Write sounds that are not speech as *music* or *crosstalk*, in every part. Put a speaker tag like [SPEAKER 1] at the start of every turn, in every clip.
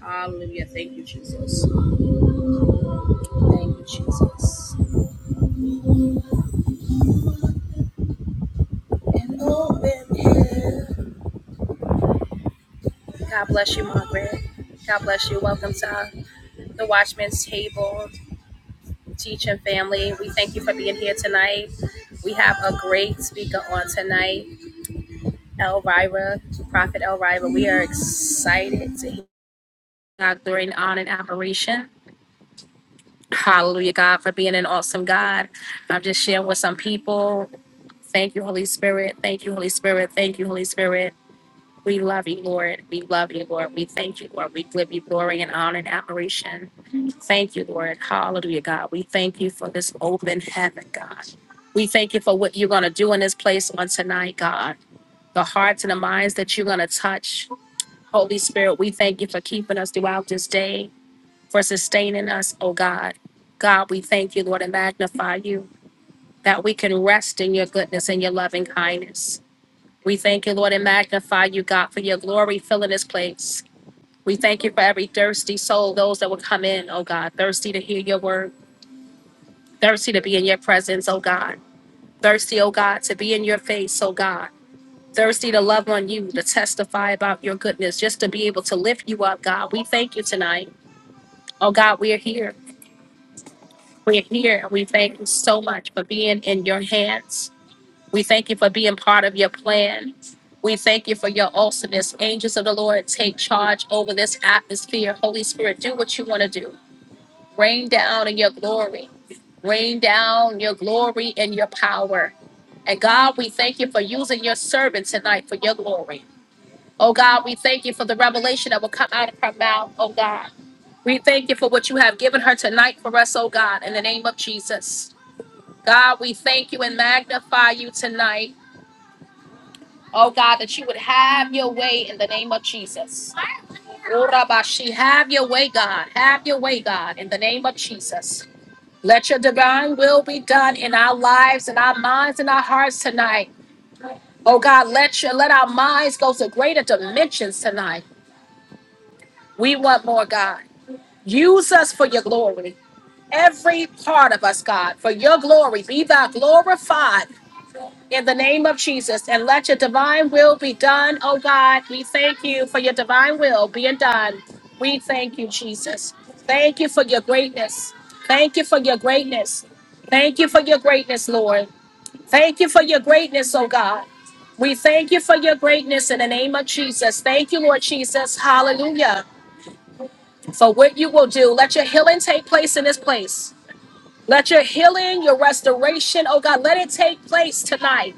[SPEAKER 1] Hallelujah. Thank you, Jesus. Thank you, Jesus. And open hand. God bless you, Margaret. God bless you. Welcome to the Watchman's Table teaching family. We thank you for being here tonight. We have a great speaker on tonight, Elvira, Prophet Elvira. We are excited to hear God during on and operation. Hallelujah, God, for being an awesome God. I'm just sharing with some people. Thank you, Holy Spirit. Thank you, Holy Spirit. Thank you, Holy Spirit. We love you, Lord. We love you, Lord. We thank you, Lord. We give you glory and honor and admiration. Thank you, Lord. Hallelujah, God. We thank you for this open heaven, God. We thank you for what you're going to do in this place on tonight, God. The hearts and the minds that you're going to touch. Holy Spirit, we thank you for keeping us throughout this day, for sustaining us, oh God. God, we thank you, Lord, and magnify you that we can rest in your goodness and your loving kindness. We thank you, Lord, and magnify you, God, for your glory filling this place. We thank you for every thirsty soul, those that will come in, oh God, thirsty to hear your word, thirsty to be in your presence, oh God, thirsty, oh God, to be in your face, oh God. Thirsty to love on you, to testify about your goodness, just to be able to lift you up, God. We thank you tonight. Oh God, we are here. We're here. and We thank you so much for being in your hands. We thank you for being part of your plan. We thank you for your awesomeness. Angels of the Lord, take charge over this atmosphere. Holy Spirit, do what you want to do. Rain down in your glory. Rain down your glory and your power. And God, we thank you for using your servant tonight for your glory. Oh God, we thank you for the revelation that will come out of her mouth, oh God. We thank you for what you have given her tonight for us, oh God, in the name of Jesus. God, we thank you and magnify you tonight. Oh God, that you would have your way in the name of Jesus. Urabashi, have your way, God. Have your way, God, in the name of Jesus. Let your divine will be done in our lives, in our minds, in our hearts tonight. Oh God, let your let our minds go to greater dimensions tonight. We want more, God. Use us for your glory. Every part of us, God, for your glory. Be thou glorified in the name of Jesus and let your divine will be done, oh God. We thank you for your divine will being done. We thank you, Jesus. Thank you for your greatness. Thank you for your greatness. Thank you for your greatness, Lord. Thank you for your greatness, oh God. We thank you for your greatness in the name of Jesus. Thank you, Lord Jesus. Hallelujah. For what you will do. Let your healing take place in this place. Let your healing, your restoration, oh God, let it take place tonight.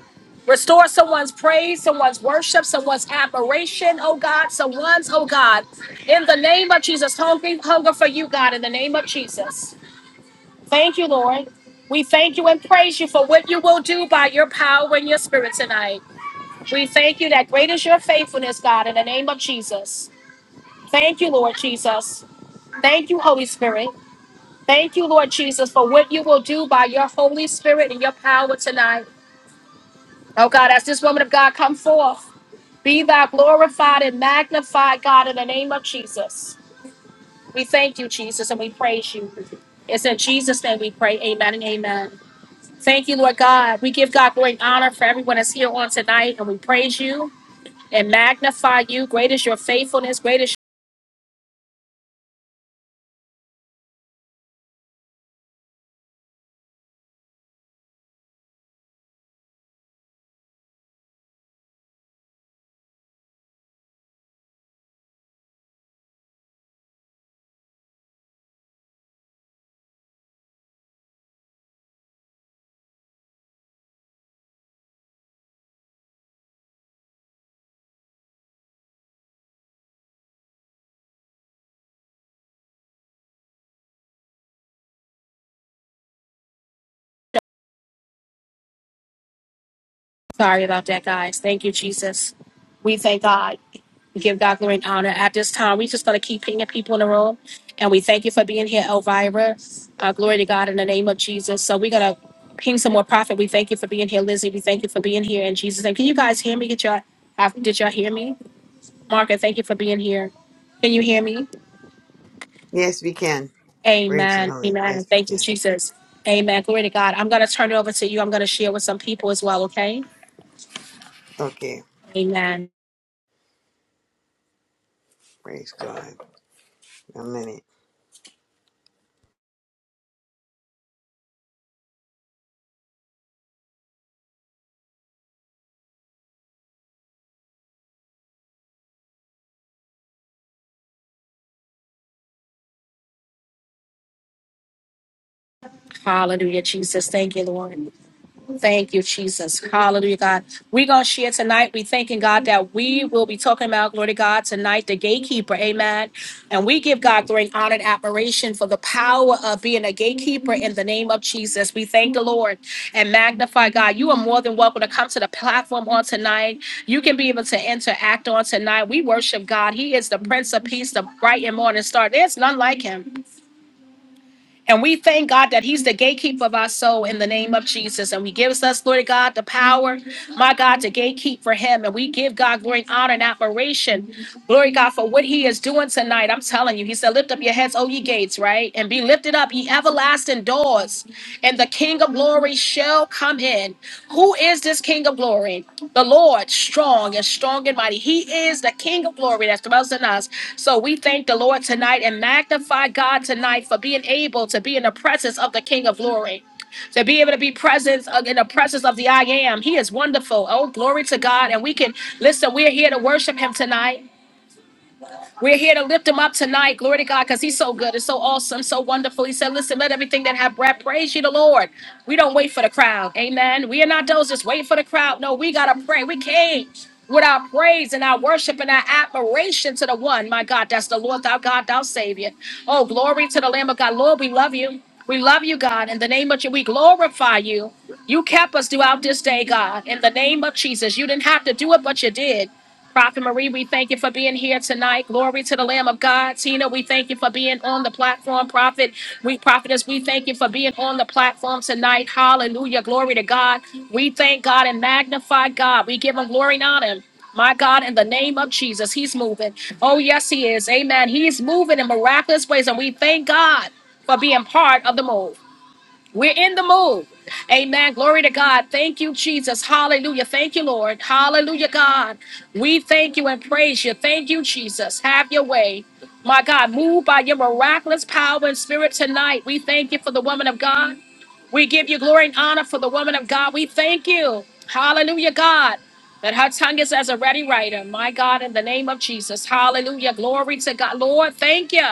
[SPEAKER 1] Restore someone's praise, someone's worship, someone's admiration, oh God, someone's, oh God. In the name of Jesus, hungry, hunger for you, God, in the name of Jesus. Thank you, Lord. We thank you and praise you for what you will do by your power and your spirit tonight. We thank you that great is your faithfulness, God, in the name of Jesus. Thank you, Lord Jesus. Thank you, Holy Spirit. Thank you, Lord Jesus, for what you will do by your Holy Spirit and your power tonight. Oh God, as this woman of God come forth, be thou glorified and magnified, God, in the name of Jesus. We thank you, Jesus, and we praise you. It's in Jesus' name we pray. Amen and amen. Thank you, Lord God. We give God great honor for everyone that's here on tonight, and we praise you and magnify you. Great is your faithfulness. Great is Sorry about that, guys. Thank you, Jesus. We thank God. We give God glory and honor. At this time, we're just going to keep pinging people in the room. And we thank you for being here, Elvira. Uh, glory to God in the name of Jesus. So we're going to ping some more prophet. We thank you for being here, Lizzie. We thank you for being here in Jesus' name. Can you guys hear me? Get y'all, have- did y'all hear me? Margaret, thank you for being here. Can you hear me?
[SPEAKER 2] Yes, we can. Praise the
[SPEAKER 1] Amen.
[SPEAKER 2] Lord.
[SPEAKER 1] Amen.
[SPEAKER 2] Yes, we
[SPEAKER 1] Thank you,
[SPEAKER 2] can.
[SPEAKER 1] Jesus. Amen. Glory to God. I'm going to turn it over to you. I'm going to share with some people as well, okay?
[SPEAKER 2] Okay.
[SPEAKER 1] Amen.
[SPEAKER 2] Praise God. A minute.
[SPEAKER 1] Hallelujah, Jesus. Thank you, Lord. Thank you, Jesus. Hallelujah, God. We're going to share tonight. We thanking God that we will be talking about, glory to God, tonight, the gatekeeper. Amen. And we give God great honor and admiration for the power of being a gatekeeper in the name of Jesus. We thank the Lord and magnify God. You are more than welcome to come to the platform on tonight. You can be able to interact on tonight. We worship God. He is the Prince of Peace, the bright and morning star. There's none like him. And we thank God that He's the gatekeeper of our soul in the name of Jesus. And we gives us, Lord God, the power, my God, to gatekeep for Him. And we give God glory and honor and admiration, glory God, for what He is doing tonight. I'm telling you, He said, Lift up your heads, O ye gates, right? And be lifted up, ye everlasting doors and the King of glory shall come in. Who is this King of glory? The Lord, strong and strong and mighty. He is the King of glory that dwells in us. So we thank the Lord tonight and magnify God tonight for being able to be in the presence of the King of glory. To be able to be present uh, in the presence of the I am. He is wonderful. Oh, glory to God. And we can listen, we're here to worship him tonight. We're here to lift him up tonight. Glory to God, because he's so good. It's so awesome, so wonderful. He said, Listen, let everything that have breath praise you, the Lord. We don't wait for the crowd. Amen. We are not those just waiting for the crowd. No, we got to pray. We came with our praise and our worship and our admiration to the one, my God, that's the Lord, thou God, thou Savior. Oh, glory to the Lamb of God. Lord, we love you. We love you, God. In the name of you, we glorify you. You kept us throughout this day, God. In the name of Jesus, you didn't have to do it, but you did. Prophet Marie, we thank you for being here tonight. Glory to the Lamb of God. Tina, we thank you for being on the platform. Prophet, we prophetess, we thank you for being on the platform tonight. Hallelujah. Glory to God. We thank God and magnify God. We give him glory and honor. My God, in the name of Jesus, he's moving. Oh, yes, he is. Amen. He's moving in miraculous ways, and we thank God for being part of the move. We're in the move. Amen. Glory to God. Thank you, Jesus. Hallelujah. Thank you, Lord. Hallelujah, God. We thank you and praise you. Thank you, Jesus. Have your way. My God, move by your miraculous power and spirit tonight. We thank you for the woman of God. We give you glory and honor for the woman of God. We thank you. Hallelujah, God. That her tongue is as a ready writer. My God, in the name of Jesus. Hallelujah. Glory to God. Lord, thank you.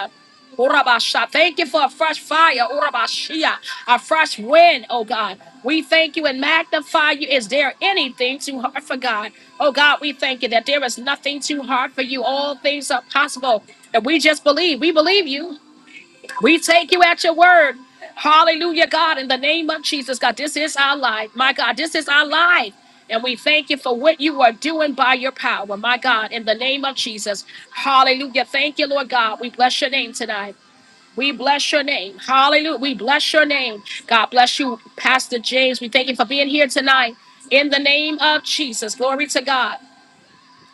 [SPEAKER 1] Urabasha. Thank you for a fresh fire. Urabashia a fresh wind, oh God. We thank you and magnify you. Is there anything too hard for God? Oh God, we thank you that there is nothing too hard for you. All things are possible. And we just believe. We believe you. We take you at your word. Hallelujah, God. In the name of Jesus, God, this is our life. My God, this is our life. And we thank you for what you are doing by your power, my God, in the name of Jesus. Hallelujah. Thank you, Lord God. We bless your name tonight. We bless your name. Hallelujah. We bless your name. God bless you, Pastor James. We thank you for being here tonight. In the name of Jesus. Glory to God.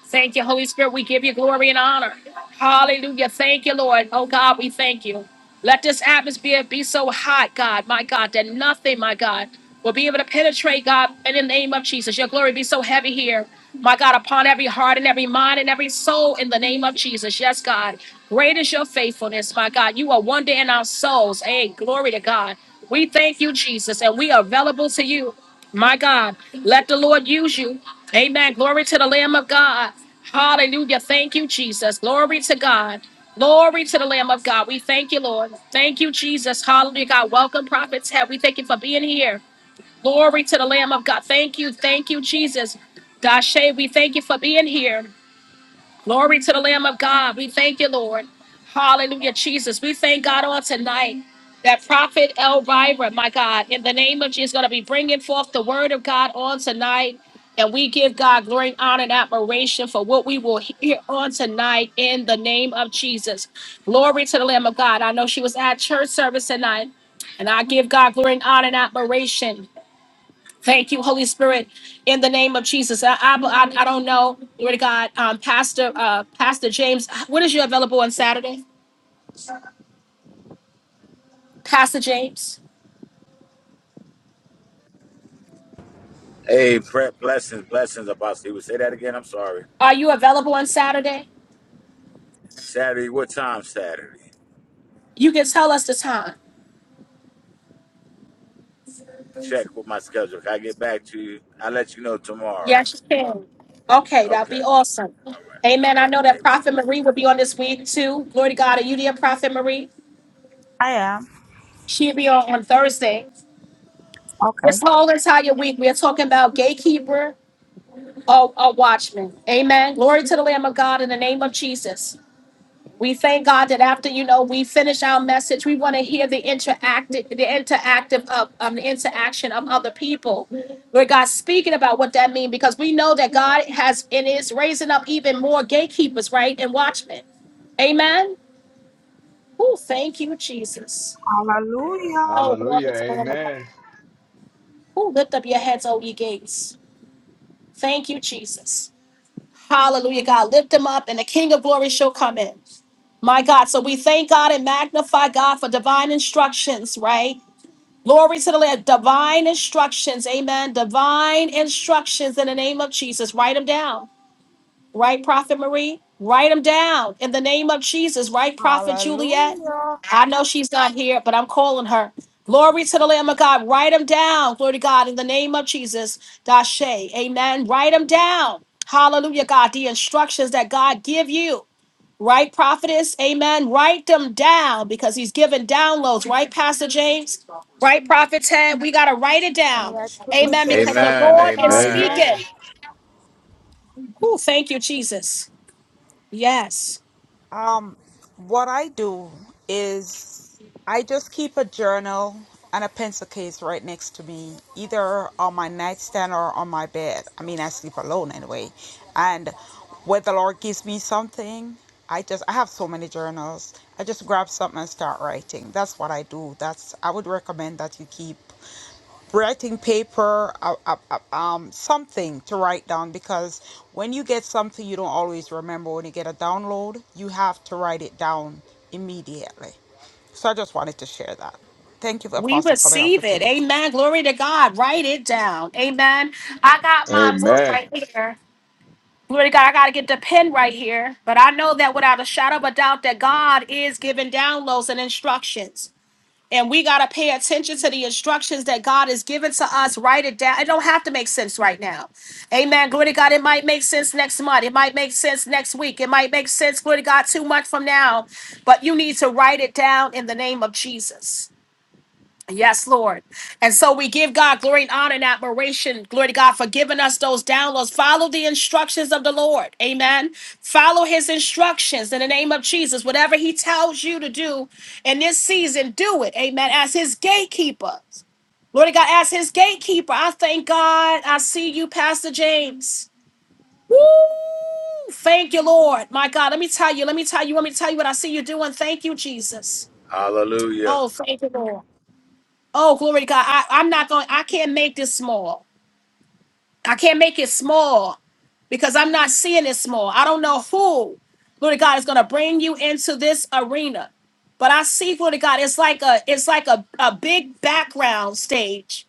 [SPEAKER 1] Thank you, Holy Spirit. We give you glory and honor. Hallelujah. Thank you, Lord. Oh, God, we thank you. Let this atmosphere be so hot, God, my God, that nothing, my God, will be able to penetrate, God, in the name of Jesus. Your glory be so heavy here, my God, upon every heart and every mind and every soul in the name of Jesus. Yes, God. Great is your faithfulness, my God. You are one day in our souls. Hey, glory to God. We thank you, Jesus, and we are available to you. My God, let the Lord use you. Amen. Glory to the Lamb of God. Hallelujah. Thank you, Jesus. Glory to God. Glory to the Lamb of God. We thank you, Lord. Thank you, Jesus. Hallelujah, God. Welcome, prophets. Head. We thank you for being here. Glory to the Lamb of God. Thank you. Thank you, Jesus. Dashe, we thank you for being here. Glory to the Lamb of God. We thank you, Lord. Hallelujah, Jesus. We thank God on tonight that Prophet Elvira, my God, in the name of Jesus, is going to be bringing forth the word of God on tonight. And we give God glory, honor, and admiration for what we will hear on tonight in the name of Jesus. Glory to the Lamb of God. I know she was at church service tonight, and I give God glory, honor, and admiration Thank you, Holy Spirit, in the name of Jesus. I, I, I, I don't know, glory to God. Um, Pastor, uh, Pastor James, what is you available on Saturday? Pastor James,
[SPEAKER 3] Hey, prep blessings, blessings, Apostle. You would say that again? I'm sorry.
[SPEAKER 1] are you available on Saturday?
[SPEAKER 3] Saturday, what time Saturday?
[SPEAKER 1] You can tell us the time.
[SPEAKER 3] Check with my schedule. If I get back to you, I'll let you know tomorrow.
[SPEAKER 1] Yes, you can. Okay, that
[SPEAKER 3] Okay.
[SPEAKER 1] will be awesome.
[SPEAKER 3] All
[SPEAKER 1] Amen. I know
[SPEAKER 3] right.
[SPEAKER 1] that Prophet Marie will be on this week too. Glory to God. Are you there, Prophet Marie?
[SPEAKER 4] I am.
[SPEAKER 1] She'll be on on Thursday. This
[SPEAKER 4] Okay.
[SPEAKER 1] whole entire week, we are talking about gatekeeper or, or watchman. Amen. Glory to the Lamb of God in the name of Jesus. We thank God that after you know we finish our message, we want to hear the interactive, the interactive of um, the interaction of other people. Lord God, speaking about what that means, because we know that God has and is raising up even more gatekeepers, right, and watchmen. Amen. Oh, thank you, Jesus.
[SPEAKER 4] Hallelujah.
[SPEAKER 1] Oh, glory
[SPEAKER 5] Hallelujah.
[SPEAKER 1] to the Lord.
[SPEAKER 5] Amen.
[SPEAKER 1] Oh, lift up your heads, O ye gates. Thank you, Jesus. Hallelujah, God. Lift him up, and the King of glory shall come in. My God. So we thank God and magnify God for divine instructions, right? Glory to the Lord. Divine instructions. Amen. Divine instructions in the name of Jesus. Write them down. Right, Prophet Marie? Write them down in the name of Jesus. Right, Prophet Juliet?
[SPEAKER 4] Hallelujah.
[SPEAKER 1] I know she's not here, but I'm calling her. Glory to the Lamb of God. Write them down. Glory to God in the name of Jesus. Dashe. Amen. Write them down. Hallelujah, God. The instructions that God give you. Right, prophetess? Amen. Write them down because he's giving downloads. Right, Pastor James? Right, Prophet Ted? We got to write it
[SPEAKER 4] May
[SPEAKER 1] down.
[SPEAKER 4] I quickly
[SPEAKER 1] Amen.
[SPEAKER 3] Amen.
[SPEAKER 4] say
[SPEAKER 1] Because the
[SPEAKER 4] something,
[SPEAKER 3] Amen.
[SPEAKER 1] Lord is
[SPEAKER 3] Amen.
[SPEAKER 4] Apostle?
[SPEAKER 5] Amen.
[SPEAKER 1] speaking. Ooh, thank you, Jesus. Yes.
[SPEAKER 4] Um, what I do is I just keep a journal and a pencil case right next to me, either on my nightstand or on my bed. I mean, I sleep alone anyway. And when the Lord gives me something, I just I have so many journals. I just grab something and start writing. That's what I do. That's I would recommend that you keep. writing paper, uh, uh, uh, um, something to write down because when you get something you don't always remember. When you get a download, you have to write it down immediately. So I just wanted to share that. Thank you,
[SPEAKER 1] We
[SPEAKER 4] Apostle, for the
[SPEAKER 1] receive it.
[SPEAKER 4] opportunity.
[SPEAKER 1] Amen. Glory to God. Write it down. Amen. I got my book
[SPEAKER 5] Amen.
[SPEAKER 1] right here. Glory to God. I got to get the pen right here. But I know that without a shadow of a doubt that God is giving downloads and instructions. And we got to pay attention to the instructions that God is giving to us. Write it down. It don't have to make sense right now. Amen. Glory to God. It might make sense next month. It might make sense next week. It might make sense, glory to God, two months from now. But you need to write it down in the name of Jesus. Yes, Lord. And so we give God glory and honor and admiration. Glory to God for giving us those downloads. Follow the instructions of the Lord. Amen. Follow his instructions in the name of Jesus. Whatever he tells you to do in this season, do it. Amen. As his gatekeeper. Lord God, as his gatekeeper, I thank God. I see you, Pastor James. Woo! Thank you, Lord. My God, let me tell you, let me tell you, let me tell you what I see you doing. Thank you, Jesus.
[SPEAKER 3] Hallelujah.
[SPEAKER 1] Oh, thank you, Lord. Oh, glory to God. I, I'm not going, I can't make this small. I can't make it small because I'm not seeing it small. I don't know who, glory to God, is going to bring you into this arena. But I see, glory to God, it's like a, it's like a, a big background stage.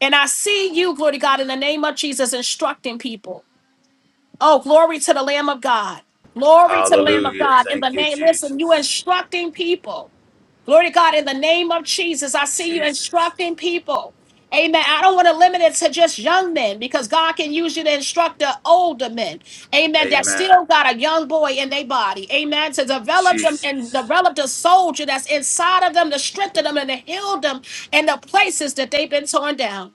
[SPEAKER 1] And I see you, glory to God, in the name of Jesus, instructing people. Oh, glory to the Lamb of God. Glory to the Lamb of
[SPEAKER 3] Hallelujah.
[SPEAKER 1] God. In the
[SPEAKER 3] Thank you,
[SPEAKER 1] name, listen, you
[SPEAKER 3] Jesus.
[SPEAKER 1] instructing people. Glory to God, in the name of Jesus, I see you
[SPEAKER 3] Jesus.
[SPEAKER 1] instructing people. Amen. I don't want to limit it to just young men because God can use you to instruct the older men. Amen. That
[SPEAKER 3] Amen.
[SPEAKER 1] still got a young boy in their body. Amen. To develop them and
[SPEAKER 3] Jesus.
[SPEAKER 1] develop the soldier that's inside of them, to strengthen them and to heal them in the places that they've been torn down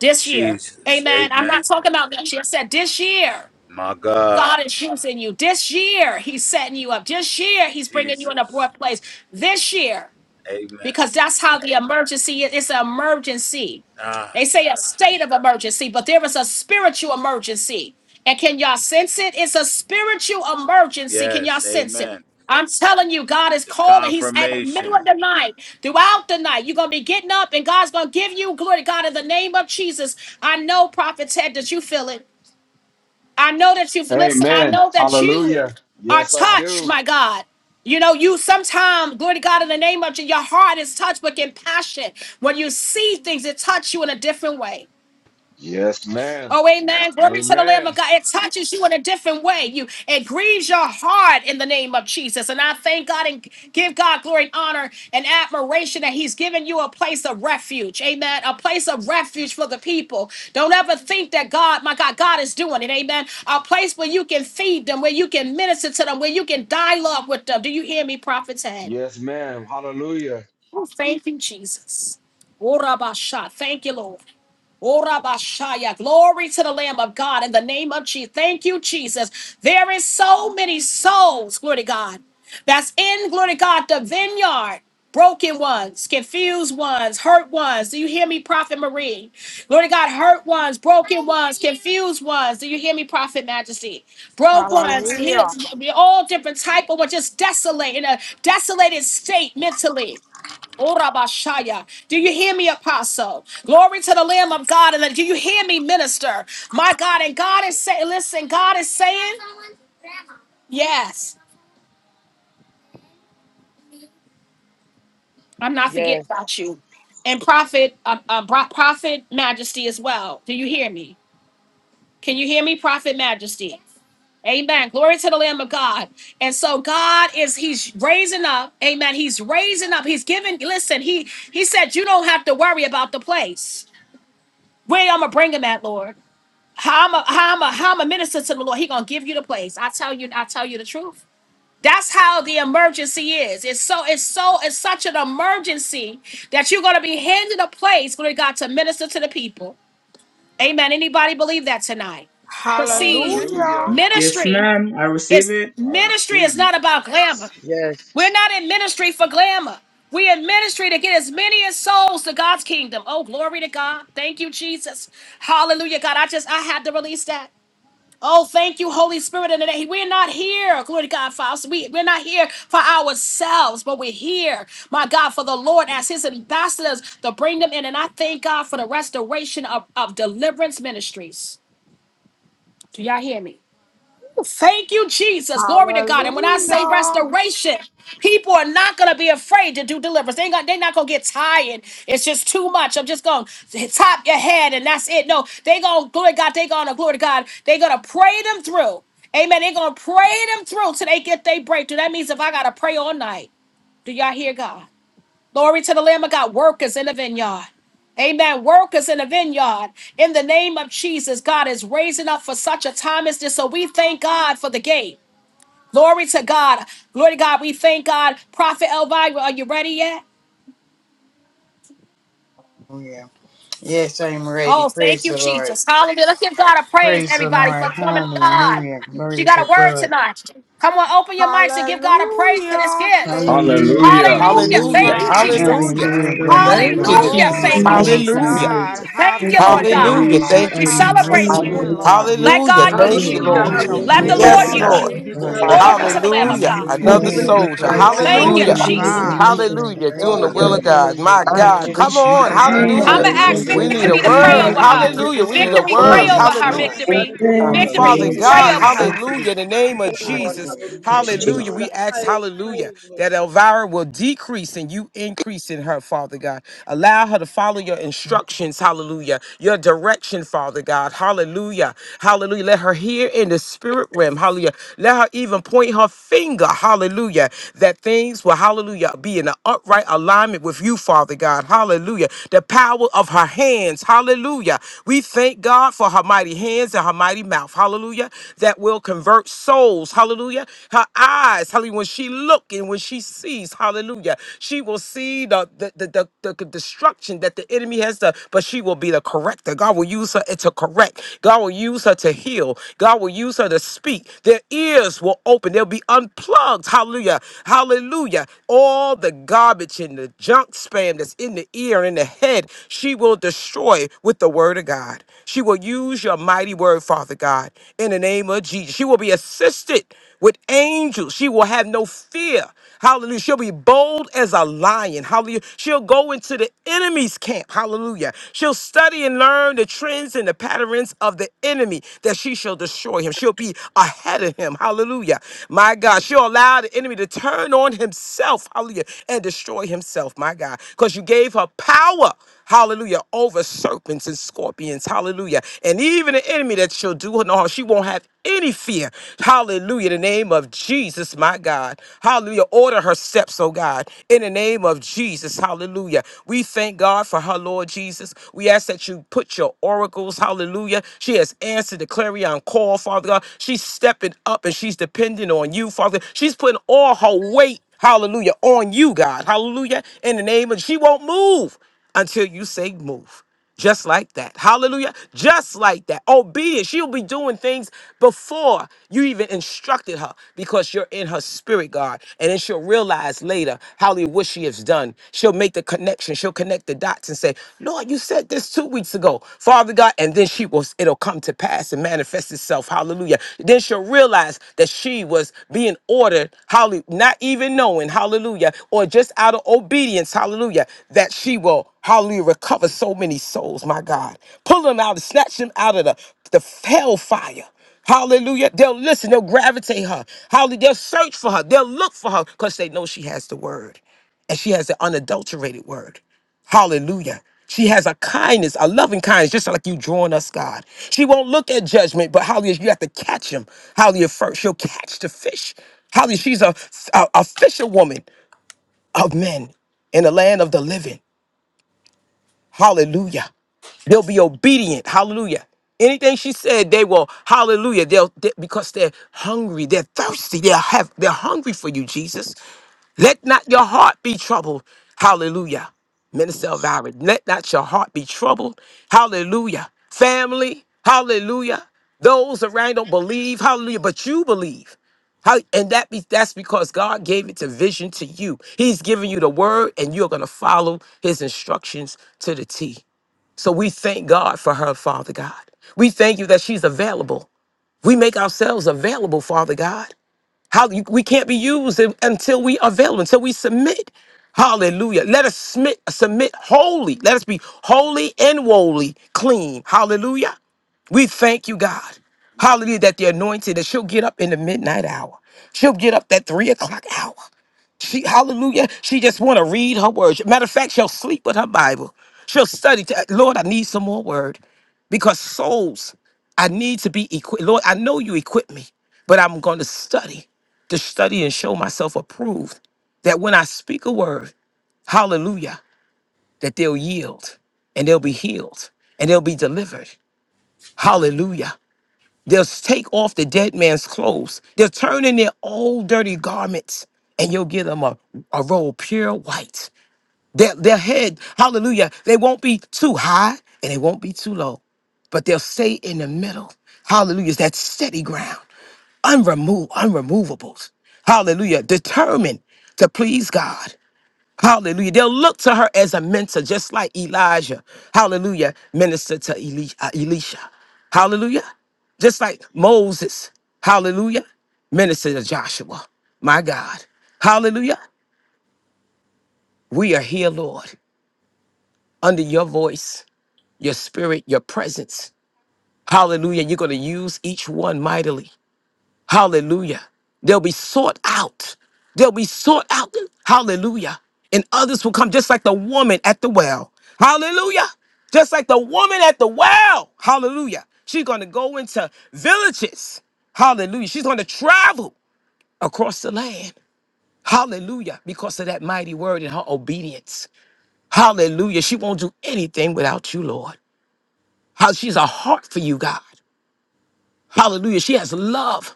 [SPEAKER 1] this year.
[SPEAKER 3] Jesus.
[SPEAKER 1] Amen. I'm
[SPEAKER 3] Amen.
[SPEAKER 1] not talking about next year. I said this year.
[SPEAKER 3] My God.
[SPEAKER 1] God is using you. This year, He's setting you up. This year, He's bringing you in a
[SPEAKER 3] Jesus.
[SPEAKER 1] broad place. This year
[SPEAKER 3] Amen.
[SPEAKER 1] because that's how the emergency is. It's an emergency.
[SPEAKER 3] Ah,
[SPEAKER 1] They say
[SPEAKER 3] shut
[SPEAKER 1] a
[SPEAKER 3] up.
[SPEAKER 1] state of emergency, but there is a spiritual emergency. And can y'all sense it? It's a spiritual emergency. Can y'all
[SPEAKER 3] Yes.
[SPEAKER 1] sense it?
[SPEAKER 3] Amen.
[SPEAKER 1] I'm telling you, God is
[SPEAKER 3] It's
[SPEAKER 1] calling. He's at the middle
[SPEAKER 3] confirmation.
[SPEAKER 1] of the night, throughout the night. You're going to be getting up, and God's going to give you glory. God, in the name of Jesus, I know, Prophet Ted, that you feel it. I know that you've listened. I
[SPEAKER 5] Amen.
[SPEAKER 1] know that you
[SPEAKER 5] Hallelujah.
[SPEAKER 1] are
[SPEAKER 5] Yes, I
[SPEAKER 1] touched,
[SPEAKER 5] do.
[SPEAKER 1] my God. You know, you sometimes, glory to God, in the name of Jesus, your heart is touched but compassion. When you see things, it touch you in a different way.
[SPEAKER 5] Yes, ma'am.
[SPEAKER 1] Oh, amen. Glory to the Lamb of
[SPEAKER 5] Amen.
[SPEAKER 1] God. It touches you in a different way. You it grieves your heart in the name of Jesus. And I thank God and give God glory and honor and admiration that He's given you a place of refuge. Amen. A place of refuge for the people. Don't ever think that God, my God, God is doing it. Amen. A place where you can feed them, where you can minister to them, where you can dialogue with them. Do you hear me, prophets? Ted?
[SPEAKER 5] Yes, ma'am. Hallelujah.
[SPEAKER 1] Oh, thank you, Jesus. Ora basha. Thank you, Lord. Ora bashaya. Glory to the Lamb of God in the name of Jesus. Thank you, Jesus. There is so many souls, glory to God, that's in, glory to God, the vineyard. Broken ones, confused ones, hurt ones. Do you hear me, Prophet Marie? Glory to God, hurt ones, broken ones, confused ones. Do you hear me, Prophet Majesty? Broke ones,
[SPEAKER 4] Hallelujah.
[SPEAKER 1] here's all different type of ones, just desolate, in a desolated state mentally. Oh, Rabashaya. Do you hear me, Apostle? Glory to the Lamb of God. And do you hear me, Minister? My God. And God is saying, listen, God is saying, yes, I'm not forgetting
[SPEAKER 6] Yes,
[SPEAKER 1] about you. And Prophet, uh, uh, Pro- Prophet Majesty as well. Do you hear me? Can you hear me, Prophet Majesty? Amen. Glory to the Lamb of God. And so God is He's raising up. Amen. He's raising up. He's giving. Listen, He He said, You don't have to worry about the place. Where I'm gonna bring him at, Lord. How I'm a how I'm a how I'm a minister to the Lord. He gonna give you the place. I tell you, I tell you the truth. That's how the emergency is. It's so it's so it's such an emergency that you're gonna be handed a place, glory to God, to minister to the people. Amen. Anybody believe that tonight? But see,
[SPEAKER 4] Hallelujah.
[SPEAKER 5] Hallelujah.
[SPEAKER 7] Yes,
[SPEAKER 1] ministry
[SPEAKER 7] ma'am. I receive
[SPEAKER 1] is
[SPEAKER 7] it.
[SPEAKER 5] I
[SPEAKER 1] ministry is
[SPEAKER 5] receive. it.
[SPEAKER 1] not about glamour.
[SPEAKER 6] yes.
[SPEAKER 1] We're not in ministry for glamour. We're in ministry to get as many as souls to God's kingdom. Oh, glory to God. Thank you, Jesus. Hallelujah. God, I just I had to release that. Oh, thank you, Holy Spirit. And today we're not here, glory to God, Father. So We, we're not here for ourselves, but we're here, my God, for the Lord as his ambassadors to bring them in. And I thank God for the restoration of, of deliverance ministries. Do y'all hear me? Thank you, Jesus. Glory to God. And when I say
[SPEAKER 4] Hallelujah.
[SPEAKER 1] restoration, people are not going to be afraid to do deliverance. They ain't gonna, they're not going to get tired. It's just too much. I'm just going to top your head and that's it. No, they going to, glory to God, they going to, glory to God, they going to pray them through. Amen. They're going to pray them through till they get their breakthrough. That means if I got to pray all night, do y'all hear God? Glory to the Lamb of God, workers in the vineyard. Amen. Workers in the vineyard. In the name of Jesus, God is raising up for such a time as this. So we thank God for the gate. Glory to God. Glory to God. We thank God. Prophet Elvira, are you ready yet?
[SPEAKER 2] Oh, yeah. Yes, I am ready.
[SPEAKER 1] Oh, thank
[SPEAKER 2] Praise
[SPEAKER 1] you,
[SPEAKER 2] the Lord.
[SPEAKER 1] Jesus. Hallelujah. Let's give God a praise,
[SPEAKER 2] Praise the
[SPEAKER 1] everybody,
[SPEAKER 2] Lord.
[SPEAKER 1] for the woman of God.
[SPEAKER 2] Hallelujah.
[SPEAKER 1] She
[SPEAKER 2] Glory
[SPEAKER 1] got
[SPEAKER 2] to
[SPEAKER 1] a word
[SPEAKER 2] God.
[SPEAKER 1] tonight. Come on, open your mics and give God a praise for this
[SPEAKER 4] Hallelujah.
[SPEAKER 1] gift.
[SPEAKER 4] Thank you,
[SPEAKER 7] Hallelujah,
[SPEAKER 5] Hallelujah.
[SPEAKER 1] Hallelujah.
[SPEAKER 8] Hallelujah.
[SPEAKER 1] Thank
[SPEAKER 5] Thank
[SPEAKER 7] hallelujah.
[SPEAKER 1] you,
[SPEAKER 5] you,
[SPEAKER 4] Jesus.
[SPEAKER 7] My
[SPEAKER 1] Jesus.
[SPEAKER 5] Jesus.
[SPEAKER 8] Hallelujah.
[SPEAKER 2] Hallelujah.
[SPEAKER 7] God
[SPEAKER 2] Glory to
[SPEAKER 8] Thank
[SPEAKER 7] Almighty,
[SPEAKER 8] you,
[SPEAKER 7] we
[SPEAKER 2] God.
[SPEAKER 5] Hallelujah.
[SPEAKER 1] Hallelujah.
[SPEAKER 7] thank
[SPEAKER 8] Jesus.
[SPEAKER 4] Glory
[SPEAKER 7] you
[SPEAKER 9] Thank
[SPEAKER 1] Thank you,
[SPEAKER 4] to
[SPEAKER 7] Lord,
[SPEAKER 10] Hallelujah.
[SPEAKER 9] you,
[SPEAKER 1] Jesus.
[SPEAKER 8] Hallelujah.
[SPEAKER 7] tonight.
[SPEAKER 4] God.
[SPEAKER 5] Hallelujah.
[SPEAKER 4] Have
[SPEAKER 1] Thank
[SPEAKER 9] thank
[SPEAKER 1] you,
[SPEAKER 7] We
[SPEAKER 4] your
[SPEAKER 9] you,
[SPEAKER 1] Lord
[SPEAKER 9] Lord.
[SPEAKER 4] way,
[SPEAKER 1] God.
[SPEAKER 8] Hallelujah.
[SPEAKER 7] praise you,
[SPEAKER 4] Lord.
[SPEAKER 8] Thank
[SPEAKER 1] We
[SPEAKER 8] you,
[SPEAKER 4] Have your
[SPEAKER 8] Jesus.
[SPEAKER 1] celebrate
[SPEAKER 9] Thank
[SPEAKER 7] Almighty
[SPEAKER 9] you,
[SPEAKER 4] way,
[SPEAKER 1] you.
[SPEAKER 5] Hallelujah.
[SPEAKER 10] Hallelujah.
[SPEAKER 7] God.
[SPEAKER 4] Lord.
[SPEAKER 7] We
[SPEAKER 1] Let
[SPEAKER 8] Hallelujah.
[SPEAKER 1] God
[SPEAKER 7] thank
[SPEAKER 1] use
[SPEAKER 8] Thank you,
[SPEAKER 2] Amen.
[SPEAKER 7] you.
[SPEAKER 5] Hallelujah.
[SPEAKER 1] you.
[SPEAKER 6] Hallelujah,
[SPEAKER 5] Thank
[SPEAKER 4] Have
[SPEAKER 8] Lord.
[SPEAKER 5] you,
[SPEAKER 4] your
[SPEAKER 9] Jesus.
[SPEAKER 1] Let
[SPEAKER 5] Jesus.
[SPEAKER 9] My
[SPEAKER 6] hallelujah.
[SPEAKER 1] the
[SPEAKER 4] way,
[SPEAKER 10] Pray
[SPEAKER 7] Makoto
[SPEAKER 2] Hallelujah.
[SPEAKER 6] Thank
[SPEAKER 1] Lord
[SPEAKER 10] to
[SPEAKER 8] Yes,
[SPEAKER 6] you,
[SPEAKER 4] Lord.
[SPEAKER 7] Baba
[SPEAKER 1] use
[SPEAKER 10] God.
[SPEAKER 8] Lord.
[SPEAKER 1] you.
[SPEAKER 4] Thank
[SPEAKER 6] Jesus.
[SPEAKER 4] you,
[SPEAKER 2] Glory
[SPEAKER 7] Sakaraba.
[SPEAKER 5] Hallelujah.
[SPEAKER 10] Father
[SPEAKER 2] to
[SPEAKER 1] Glory
[SPEAKER 10] God.
[SPEAKER 6] Hallelujah.
[SPEAKER 1] to the
[SPEAKER 2] God.
[SPEAKER 1] Lamb of
[SPEAKER 8] Hallelujah.
[SPEAKER 7] My
[SPEAKER 4] Jesus.
[SPEAKER 1] God.
[SPEAKER 2] Hallelujah.
[SPEAKER 10] Thank
[SPEAKER 2] We
[SPEAKER 8] Another
[SPEAKER 9] Father,
[SPEAKER 6] Giving
[SPEAKER 10] you.
[SPEAKER 2] give
[SPEAKER 7] God,
[SPEAKER 6] him
[SPEAKER 2] you
[SPEAKER 6] the
[SPEAKER 7] we
[SPEAKER 8] soldier.
[SPEAKER 7] thank
[SPEAKER 2] praise,
[SPEAKER 6] highest
[SPEAKER 7] you
[SPEAKER 4] Glory
[SPEAKER 7] on
[SPEAKER 1] Thank
[SPEAKER 5] Thank
[SPEAKER 2] Lord.
[SPEAKER 6] praise.
[SPEAKER 1] you,
[SPEAKER 4] to
[SPEAKER 8] Hallelujah.
[SPEAKER 5] you,
[SPEAKER 7] tonight,
[SPEAKER 1] Jesus.
[SPEAKER 5] Jesus.
[SPEAKER 9] hallelujah.
[SPEAKER 6] Hallelujah.
[SPEAKER 2] Lord,
[SPEAKER 4] God.
[SPEAKER 2] we
[SPEAKER 7] my
[SPEAKER 2] give you
[SPEAKER 7] God.
[SPEAKER 8] Hallelujah. Doing
[SPEAKER 6] Oh,
[SPEAKER 8] the
[SPEAKER 2] praise.
[SPEAKER 8] will
[SPEAKER 2] We
[SPEAKER 6] yes,
[SPEAKER 10] Father.
[SPEAKER 8] of
[SPEAKER 5] Hallelujah.
[SPEAKER 2] honor
[SPEAKER 6] Lord.
[SPEAKER 8] God.
[SPEAKER 2] you.
[SPEAKER 8] My
[SPEAKER 2] We
[SPEAKER 5] Thank
[SPEAKER 7] Thank
[SPEAKER 8] God.
[SPEAKER 6] Hallelujah.
[SPEAKER 7] you,
[SPEAKER 5] you,
[SPEAKER 10] Hallelujah.
[SPEAKER 8] Come
[SPEAKER 2] bless
[SPEAKER 5] Jesus.
[SPEAKER 2] you.
[SPEAKER 8] on.
[SPEAKER 7] Jesus.
[SPEAKER 6] My
[SPEAKER 2] We
[SPEAKER 7] Thank you
[SPEAKER 9] Thank
[SPEAKER 10] Hallelujah.
[SPEAKER 7] for
[SPEAKER 1] I'm
[SPEAKER 6] God,
[SPEAKER 9] you,
[SPEAKER 8] Hallelujah.
[SPEAKER 2] thank
[SPEAKER 1] gonna
[SPEAKER 7] what
[SPEAKER 2] you
[SPEAKER 6] my
[SPEAKER 7] you're
[SPEAKER 2] for
[SPEAKER 9] Lord.
[SPEAKER 1] ask
[SPEAKER 8] We
[SPEAKER 7] about
[SPEAKER 5] Hallelujah.
[SPEAKER 2] being
[SPEAKER 6] God,
[SPEAKER 8] need
[SPEAKER 7] to
[SPEAKER 2] on
[SPEAKER 10] Thank
[SPEAKER 8] a
[SPEAKER 1] Victory
[SPEAKER 10] you,
[SPEAKER 1] to
[SPEAKER 6] my
[SPEAKER 2] this
[SPEAKER 7] do,
[SPEAKER 10] Jesus.
[SPEAKER 1] pray
[SPEAKER 7] my
[SPEAKER 8] word.
[SPEAKER 9] Thank
[SPEAKER 1] over
[SPEAKER 6] God.
[SPEAKER 5] Thank
[SPEAKER 2] line.
[SPEAKER 1] her.
[SPEAKER 7] God.
[SPEAKER 5] you,
[SPEAKER 9] you,
[SPEAKER 8] Hallelujah.
[SPEAKER 9] Lord.
[SPEAKER 8] We
[SPEAKER 6] Hallelujah.
[SPEAKER 8] need a
[SPEAKER 5] Jesus.
[SPEAKER 2] Oh,
[SPEAKER 1] Victory,
[SPEAKER 7] We
[SPEAKER 2] glory
[SPEAKER 1] pray
[SPEAKER 8] word.
[SPEAKER 1] over
[SPEAKER 2] to
[SPEAKER 7] thank
[SPEAKER 1] her.
[SPEAKER 6] Hundred
[SPEAKER 7] you.
[SPEAKER 6] the
[SPEAKER 8] Hallelujah.
[SPEAKER 2] God.
[SPEAKER 10] Thank
[SPEAKER 1] Victory,
[SPEAKER 6] sons
[SPEAKER 10] you,
[SPEAKER 6] of
[SPEAKER 7] Thank
[SPEAKER 9] Thank
[SPEAKER 10] Father.
[SPEAKER 9] you,
[SPEAKER 7] you,
[SPEAKER 9] Lord.
[SPEAKER 6] Jesus.
[SPEAKER 8] Father
[SPEAKER 1] victory,
[SPEAKER 7] Lord
[SPEAKER 5] Hallelujah.
[SPEAKER 1] pray
[SPEAKER 8] God,
[SPEAKER 6] Hallelujah.
[SPEAKER 1] over
[SPEAKER 7] Jesus.
[SPEAKER 10] Thank
[SPEAKER 1] her.
[SPEAKER 10] you,
[SPEAKER 8] hallelujah,
[SPEAKER 2] Hallelujah.
[SPEAKER 8] in the
[SPEAKER 6] We
[SPEAKER 8] name of
[SPEAKER 6] thank you, Lord.
[SPEAKER 8] Jesus,
[SPEAKER 2] Hallelujah.
[SPEAKER 7] Thank you,
[SPEAKER 6] Hallelujah.
[SPEAKER 2] Praise to
[SPEAKER 10] Jesus.
[SPEAKER 6] Giving
[SPEAKER 8] hallelujah.
[SPEAKER 7] Jesus.
[SPEAKER 6] you
[SPEAKER 2] God.
[SPEAKER 8] We
[SPEAKER 6] the
[SPEAKER 8] ask,
[SPEAKER 6] highest
[SPEAKER 8] hallelujah,
[SPEAKER 6] praise, Lord.
[SPEAKER 8] that Elvira will decrease and you increase in her, Father God. Allow her to follow your instructions, hallelujah, your direction, Father God, hallelujah, hallelujah. Let her hear in the spirit realm, hallelujah. Let her even point her finger, hallelujah that things will, hallelujah, be in an upright alignment with you, Father God. Hallelujah. The power of her hands, hallelujah. We thank God for her mighty hands and her mighty mouth, hallelujah, that will convert souls, hallelujah. Her eyes, hallelujah, when she look and when she sees, hallelujah, she will see the, the, the, the, the the destruction that the enemy has done, but she will be the corrector. God will use her to correct. God will use her to heal. God will use her to speak. Their ears will open. They'll be unplugged. Hallelujah. Hallelujah. All the garbage and the junk spam that's in the ear and in the head, she will destroy with the word of God. She will use your mighty word, Father God, in the name of Jesus. She will be assisted with angels. She will have no fear. Hallelujah. She'll be bold as a lion. Hallelujah. She'll go into the enemy's camp. Hallelujah. She'll study and learn the trends and the patterns of the enemy that she shall destroy him. She'll be ahead of him. Hallelujah. My God. She'll allow the enemy to turn on himself. Hallelujah. And destroy himself. My God. Because you gave her power hallelujah, over serpents and scorpions, hallelujah. And even the enemy that she'll do her no harm, she won't have any fear. Hallelujah. In the name of Jesus, my God. Hallelujah. Order her steps, oh God. In the name of Jesus. Hallelujah. We thank God for her, Lord Jesus. We ask that you put your oracles, hallelujah. She has answered the clarion call, Father God. She's stepping up and she's depending on you, Father. She's putting all her weight, hallelujah, on you, God. Hallelujah. In the name of she won't move until you say move. Just like that. Hallelujah. Just like that. Obedience. She'll be doing things before you even instructed her because you're in her spirit, God. And then she'll realize later, hallelujah, what she has done. She'll make the connection. She'll connect the dots and say, Lord, you said this two weeks ago, Father God. And then she will, it'll come to pass and manifest itself. Hallelujah. Then she'll realize that she was being ordered, hallelujah, not even knowing, hallelujah, or just out of obedience obedience, hallelujah, that she will, hallelujah, recover so many souls, my God. Pull them out and snatch them out of the, the hellfire. Hallelujah. They'll listen, they'll gravitate her. Hallelujah. They'll search for her. They'll look for her because they know she has the word. And she has the unadulterated word. Hallelujah. She has a kindness, a loving kindness, just like you drawing us, God. She won't look at judgment, but hallelujah, you have to catch him. Hallelujah, first. She'll catch the fish. Hallelujah, she's a, a, a fisherwoman of men in the land of the living. Hallelujah. They'll be obedient. Hallelujah. Anything she said, they will. Hallelujah. They'll they- because they're hungry, they're thirsty, they have they're hungry for you, Jesus. Let not your heart be troubled. Hallelujah. Minister Elvira, let not your heart be troubled. Hallelujah. Family, hallelujah. Those around don't believe, hallelujah, but you believe. How and that be that's because God gave it to vision to you. He's giving you the word, and you're gonna follow his instructions to the T. So we thank God for her, Father God. We thank you that she's available. We make ourselves available, Father God. How you, we can't be used un- until we avail, until we submit. Hallelujah. Let us submit, submit wholly. Let us be holy and wholly clean. Hallelujah. We thank you, God. Hallelujah, that the anointed, that she'll get up in the midnight hour. She'll get up that three o'clock hour. She, hallelujah, she just want to read her words. Matter of fact, she'll sleep with her Bible. She'll study. to- Lord, I need some more word because souls, I need to be equipped. Lord, I know you equip me, but I'm going to study, to study and show myself approved that when I speak a word, hallelujah, that they'll yield and they'll be healed and they'll be delivered. Hallelujah. They'll take off the dead man's clothes. They'll turn in their old dirty garments and you'll give them a, a robe pure white. Their, their head, hallelujah, they won't be too high and they won't be too low, but they'll stay in the middle. Hallelujah, it's that steady ground, unremo- unremovables. Hallelujah, determined to please God. Hallelujah. They'll look to her as a mentor, just like Elijah. Hallelujah. Minister to Eli- uh, Elisha. Hallelujah. Just like Moses. Hallelujah. Minister to Joshua. My God. Hallelujah. We are here, Lord, under your voice, your spirit, your presence. Hallelujah. You're going to use each one mightily. Hallelujah. They'll be sought out. They'll be sought out. Hallelujah. And others will come just like the woman at the well. Hallelujah. Just like the woman at the well. Hallelujah. She's going to go into villages. Hallelujah. She's going to travel across the land. Hallelujah. Because of that mighty word and her obedience. Hallelujah. She won't do anything without you, Lord. How she's a heart for you, God. Hallelujah. She has love.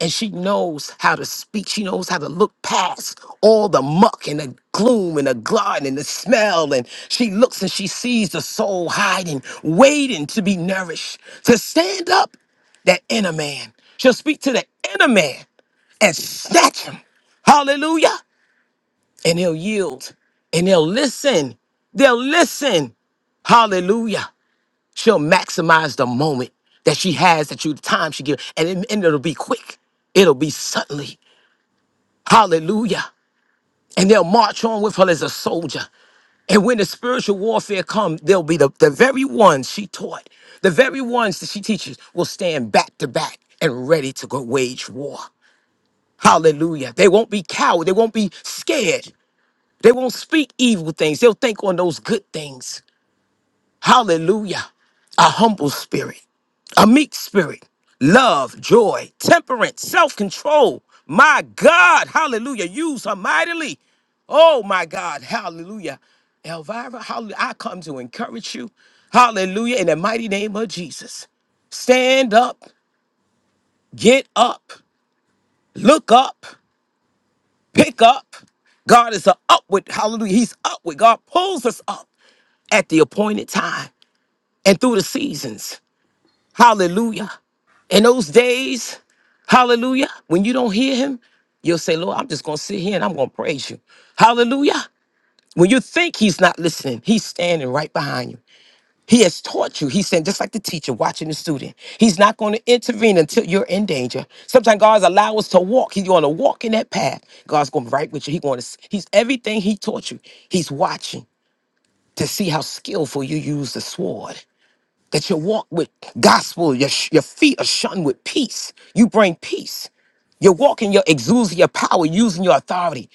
[SPEAKER 8] and she knows how to speak. She knows how to look past all the muck and the gloom and the glut and the smell. And she looks and she sees the soul hiding, waiting to be nourished, to stand up that inner man. She'll speak to the inner man and snatch him. Hallelujah. And he'll yield and they'll listen. They'll listen. Hallelujah. She'll maximize the moment that she has, that you the time she gives, and, it, and it'll be quick. It'll be suddenly. Hallelujah. And they'll march on with her as a soldier. And when the spiritual warfare comes, they'll be the, the very ones she taught, the very ones that she teaches will stand back to back and ready to go wage war. Hallelujah. They won't be cowed. They won't be scared. They won't speak evil things. They'll think on those good things. Hallelujah. A humble spirit, a meek spirit, love, joy, temperance, self control. My God. Hallelujah. Use her mightily. Oh, my God. Hallelujah. Elvira, hallelujah. I come to encourage you. Hallelujah. In the mighty name of Jesus. Stand up, get up, look up, pick up. God is a upward, hallelujah. He's upward. God pulls us up at the appointed time and through the seasons. Hallelujah. In those days, hallelujah, when you don't hear him, you'll say, Lord, I'm just going to sit here and I'm going to praise you. Hallelujah. When you think he's not listening, he's standing right behind you. He has taught you. He's saying, just like the teacher watching the student, he's not going to intervene until you're in danger. Sometimes God's allow us to walk. He's going to walk in that path. God's going to be right with you. He going to, he's everything he taught you. He's watching to see how skillful you use the sword that you walk with gospel, your, sh- your feet are shone with peace. You bring peace. You're walking your exudes your power, using your authority.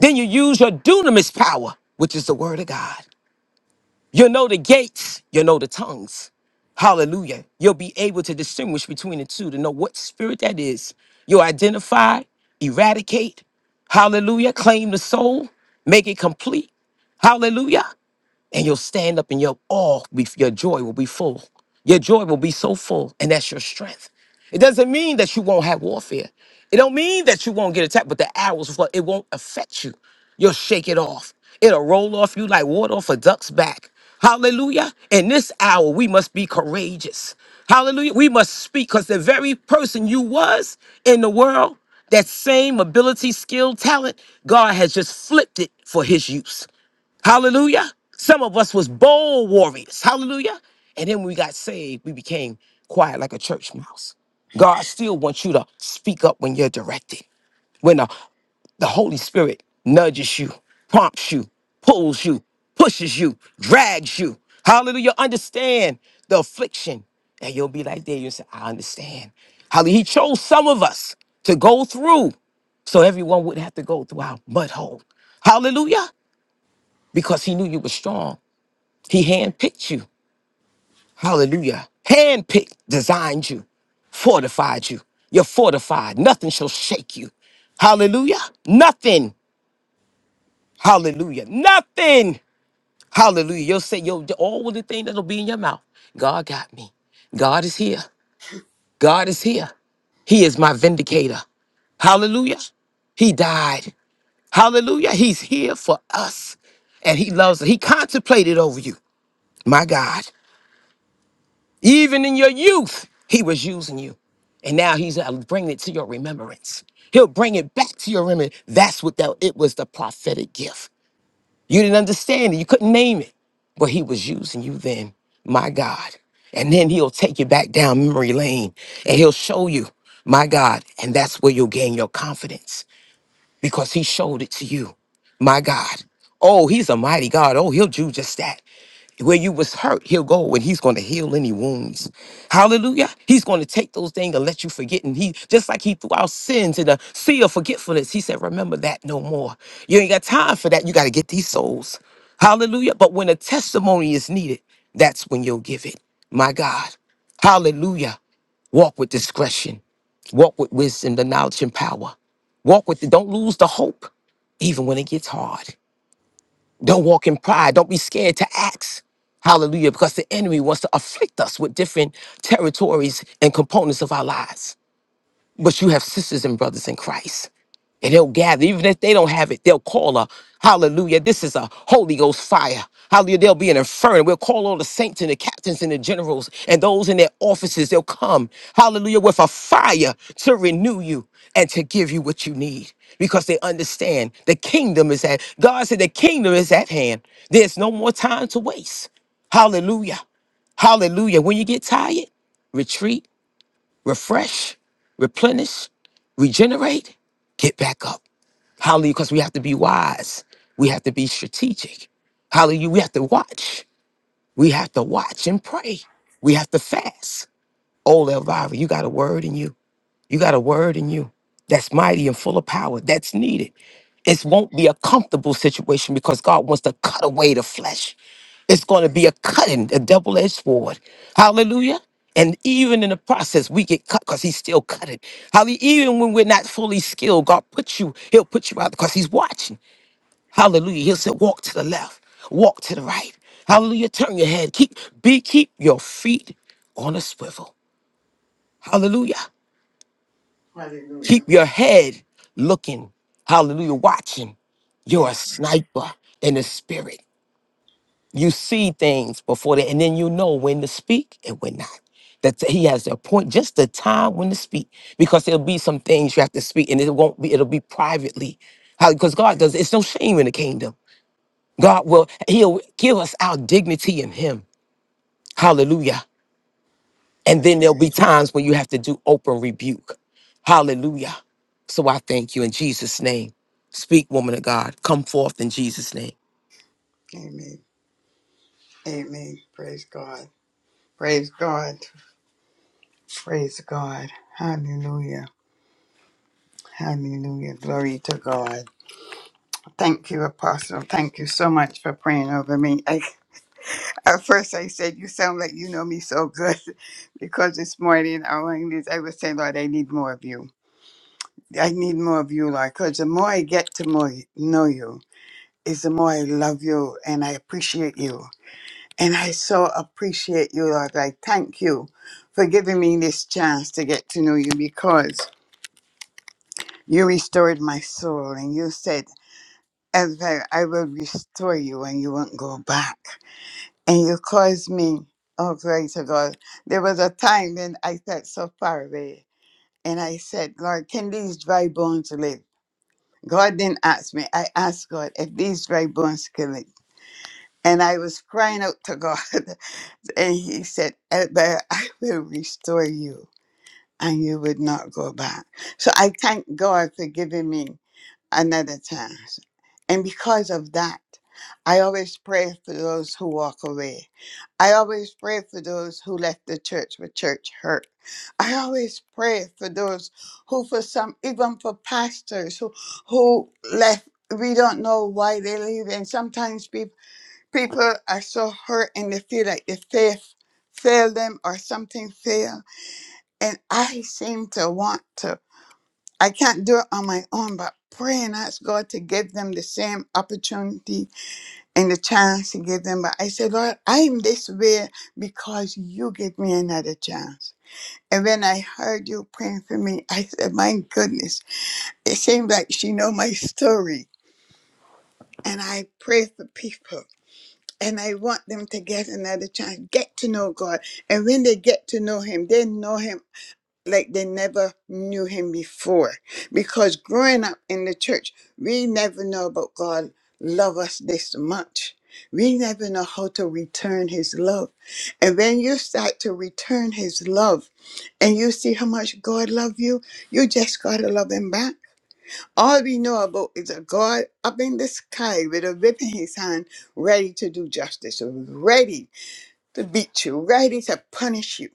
[SPEAKER 8] Then you use your dunamis power, which is the word of God. You know the gates, you know the tongues. Hallelujah. You'll be able to distinguish between the two to know what spirit that is. You'll identify, eradicate, hallelujah, claim the soul, make it complete. Hallelujah and you'll stand up and your awe, be- your joy will be full. Your joy will be so full, and that's your strength. It doesn't mean that you won't have warfare. It don't mean that you won't get attacked, but the arrows will fly. It won't affect you. You'll shake it off. It'll roll off you like water off a duck's back. Hallelujah. In this hour, we must be courageous. Hallelujah. We must speak because the very person you was in the world, that same ability, skill, talent, God has just flipped it for his use. Hallelujah. Some of us was bold warriors. Hallelujah. And then when we got saved, we became quiet like a church mouse. God still wants you to speak up when you're directed. When the, the Holy Spirit nudges you, prompts you, pulls you, pushes you, drags you. Hallelujah. Understand the affliction. And you'll be like there. You'll say, I understand. Hallelujah. He chose some of us to go through so everyone would have to go through our mud hole. Hallelujah because he knew you were strong. He handpicked you. Hallelujah. Handpicked, designed you, fortified you. You're fortified. Nothing shall shake you. Hallelujah. Nothing. Hallelujah. Nothing. Hallelujah. You'll say, yo, all the thing that'll be in your mouth. God got me. God is here. God is here. He is my vindicator. Hallelujah. He died. Hallelujah. He's here for us. And he loves us. He contemplated over you. My God. Even in your youth, he was using you. And now he's uh, bringing it to your remembrance. He'll bring it back to your remembrance. That's what that, it was the prophetic gift. You didn't understand it. You couldn't name it. But he was using you then, my God. And then he'll take you back down memory lane and he'll show you, my God. And that's where you'll gain your confidence because he showed it to you, my God. Oh, he's a mighty God. Oh, he'll do just that where you was hurt, he'll go and he's going to heal any wounds. Hallelujah. He's going to take those things and let you forget. And he, just like he threw our sins in the sea of forgetfulness, he said, remember that no more. You ain't got time for that. You got to get these souls. Hallelujah. But when a testimony is needed, that's when you'll give it. My God. Hallelujah. Walk with discretion. Walk with wisdom, the knowledge and power. Walk with it. Don't lose the hope, even when it gets hard. Don't walk in pride. Don't be scared to ask. Hallelujah. Because the enemy wants to afflict us with different territories and components of our lives. But you have sisters and brothers in Christ and they'll gather. Even if they don't have it, they'll call a hallelujah. This is a Holy Ghost fire. Hallelujah. There'll be an inferno. We'll call all the saints and the captains and the generals and those in their offices. They'll come, hallelujah, with a fire to renew you and to give you what you need because they understand the kingdom is at God said the kingdom is at hand. There's no more time to waste. Hallelujah. Hallelujah. When you get tired, retreat, refresh, replenish, regenerate, get back up. Hallelujah. Because we have to be wise. We have to be strategic. Hallelujah. We have to watch. We have to watch and pray. We have to fast. Oh, Elvira, you got a word in you. You got a word in you that's mighty and full of power. That's needed. It won't be a comfortable situation because God wants to cut away the flesh. It's going to be a cutting, a double edged sword. Hallelujah. And even in the process, we get cut because he's still cutting. Hallelujah. Even when we're not fully skilled, God puts you, he'll put you out because he's watching. Hallelujah. He'll say, walk to the left, walk to the right. Hallelujah. Turn your head. Keep be keep your feet on a swivel. Hallelujah.
[SPEAKER 2] Hallelujah.
[SPEAKER 8] Keep your head looking. Hallelujah. Watching. You're a
[SPEAKER 2] Yes, Lord.
[SPEAKER 8] sniper in the spirit. You see things before that, and then you know when to speak and when not. That he has a point, just the time when to speak, because there'll be some things you have to speak, and it won't be. It'll be privately, how because God does. It's no shame in the kingdom. God will, He'll give us our dignity in Him. Hallelujah. And then
[SPEAKER 2] Glory.
[SPEAKER 8] there'll be times when you have to do open rebuke. Hallelujah. So I thank you in Jesus' name. Speak, woman of God. Come forth in Jesus' name.
[SPEAKER 2] Amen. Amen. Praise God. Praise God. Praise God. Hallelujah. Hallelujah. Glory to God. Thank you, Apostle. Thank you so much for praying over me. I, at first, I said, You sound like you know me so good *laughs* because this morning I was I was saying, Lord, I need more of you. I need more of you, Lord, because the more I get to more know you, is the more I love you and I appreciate you And I so appreciate you, Lord. I thank you for giving me this chance to get to know you because you restored my soul and you said, Ever I will restore you and you won't go back. And you caused me, oh, glory to God. There was a time when I felt so far away and I said, Lord, can these dry bones live? God didn't ask me. I asked God if these dry bones can live. And I was crying out to God *laughs* And he said, "Eh, But *laughs* I will restore you and you would not go back. So I thank God for giving me another chance. And because of that, I always pray for those who walk away. I always pray for those who left the church with church hurt. I always pray for those who, for some, even for pastors who, who left, we don't know why they leave. And sometimes people people are so hurt and they feel like the faith failed them or something failed. And I seem to want to, I can't do it on my own, but pray and ask God to give them the same opportunity and the chance to give them. But I said, Lord, I'm this way because you give me another chance. And when I heard you praying for me, I said, my goodness, it seems like she know my story. And I pray for people and I want them to get another chance, get to know God. And when they get to know Him, they know Him like they never knew Him before. Because growing up in the church, we never know about God love us this much. We never know how to return His love. And when you start to return His love, and you see how much God love you, you just gotta love Him back all we know about is a God up in the sky with a whip in his hand, ready to do justice, ready to beat you, ready to punish you.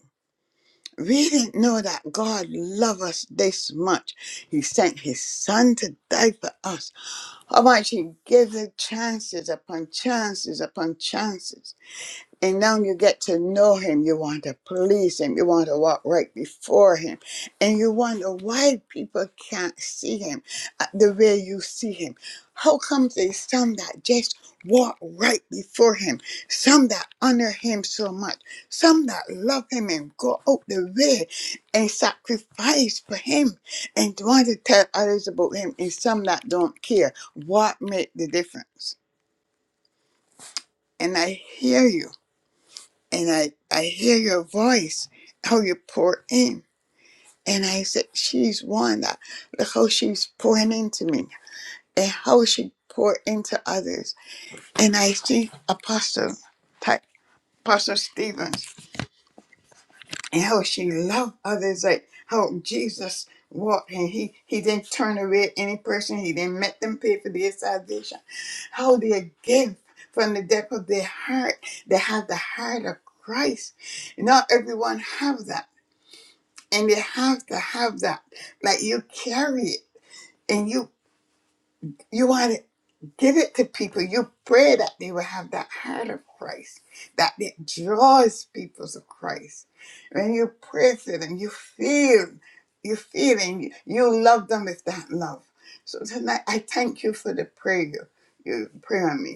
[SPEAKER 2] We didn't know that God loved us this much. He sent his son to die for us. How much he gives us chances upon chances upon chances. And now you get to know him. You want to please him. You want to walk right before him. And you wonder why people can't see him uh, the way you see him. How come there's some that just walk right before him? Some that honor him so much. Some that love him and go out the way and sacrifice for him and want to tell others about him. And some that don't care. What make the difference? And I hear you and I, I hear your voice, how you pour in. And I said, She's one. that- Look how she's pouring into me and how she pour into others. And I see Apostle, Ty- Apostle Stevens and how she loved others, like how Jesus walked and he, he didn't turn away any person, he didn't make them pay for their salvation. How they give from the depth of their heart, they have the heart of Christ. Not everyone have that and you have to have that like you carry it and you you want to give it to people you pray that they will have that heart of christ that it draws people to christ when you pray for them you feel you feel and you, you love them with that love so tonight i thank you for the prayer you you pray on me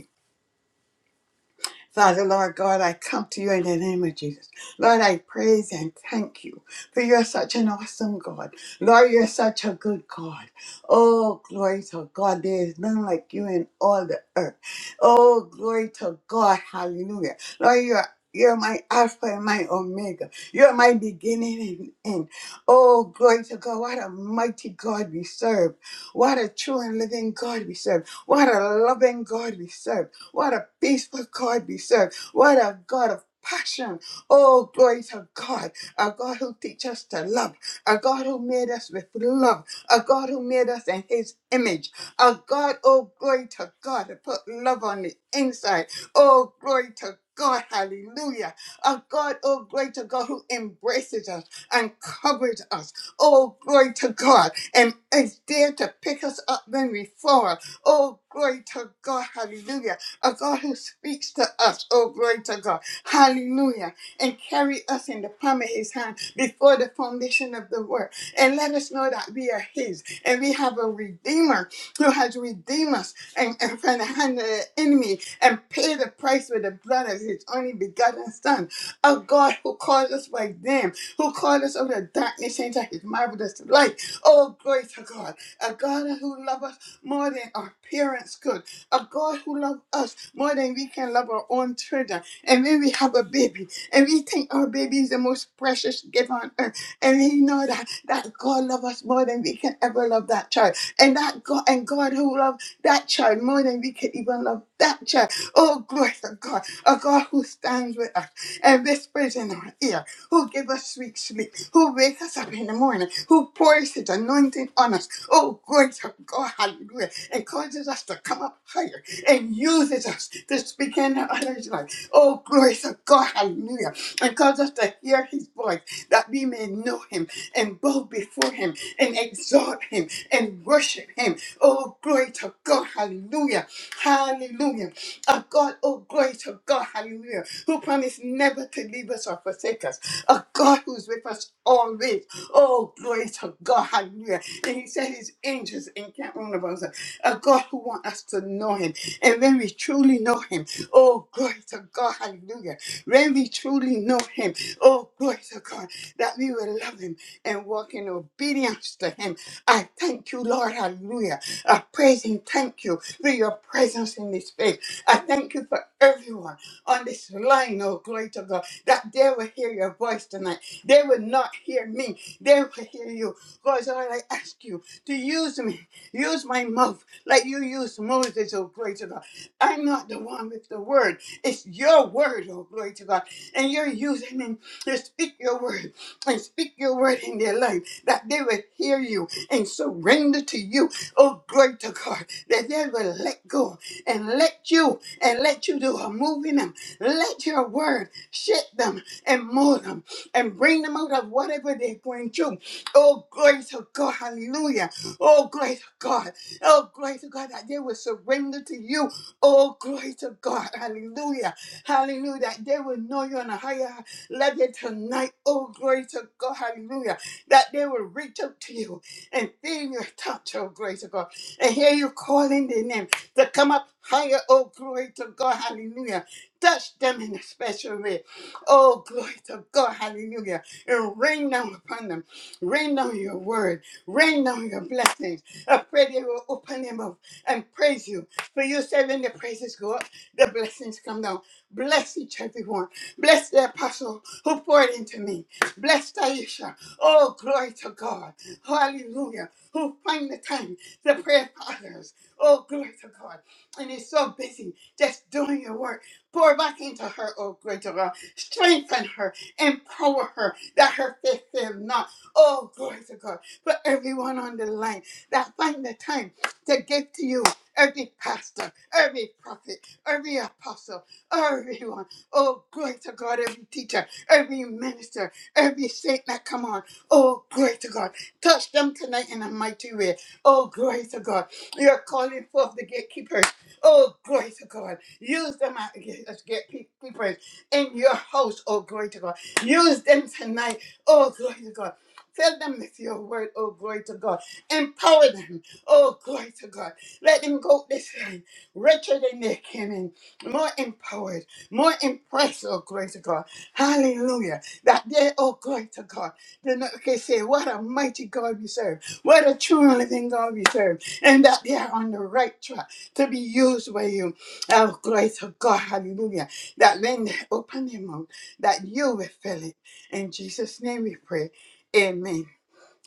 [SPEAKER 2] Father, Lord God, I come to you in the name of Jesus. Lord, I praise and thank you for you're such an awesome God. Lord, you're such a good God. Oh, glory to God. There is none like you in all the earth. Oh, glory to God. Hallelujah. Lord, you're you're my Alpha and my Omega. You're my beginning and end. Oh, glory to God. What a mighty God we serve. What a true and living God we serve. What a loving God we serve. What a peaceful God we serve. What a God of passion. Oh, glory to God. A God who teaches us to love. A God who made us with love. A God who made us in his image. A God, oh, glory to God, to put love on the inside. Oh, glory to God, hallelujah. A God, oh, glory to God, who embraces us and covers us. Oh, glory to God, and is there to pick us up when we fall. Oh, glory to God, hallelujah a God who speaks to us, oh glory to God, hallelujah, and carry us in the palm of his hand before the foundation of the world, and let us know that we are his, and we have a redeemer who has redeemed us and, and from the hand of the enemy, and paid the price with the blood of his only begotten son, a God who calls us by name, who called us out of darkness into his marvelous light, oh glory to God, a God who loves us more than our parents could, a God who loves us more than we can love our own children. And when we have a baby, and we think our baby is the most precious gift on earth, and we know that that God loves us more than we can ever love that child, and that God and God who loves that child more than we can even love that child. Oh, glory to God, a God who stands with us and whispers in our ear who give us sweet sleep, who wake us up in the morning, who pours his anointing on us. Oh, glory to God, hallelujah, and causes us to come up higher and uses us to speak in others' life. Oh, glory to God, hallelujah, and cause us to hear his voice that we may know him and bow before him and exalt him and worship him. Oh, glory to God, hallelujah, hallelujah. A God, oh, glory to God, hallelujah, who promised never never to leave us or forsake us. A God who's with us always. Oh, glory to God. Hallelujah. And he said his angels encamp round about us. A God who wants us to know him. And when we truly know him, oh, glory to God. Hallelujah. When we truly know him, oh, glory to God, that we will love him and walk in obedience to him. I thank you, Lord. Hallelujah. I praise and thank you for your presence in this place. I thank you for everyone on this line, oh glory to God, that they will hear your voice tonight. They will not hear me. They will hear you. God, Lord, I ask you to use me. Use my mouth like you used Moses, oh glory to God. I'm not the one with the word. It's your word, oh glory to God. And you're using me to speak your word and speak your word in their life that they will hear you and surrender to you, oh glory to God, that they will let go and let you and let you do a moving. Let your word shake them and mold them and bring them out of whatever they're going through. Oh, glory to God. Hallelujah. Oh, glory to God. Oh, glory to God that they will surrender to you. Oh, glory to God. Hallelujah. Hallelujah. That they will know you on a higher level tonight. Oh, glory to God. Hallelujah. That they will reach out to you and feel your touch. Oh, glory to God. And hear you calling their name to come up higher. Oh, glory to God. Hallelujah. Touch them in a special way. Oh, glory to God. Hallelujah. And rain down upon them. Rain down your word. Rain down your blessings. I pray they will open them up and praise you. For you said when the praises go up, the blessings come down. Bless each everyone. Bless the apostle who poured into me. Bless Taisha. Oh, glory to God. Hallelujah. Who find the time to pray for others. Oh, glory to God. And he's so busy just doing your work Pour back into her, oh greater God. Strengthen her, empower her, that her faith fail not. Oh, glory to God. For everyone on the line that find the time to give to you, every pastor, every prophet, every apostle, everyone. Oh, glory to God, every teacher, every minister, every saint that come on. Oh, glory to God. Touch them tonight in a mighty way. Oh, glory to God. You're calling forth the gatekeepers. Oh, glory to God. Use them. I- Let's get pe- people in your house. Oh, glory to God. Use them tonight. Oh, glory to God. Fill them with your word, oh glory to God. Empower them, oh glory to God. Let them go this way, richer than they came in, more empowered, more impressed, oh glory to God. Hallelujah. That they, oh glory to God, they not can say, What a mighty God we serve, what a true and living God we serve, and that they are on the right track to be used by you. Oh, glory to God, hallelujah. That when they open their mouth, that you will fill it. In Jesus' name we pray. Amen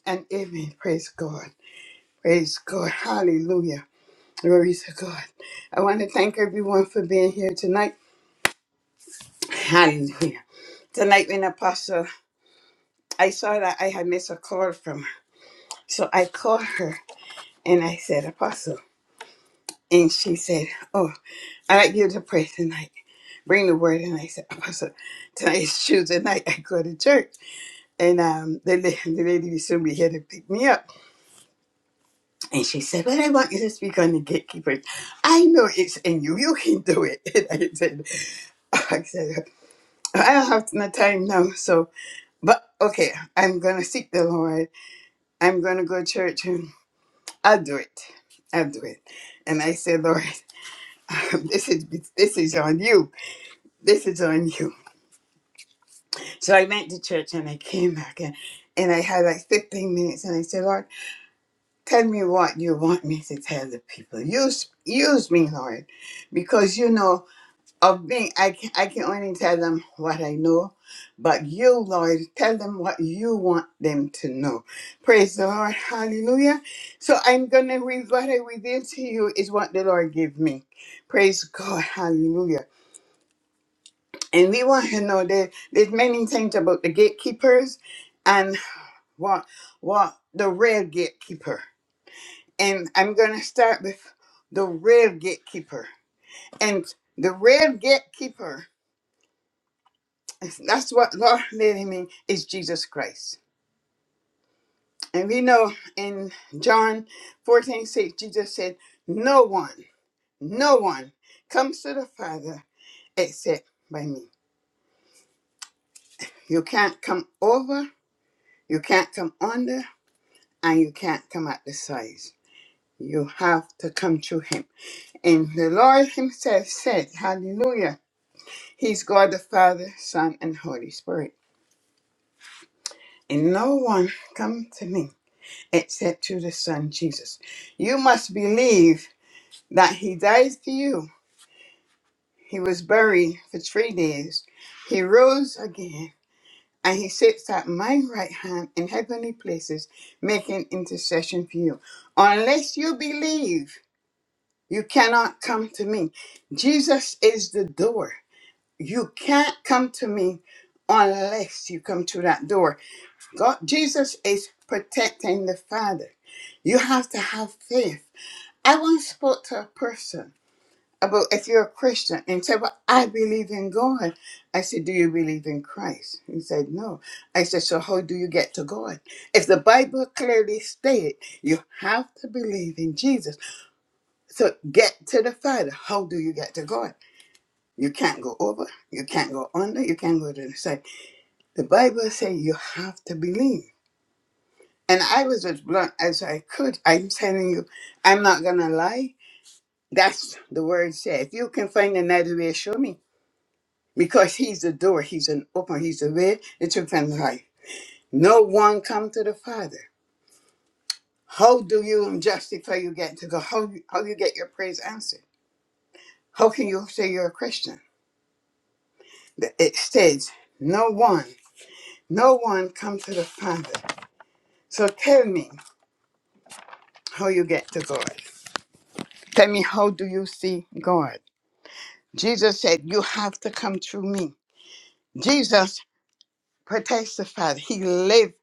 [SPEAKER 2] and amen. Praise God. Praise God. Hallelujah. Glory to God. I want to thank everyone for being here tonight. Hallelujah. Tonight when Apostle, I saw that I had missed a call from her. So I called her and I said, Apostle. And she said, Oh, I'd like you to pray tonight. bring the word. And I said, Apostle, tonight's Tuesday night. I go to church. And um, *laughs* the, la- the lady will soon be here to pick me up. And she said, Well, I want you to speak on the gatekeepers. I know it's in you. You can do it. *laughs* And I said, I said, I don't have no time now. So, but okay, I'm going to seek the Lord. I'm going to go to church and I'll do it. I'll do it. And I said, Lord, *laughs* this is this is on you. This is on you. So I went to church and I came back and, and I had like 15 minutes and I said, Lord, tell me what you want me to tell the people. Use use me, Lord, because you know of me, I can, I can only tell them what I know. But you, Lord, tell them what you want them to know. Praise the Lord. Hallelujah. So I'm going to read what I reveal to you is what the Lord gave me. Praise God. Hallelujah. And we want to know that there's many things about the gatekeepers want want the real gatekeeper. And I'm gonna start with the real gatekeeper. And the real gatekeeper, that's what Lord made me is Jesus Christ. And we know in John 14:6 Jesus said, No one, no one comes to the Father except by me. You can't come over, you can't come under, and you can't come at the sides. You have to come to him And the Lord Himself said, Hallelujah. He's God the Father, Son, and Holy Spirit. And no one come to me except through the Son Jesus. You must believe that He died for you. He was buried for three days. He rose again. And he sits at my right hand in heavenly places, making intercession for you. Unless you believe, you cannot come to me. Jesus is the door. You can't come to me unless you come through that door. God, Jesus is protecting the Father. You have to have faith. I once spoke to a person about if you're a Christian and said, Well, I believe in God. I said, Do you believe in Christ? He said, No. I said, So how do you get to God? If the Bible clearly stated you have to believe in Jesus. So get to the Father. How do you get to God? You can't go over, you can't go under, you can't go to the side. The Bible says you have to believe. And I was as blunt as I could. I'm telling you, I'm not going to lie. That's the word said. If you can find another way, show me. Because he's the door, he's an open, he's the way, the truth, and the life. No one come to the Father. How do you justify you get to go? How, how you get your prayers answered? How can you say you're a Christian? The- It says, no one, no one come to the Father. So tell me how you get to God. Tell me, how do you see God? Jesus said, You have to come through me. Jesus testified he lived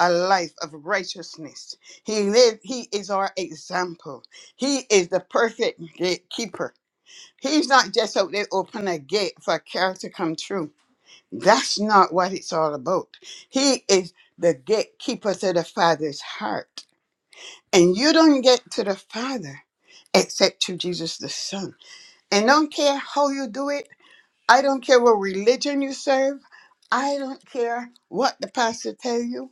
[SPEAKER 2] a life of righteousness. He lived, he is our example. He is the perfect gatekeeper. He's not just out there open a gate for a carrot to come through. That's not what it's all about. He is the gatekeeper to the Father's heart. And you don't get to the Father except through Jesus the Son. And don't care how you do it, I don't care what religion you serve. I don't care what the pastor tell you.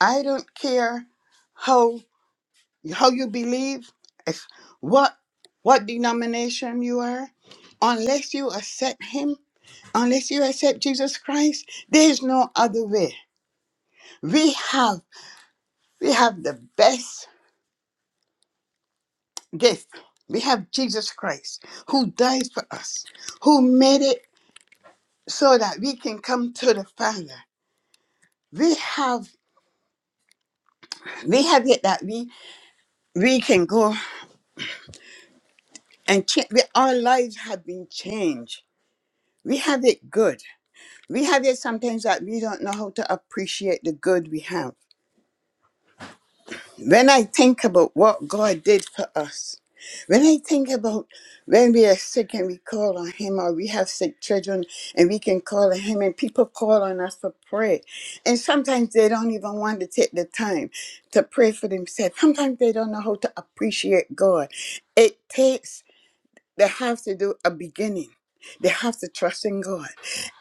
[SPEAKER 2] I don't care how how you believe, if what what denomination you are. Unless you accept him, unless you accept Jesus Christ, there is no other way. We have we have the best gift. We have Jesus Christ who died for us, who made it so that we can come to the Father. We have we have it that we we can go and change. Our lives have been changed. We have it good. We have it sometimes that we don't know how to appreciate the good we have. When I think about what God did for us, when I think about when we are sick and we call on Him, or we have sick children and we can call on Him, and people call on us for prayer, and sometimes they don't even want to take the time to pray for themselves. Sometimes they don't know how to appreciate God. It takes They have to do a beginning. They have to trust in God,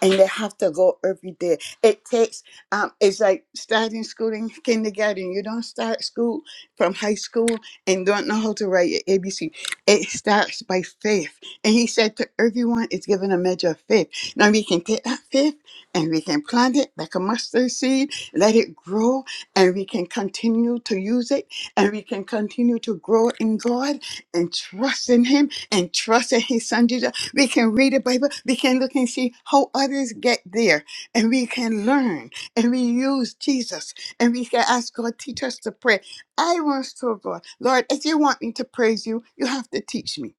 [SPEAKER 2] and they have to go every day. It takes. Um, it's like starting school in kindergarten. You don't start school from high school and don't know how to write your ABC. It starts by faith, and He said to everyone, "It's given a measure of faith." Now we can take that faith and we can plant it like a mustard seed, let it grow, and we can continue to use it, and we can continue to grow in God and trust in Him and trust that His Son did. We can read the Bible. We can look and see how others get there, and we can learn and we use Jesus, and we can ask God teach us to pray. I want to, God, Lord, if you want me to praise you, you have to teach me.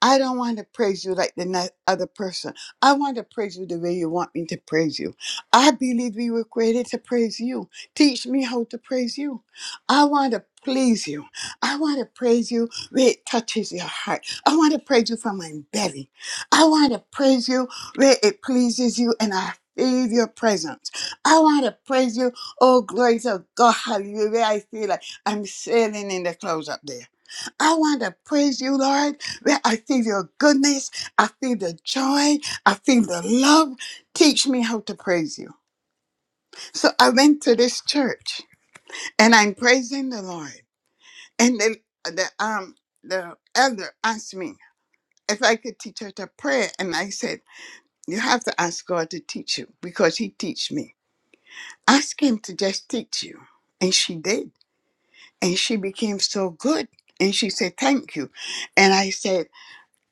[SPEAKER 2] I don't want to praise you like the ni- other person. I want to praise you the way you want me to praise you. I believe we were created to praise you. Teach me how to praise you. I want to please you. I want to praise you where it touches your heart. I want to praise you from my belly. I want to praise you where it pleases you and I feel your presence. I want to praise you. Oh, glory to God. Hallelujah. Where I feel like I'm sailing in the clouds up there. I want to praise you, Lord well, I feel your goodness. I feel the joy. I feel the love. Teach me how to praise you. So I went to this church and I'm praising the Lord. And the, the um the elder asked me if I could teach her to pray. And I said, You have to ask God to teach you because He teach me. Ask Him to just teach you. And she did. And she became so good. And she said, Thank you. And I said,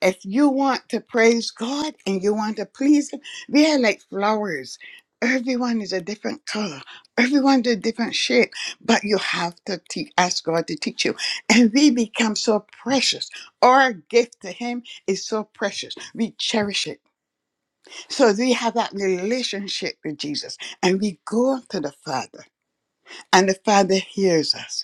[SPEAKER 2] if you want to praise God and you want to please Him, they are like flowers. Everyone is a different color. Everyone's a different shape, but you have to te- ask God to teach you. And we become so precious. Our gift to Him is so precious. We cherish it. So we have that relationship with Jesus and we go to the Father, and the Father hears us.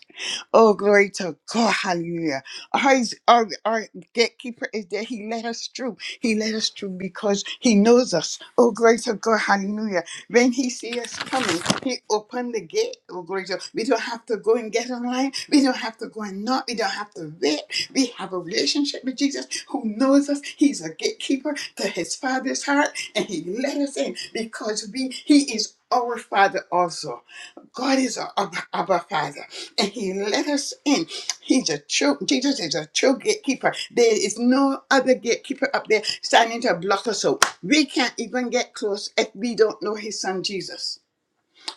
[SPEAKER 2] Oh, glory to God. Hallelujah. Our, our, our gatekeeper is there. He let us through. He let us through because he knows us. Oh, glory to God. Hallelujah. When he sees us coming, he opened the gate. Oh, glory to God. We don't have to go and get online. We don't have to go and knock. We don't have to wait. We have a relationship with Jesus who knows us. He's a gatekeeper to his father's heart and he let us in because we he is our father also. God is our Abba, Abba Father and he let us in. He's a true Jesus is a true gatekeeper. There is no other gatekeeper up there standing to block us out. We can't even get close if we don't know his son Jesus.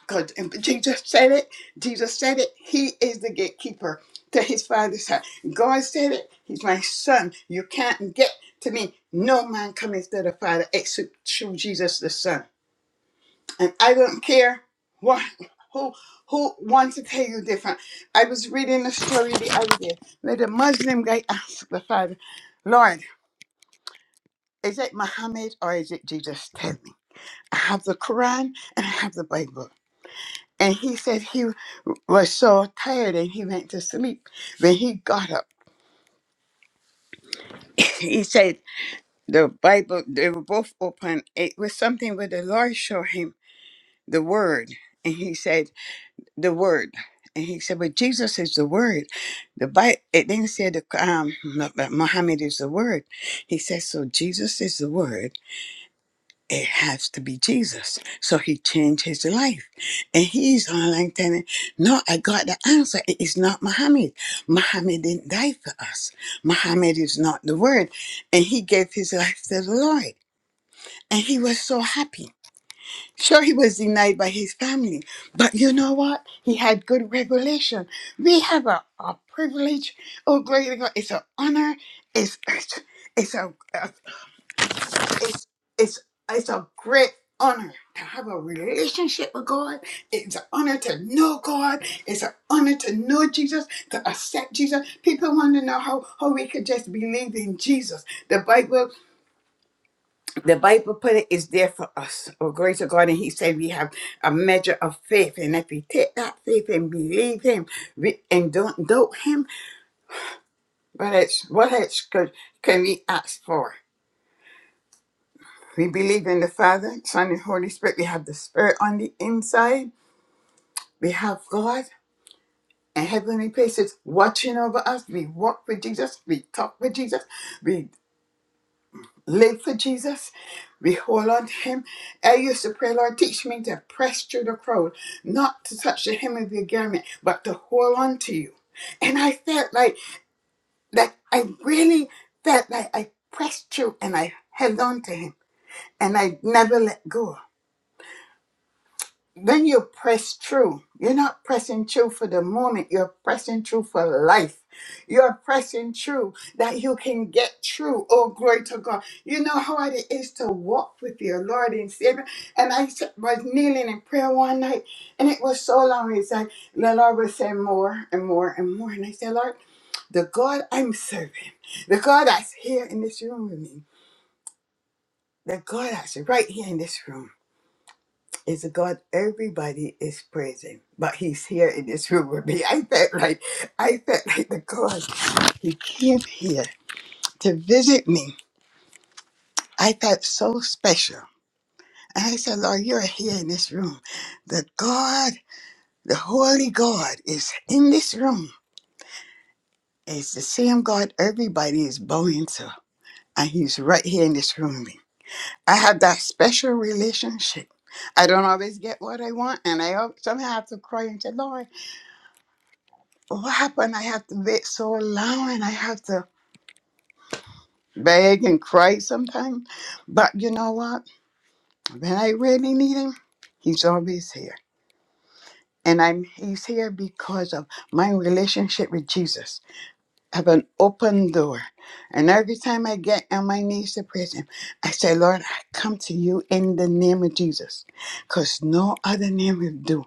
[SPEAKER 2] Because Jesus said it, Jesus said it, he is the gatekeeper to his father's house. God said it, he's my son. You can't get to me. No man cometh to the Father except through Jesus the Son and I don't care what who who wants to tell you different. I was reading a story the other day where the Muslim guy asked the father, Lord, is it Muhammad or is it Jesus? Tell me. I have the Quran and I have the Bible. And he said he was so tired and he went to sleep. When he got up, he said the Bible, they were both open. It was something where the Lord showed him the word. And he said, the word. And he said, but Jesus is the word. The Bible, it didn't say that um, Mu- that Muhammad is the word. He says, so Jesus is the word. It has to be Jesus. So he changed his life. And he's online telling, no, I got the answer. It is not Muhammad. Muhammad didn't die for us. Muhammad is not the word. And he gave his life to the Lord. And he was so happy Sure, he was denied by his family, but you know what? He had good revelation. We have a, a privilege. Oh, glory to God! It's an honor. It's it's it's a uh, it's it's it's a great honor to have a relationship with God. It's an honor to know God. It's an honor to know Jesus, to accept Jesus. People want to know how how we could just believe in Jesus. The Bible. The Bible put it is there for us. Oh, glory to God. And He said we have a measure of faith. And if we take that faith and believe Him we, and don't doubt Him, but it's what else could, can we ask for? We believe in the Father, Son, and Holy Spirit. We have the Spirit on the inside. We have God and heavenly places watching over us. We walk with Jesus. We talk with Jesus. live for Jesus. We hold on to him. I used to pray, Lord, teach me to press through the crowd, not to touch the hem of your garment, but to hold on to you. And I felt like that I really felt like I pressed through and I held on to him and I never let go. When you press through, you're not pressing through for the moment, you're pressing through for life. You're pressing through that you can get through. Oh, glory to God. You know how hard it is to walk with your Lord and Savior. And I s- was kneeling in prayer one night, and it was so long. It's like the Lord was saying more and more and more. And I said, Lord, the God I'm serving, the God that's here in this room with me, the God that's right here in this room is a God everybody is praising, but He's here in this room with me. *laughs* I felt like I felt like the God He came here to visit me. I felt so special. And I said, Lord, you're here in this room. The God, the Holy God is in this room. It's the same God everybody is bowing to. And He's right here in this room with me. I have that special relationship. I don't always get what I want, and I al- somehow have to cry and say, Lord. what happened? I have to wait so long and I have to beg and cry sometimes. But you know what? When I really need him, he's always here. And I'm he's here because of my relationship with Jesus. I have an open door. And every time I get on my knees to praise him, I say, Lord, I come to you in the name of Jesus. Because no other name will do.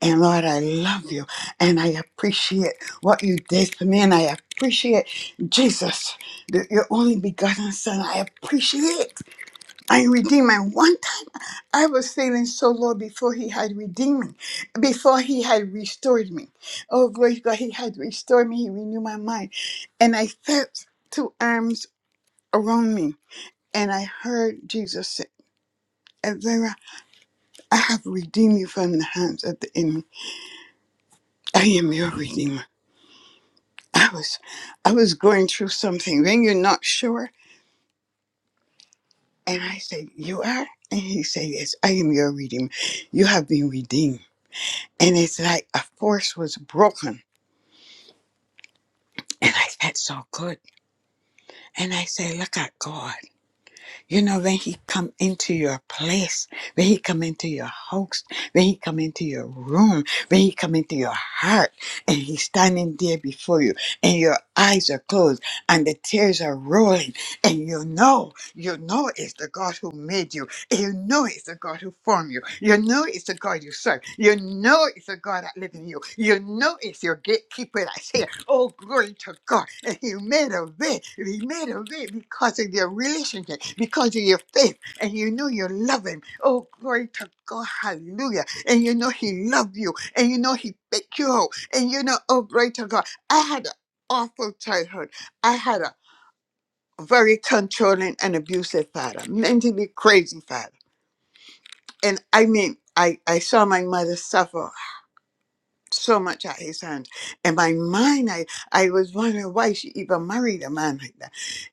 [SPEAKER 2] And Lord, I love you and I appreciate what you did for me. And I appreciate Jesus, the, your only begotten Son. I appreciate I redeemed. And one time I was feeling so low before He had redeemed me, before He had restored me. Oh, glory to God, He had restored me. He renewed my mind. And I felt two arms around me. And I heard Jesus say, Vera, I have redeemed you from the hands of the enemy. I am your redeemer. I was I was going through something. Then you're not sure, and I said, "You are," and he said, "Yes, I am your redeemer. You have been redeemed." And it's like a force was broken, and I felt so good. And I said, "Look at God." You know, when he come into your place, when he come into your house, when he come into your room, when he come into your heart, and he's standing there before you, and your eyes are closed, and the tears are rolling, and you know, you know it's the God who made you you know it's the God who formed you. You know it's the God you serve. You know it's the God that lives in you. You know it's your gatekeeper that's here. Oh, glory to God. And He made a way. He made a way because of your relationship, because of your faith. And you know you love Him. Oh, glory to God. Hallelujah. And you know He loved you. And you know He picked you out. And you know, oh, glory to God. I had an awful childhood. I had a very controlling and abusive father, mentally crazy father and I mean, I, I saw my mother suffer so much at his hands. And my mind, I, I was wondering why she even married a man like that.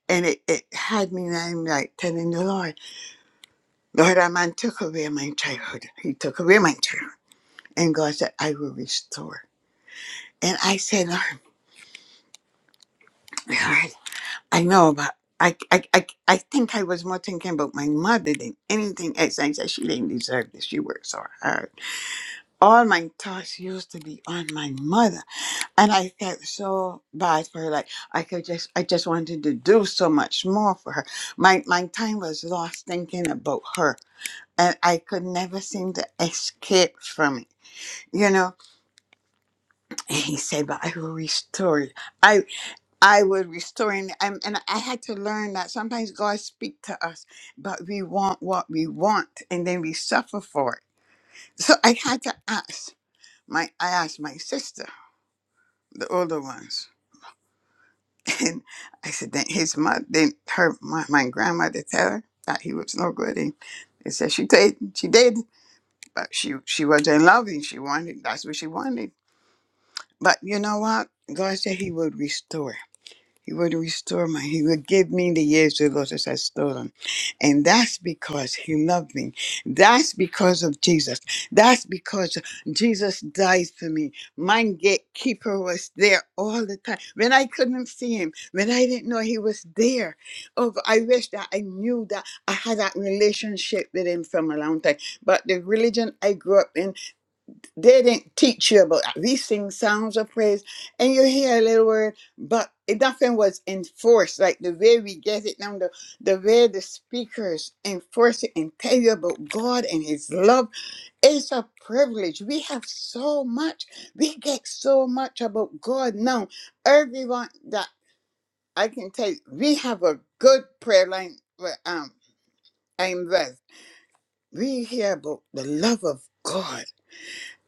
[SPEAKER 2] And it, it had me, and I'm like telling the Lord, Lord, that man took away my childhood. He took away my childhood. And God said, I will restore. And I said, Lord, Lord, I know, but I, I, I, I think I was more thinking about my mother than anything else. I said, she didn't deserve this. She worked so hard. All my thoughts used to be on my mother and I felt so bad for her. Like I could just, I just wanted to do so much more for her. My my time was lost thinking about her, and I could never seem to escape from it. You know. And he said, "But I will restore you. I I will restore you." And, and I had to learn that sometimes God speaks to us, but we want what we want, and then we suffer for it. So I had to ask my, I asked my sister, the older ones *laughs* And I said, that his mother, then her, my, my grandmother tell her that he was no good. And they said she did, she did, but she she was in love and she wanted, that's what she wanted. But you know what? God said he would restore. He would restore my, he would give me the years the Lord has stolen. And that's because he loved me. That's because of Jesus. That's because Jesus died for me. My gatekeeper was there all the time. When I couldn't see him, when I didn't know he was there. Oh, I wish that I knew that I had that relationship with him from a long time. But the religion I grew up in they didn't teach you about that. we sing songs of praise and you hear a little word, but it- nothing was enforced. Like the way we get it now, the, the way the speakers enforce it and tell you about God and His love. It's a privilege. We have so much. We get so much about God now. Everyone that I can tell you, we have a good prayer line. where, Um, I'm with. We hear about the love of God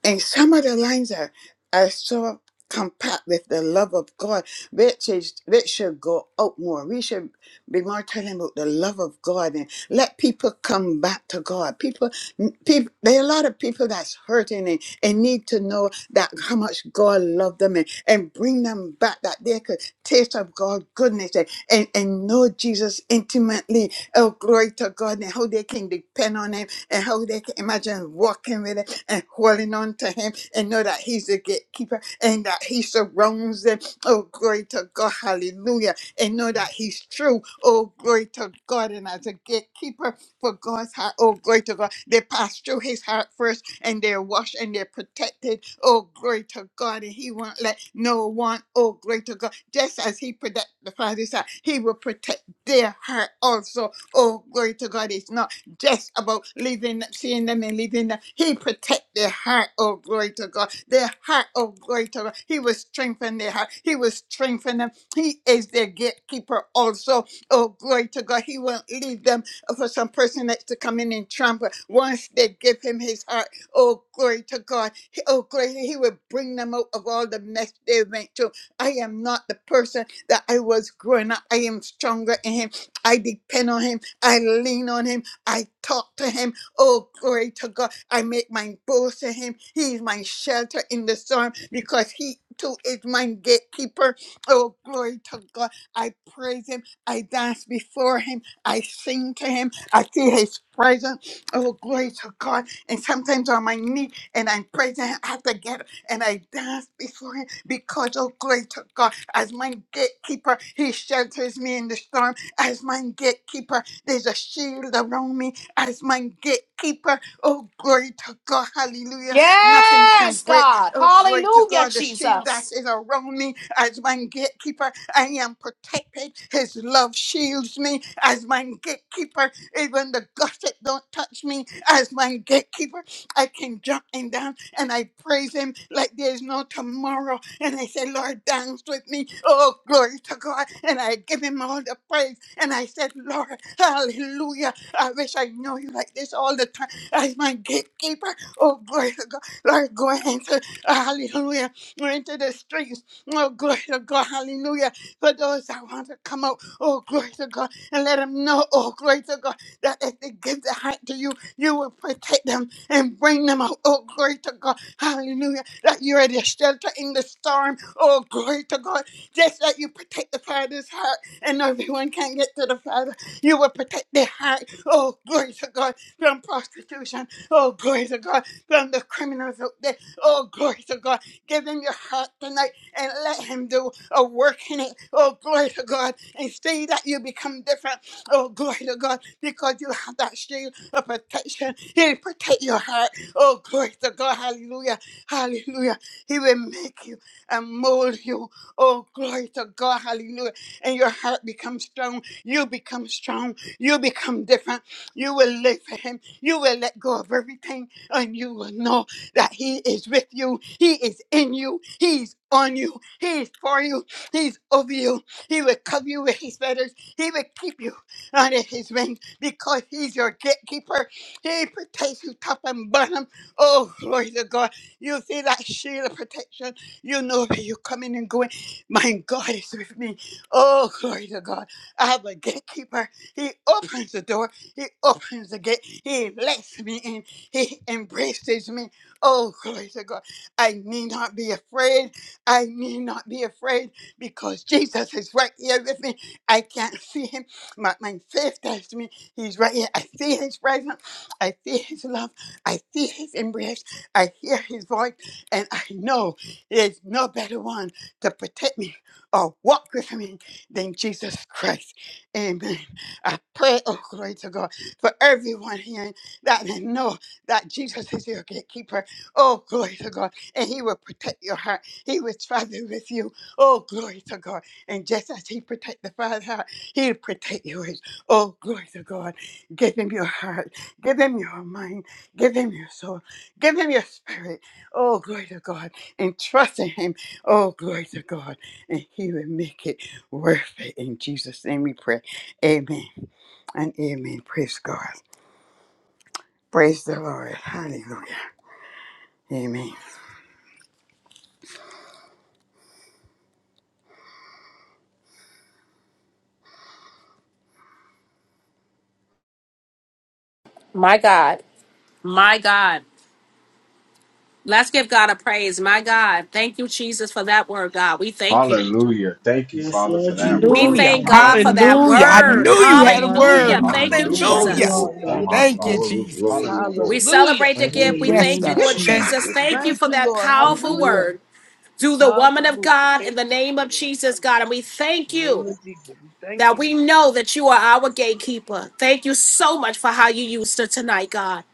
[SPEAKER 2] and some of the lines are, are so compact with the love of God, which is which should go out more. We should be more telling about the love of God and let people come back to God. People, people there are a lot of people that's hurting and, and need to know that how much God loved them and, and bring them back that they could taste of God's goodness and, and, and know Jesus intimately. Oh, glory to God and how they can depend on him and how they can imagine walking with it and holding on to him and know that he's the gatekeeper and that he surrounds them. Oh, glory to God, hallelujah. And know that he's true. Oh, glory to God. And as a gatekeeper for God's heart, oh, glory to God, they pass through his heart first and they're washed and they're protected. Oh, glory to God. And he won't let no one, oh, glory to God, just as he protect the Father's heart, he will protect their heart also. Oh, glory to God. It's not just about leaving, seeing them and leaving them. He protect their heart, oh glory to God. Their heart, oh glory to God. He will strengthen their heart. He will strengthen them. He is their gatekeeper also. Oh glory to God. He won't leave them for some person that's to come in and trample. Once they give him his heart, oh glory to God. He- Oh glory, he will bring them out of all the mess they went through. I am not the person that I was growing up. I am stronger in him. I depend on him. I lean on him. I talk to him. Oh, glory to God. I make my boast to him. He is my shelter in the storm because he too is my gatekeeper. Oh, glory to God. I praise him. I dance before him. I sing to him. I feel his presence. Oh, glory to God. And sometimes on my knee and I'm praising him. I have to get up and I dance before him because, oh, glory to God. As my gatekeeper, he shelters me in the storm. As my gatekeeper, there's a shield around me as my gatekeeper. Oh, glory to God. Hallelujah. Nothing can
[SPEAKER 1] Yes,
[SPEAKER 2] break.
[SPEAKER 1] God.
[SPEAKER 2] Oh, glory to
[SPEAKER 1] Hallelujah,
[SPEAKER 2] God. The shield that
[SPEAKER 1] Jesus.
[SPEAKER 2] is around me as my gatekeeper. I am protected. His love shields me as my gatekeeper. Even the gossip don't touch me as my gatekeeper. I can jump and down and I praise him like there's no tomorrow and I said, Lord, dance with me. Oh, glory to God. And I give him all the praise. And I said, Lord, hallelujah. I wish I know you like this all the time as my gatekeeper. Oh, glory to God. Lord, go into, hallelujah, go into the streets. Oh, glory to God, hallelujah. For those that want to come out, oh, glory to God, and let them know, oh, glory to God, that if they give their heart to you, you will protect them and bring them out. Oh, glory to God. Hallelujah. That you are the shelter in the storm. Oh, glory to God. Just that you protect the Father's heart and everyone can get to the Father. You will protect their heart. Oh, glory to God. From prostitution. Oh, glory to God. From the criminals out there. Oh, glory to God. Give him your heart tonight and let him do a work in it. Oh, glory to God. And see that you become different. Oh, glory to God. Because you have that shield of protection. He'll protect your heart. Oh, glory to God. Hallelujah. Hallelujah. He will make you and mold you. Oh, glory to God. Hallelujah. And your heart becomes strong. You become strong. You become different. You will live for Him. You will let go of everything and you will know that He is with you. He is in you. He's on you. He is for you. He's over you. He will cover you with His feathers. He will keep you under His wings because He's your gatekeeper. He protects you top and bottom. Oh, glory to God. You see that shield of protection. You know where you're coming and going. My God is with me. Oh, glory to God. I have a gatekeeper. He opens the door. He opens the gate. He lets me in. He embraces me. Oh, glory to God. I need not be afraid. I need not be afraid because Jesus is right here with me. I can't see him. My, my faith tells me he's right here. I see his presence. I feel his love. I feel his embrace. I hear his voice. And I know there's no better one to protect me or walk with me than Jesus Christ. Amen. I pray, oh glory to God, for everyone here that they know that Jesus is your gatekeeper. Oh glory to God. And he will protect your heart. He will travel with you. Oh glory to God. And just as he protect the Father's heart, he'll protect yours. Oh glory to God. Give him your heart. Give them your mind. Give them your soul. Give them your spirit. Oh, glory to God. And trust in Him. Oh, glory to God. And He will make it worth it. In Jesus' name we pray. Amen and amen. Praise God. Praise the Lord. Hallelujah. Amen.
[SPEAKER 1] My God. My God. Let's give God a praise. My God. Thank you, Jesus, for that word, God. We thank you.
[SPEAKER 5] Hallelujah. Thank you,
[SPEAKER 7] Yes,
[SPEAKER 5] Father, for
[SPEAKER 7] Lord
[SPEAKER 5] that
[SPEAKER 7] Jesus,
[SPEAKER 1] We
[SPEAKER 7] we
[SPEAKER 5] word.
[SPEAKER 8] Hallelujah.
[SPEAKER 1] thank
[SPEAKER 7] thank
[SPEAKER 1] God
[SPEAKER 7] you.
[SPEAKER 1] for
[SPEAKER 5] Powerful
[SPEAKER 1] that
[SPEAKER 5] word.
[SPEAKER 8] Hallelujah. I
[SPEAKER 7] My
[SPEAKER 1] word.
[SPEAKER 8] knew
[SPEAKER 5] Hallelujah.
[SPEAKER 8] you had a
[SPEAKER 7] God, my
[SPEAKER 3] you,
[SPEAKER 8] word.
[SPEAKER 1] Hallelujah. Thank you,
[SPEAKER 6] We
[SPEAKER 3] Jesus.
[SPEAKER 7] God,
[SPEAKER 5] Hallelujah.
[SPEAKER 6] thank you,
[SPEAKER 8] Hallelujah.
[SPEAKER 7] my
[SPEAKER 1] Jesus.
[SPEAKER 6] Lord.
[SPEAKER 3] Hallelujah.
[SPEAKER 7] God.
[SPEAKER 5] Thank you,
[SPEAKER 6] Hallelujah.
[SPEAKER 8] Thank you,
[SPEAKER 5] Father.
[SPEAKER 3] Glory,
[SPEAKER 8] Jesus.
[SPEAKER 3] glory,
[SPEAKER 5] Hallelujah.
[SPEAKER 1] We
[SPEAKER 3] glory.
[SPEAKER 6] Hallelujah.
[SPEAKER 1] celebrate the
[SPEAKER 5] Thank
[SPEAKER 3] Thank
[SPEAKER 5] you,
[SPEAKER 1] gift.
[SPEAKER 3] you.
[SPEAKER 1] We
[SPEAKER 5] Jesus.
[SPEAKER 8] Yes,
[SPEAKER 1] thank you,
[SPEAKER 7] Hallelujah,
[SPEAKER 8] sir.
[SPEAKER 1] Lord
[SPEAKER 3] Jesus.
[SPEAKER 8] Thank-
[SPEAKER 3] Thank
[SPEAKER 1] Jesus.
[SPEAKER 3] you.
[SPEAKER 6] We
[SPEAKER 7] Jesus.
[SPEAKER 3] Jesus.
[SPEAKER 1] Thank you
[SPEAKER 6] thank
[SPEAKER 1] for
[SPEAKER 6] you,
[SPEAKER 1] that
[SPEAKER 6] Lord.
[SPEAKER 7] Thank
[SPEAKER 1] powerful
[SPEAKER 7] you,
[SPEAKER 6] Hallelujah.
[SPEAKER 7] Lord.
[SPEAKER 1] word. Do the woman of
[SPEAKER 6] Hallelujah.
[SPEAKER 1] God in
[SPEAKER 6] Thank
[SPEAKER 1] the
[SPEAKER 6] you,
[SPEAKER 1] name of
[SPEAKER 6] Lord.
[SPEAKER 1] Jesus, God. And we
[SPEAKER 6] Hallelujah.
[SPEAKER 1] thank
[SPEAKER 6] In the name
[SPEAKER 1] you.
[SPEAKER 6] of Jesus, we thank
[SPEAKER 1] that
[SPEAKER 6] you.
[SPEAKER 1] we know that you are our gatekeeper. Thank you so much for how you used her tonight, God.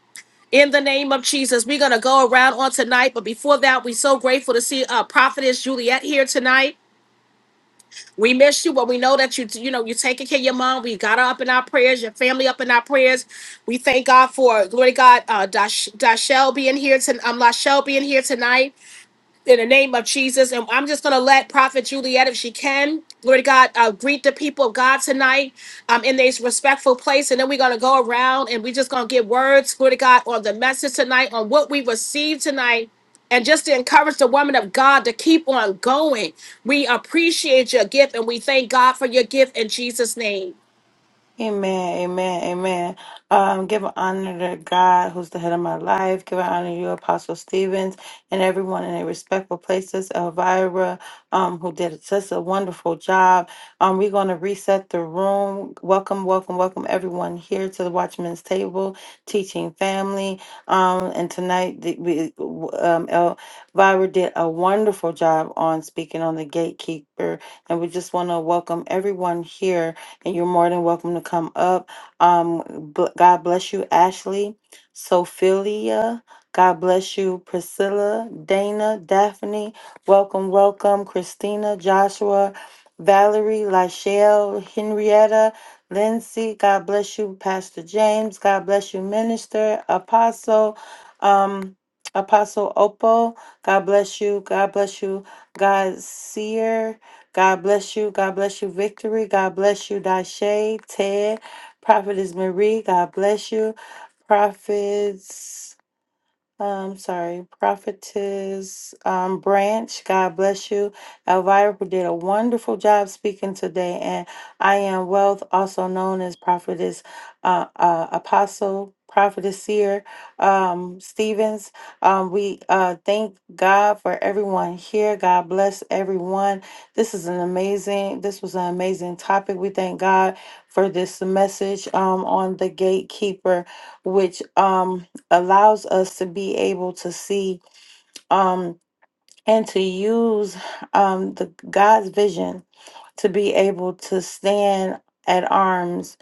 [SPEAKER 1] In the name of Jesus, we're going to go around on tonight. But before that, we're so grateful to see uh, Prophetess Juliet here tonight. We miss you, but we know that you, you know, you're taking care of your mom. We got her up in our prayers, your family up in our prayers. We thank God for, glory to God, uh, Dash, Dashell being here, to, um, Lashelle being here tonight in the name of Jesus. And I'm just going to let Prophet Juliet, if she can, glory to God, uh, greet the people of God tonight um, in this respectful place. And then we're going to go around and we're just going to give words, glory to God, on the message tonight, on what we received tonight. And just to encourage the woman of God to keep on going. We appreciate your gift and we thank God for your gift in Jesus' name.
[SPEAKER 11] Amen, amen, amen. Um, give honor to God, who's the head of my life. Give honor to you, Apostle Stevens, and everyone in their respectful places. Elvira, um, who did such a wonderful job. Um, we're going to reset the room. Welcome, welcome, welcome, everyone here to the Watchman's Table Teaching Family. Um, and tonight, the, we, um, Elvira did a wonderful job on speaking on the gatekeeper, and we just want to welcome everyone here and you're more than welcome to come up. Um, b- God bless you, Ashley, Sophelia. God bless you, Priscilla, Dana, Daphne. Welcome, welcome, Christina, Joshua, Valerie, Lachelle, Henrietta, Lindsay. God bless you, Pastor James. God bless you, Minister, Apostle, um, Apostle Opal. God bless you. God bless you, God Seer. God bless you. God bless you, Victory. God bless you, Dashe, Ted, Prophetess Marie. God bless you, Prophets. I'm sorry, Prophetess um, Branch, God bless you. Elvira did a wonderful job speaking today, and I am Wealth, also known as Prophetess uh, uh, Apostle, Prophetess Seer um, Stevens. Um, we uh, thank God for everyone here. God bless everyone. This is an amazing, this was an amazing topic. We thank God for this message um, on the gatekeeper, which. Um, allows us to be able to see um and to use um the God's vision to be able to stand at arms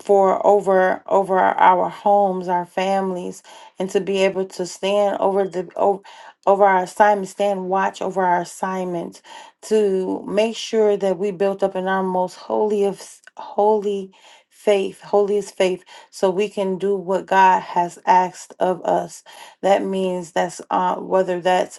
[SPEAKER 11] for over over our homes, our families, and to be able to stand over the over, over our assignments, stand watch over our assignments, to make sure that we built up in our most holy of s- holy faith, holiest faith, so we can do what God has asked of us. That means that's uh, whether that's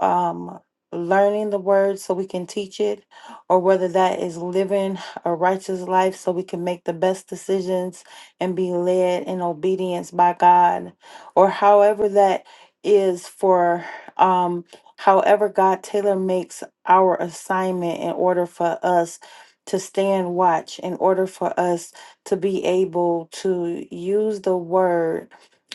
[SPEAKER 11] um, learning the word so we can teach it, or whether that is living a righteous life so we can make the best decisions and be led in obedience by God, or however that is for um, however God tailor makes our assignment in order for us to stand watch, in order for us to be able to use the word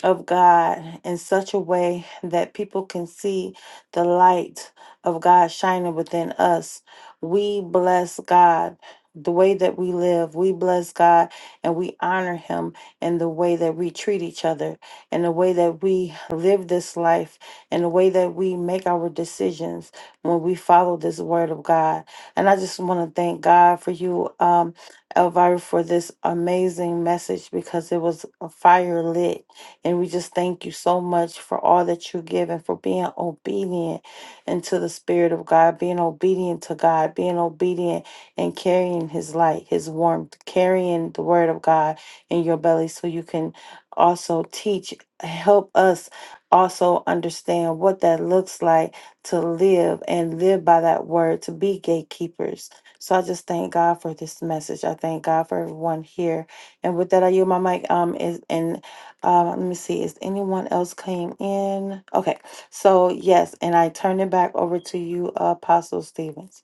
[SPEAKER 11] of God in such a way that people can see the light of God shining within us. We bless God the way that we live. We bless God and we honor Him in the way that we treat each other, in the way that we live this life, in the way that we make our decisions when we follow this word of God. And I just want to thank God for you, um, Elvira, for this amazing message because it was a fire lit and we just thank you so much for all that you give and for being obedient into the Spirit of God, being obedient to God, being obedient and carrying His light, His warmth, carrying the Word of God in your belly so you can also teach, help us also understand what that looks like to live and live by that word, to be gatekeepers. So I just thank God for this message. I thank God for everyone here. And with that, I yield my mic. Um, is, uh, let me see. Is anyone else came in? Okay. So yes, and I turn it back over to you, Apostle Stevens.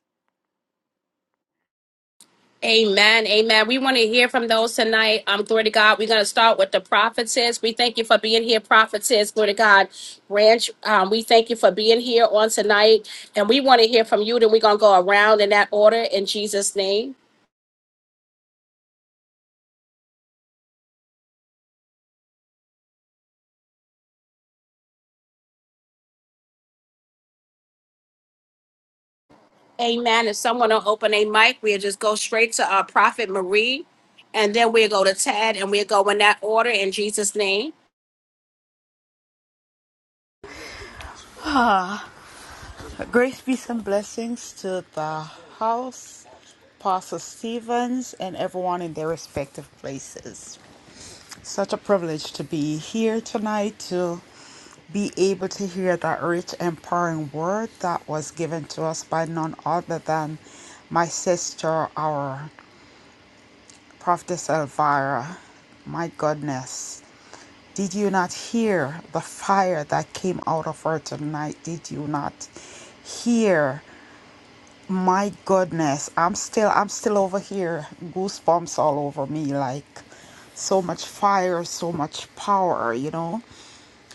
[SPEAKER 1] Amen. Amen. We want to hear from those tonight. Um, glory to God. We're going to start with the prophetess. We thank you for being here, prophetess. Glory to God. Branch, um, we thank you for being here on tonight. And we want to hear from you. Then we're going to go around in that order in Jesus' name. Amen. If someone will open a mic, we'll just go straight to our prophet Marie. And then we'll go to Ted and we'll go in that order in Jesus' name.
[SPEAKER 4] Ah, grace, peace, and blessings to the house, Pastor Stevens, and everyone in their respective places. Such a privilege to be here tonight to be able to hear that rich, empowering word that was given to us by none other than my sister, our prophetess Elvira. My goodness. Did you not hear the fire that came out of her tonight? Did you not hear? My goodness, I'm still I'm still over here. Goosebumps all over me like so much fire, so much power, you know?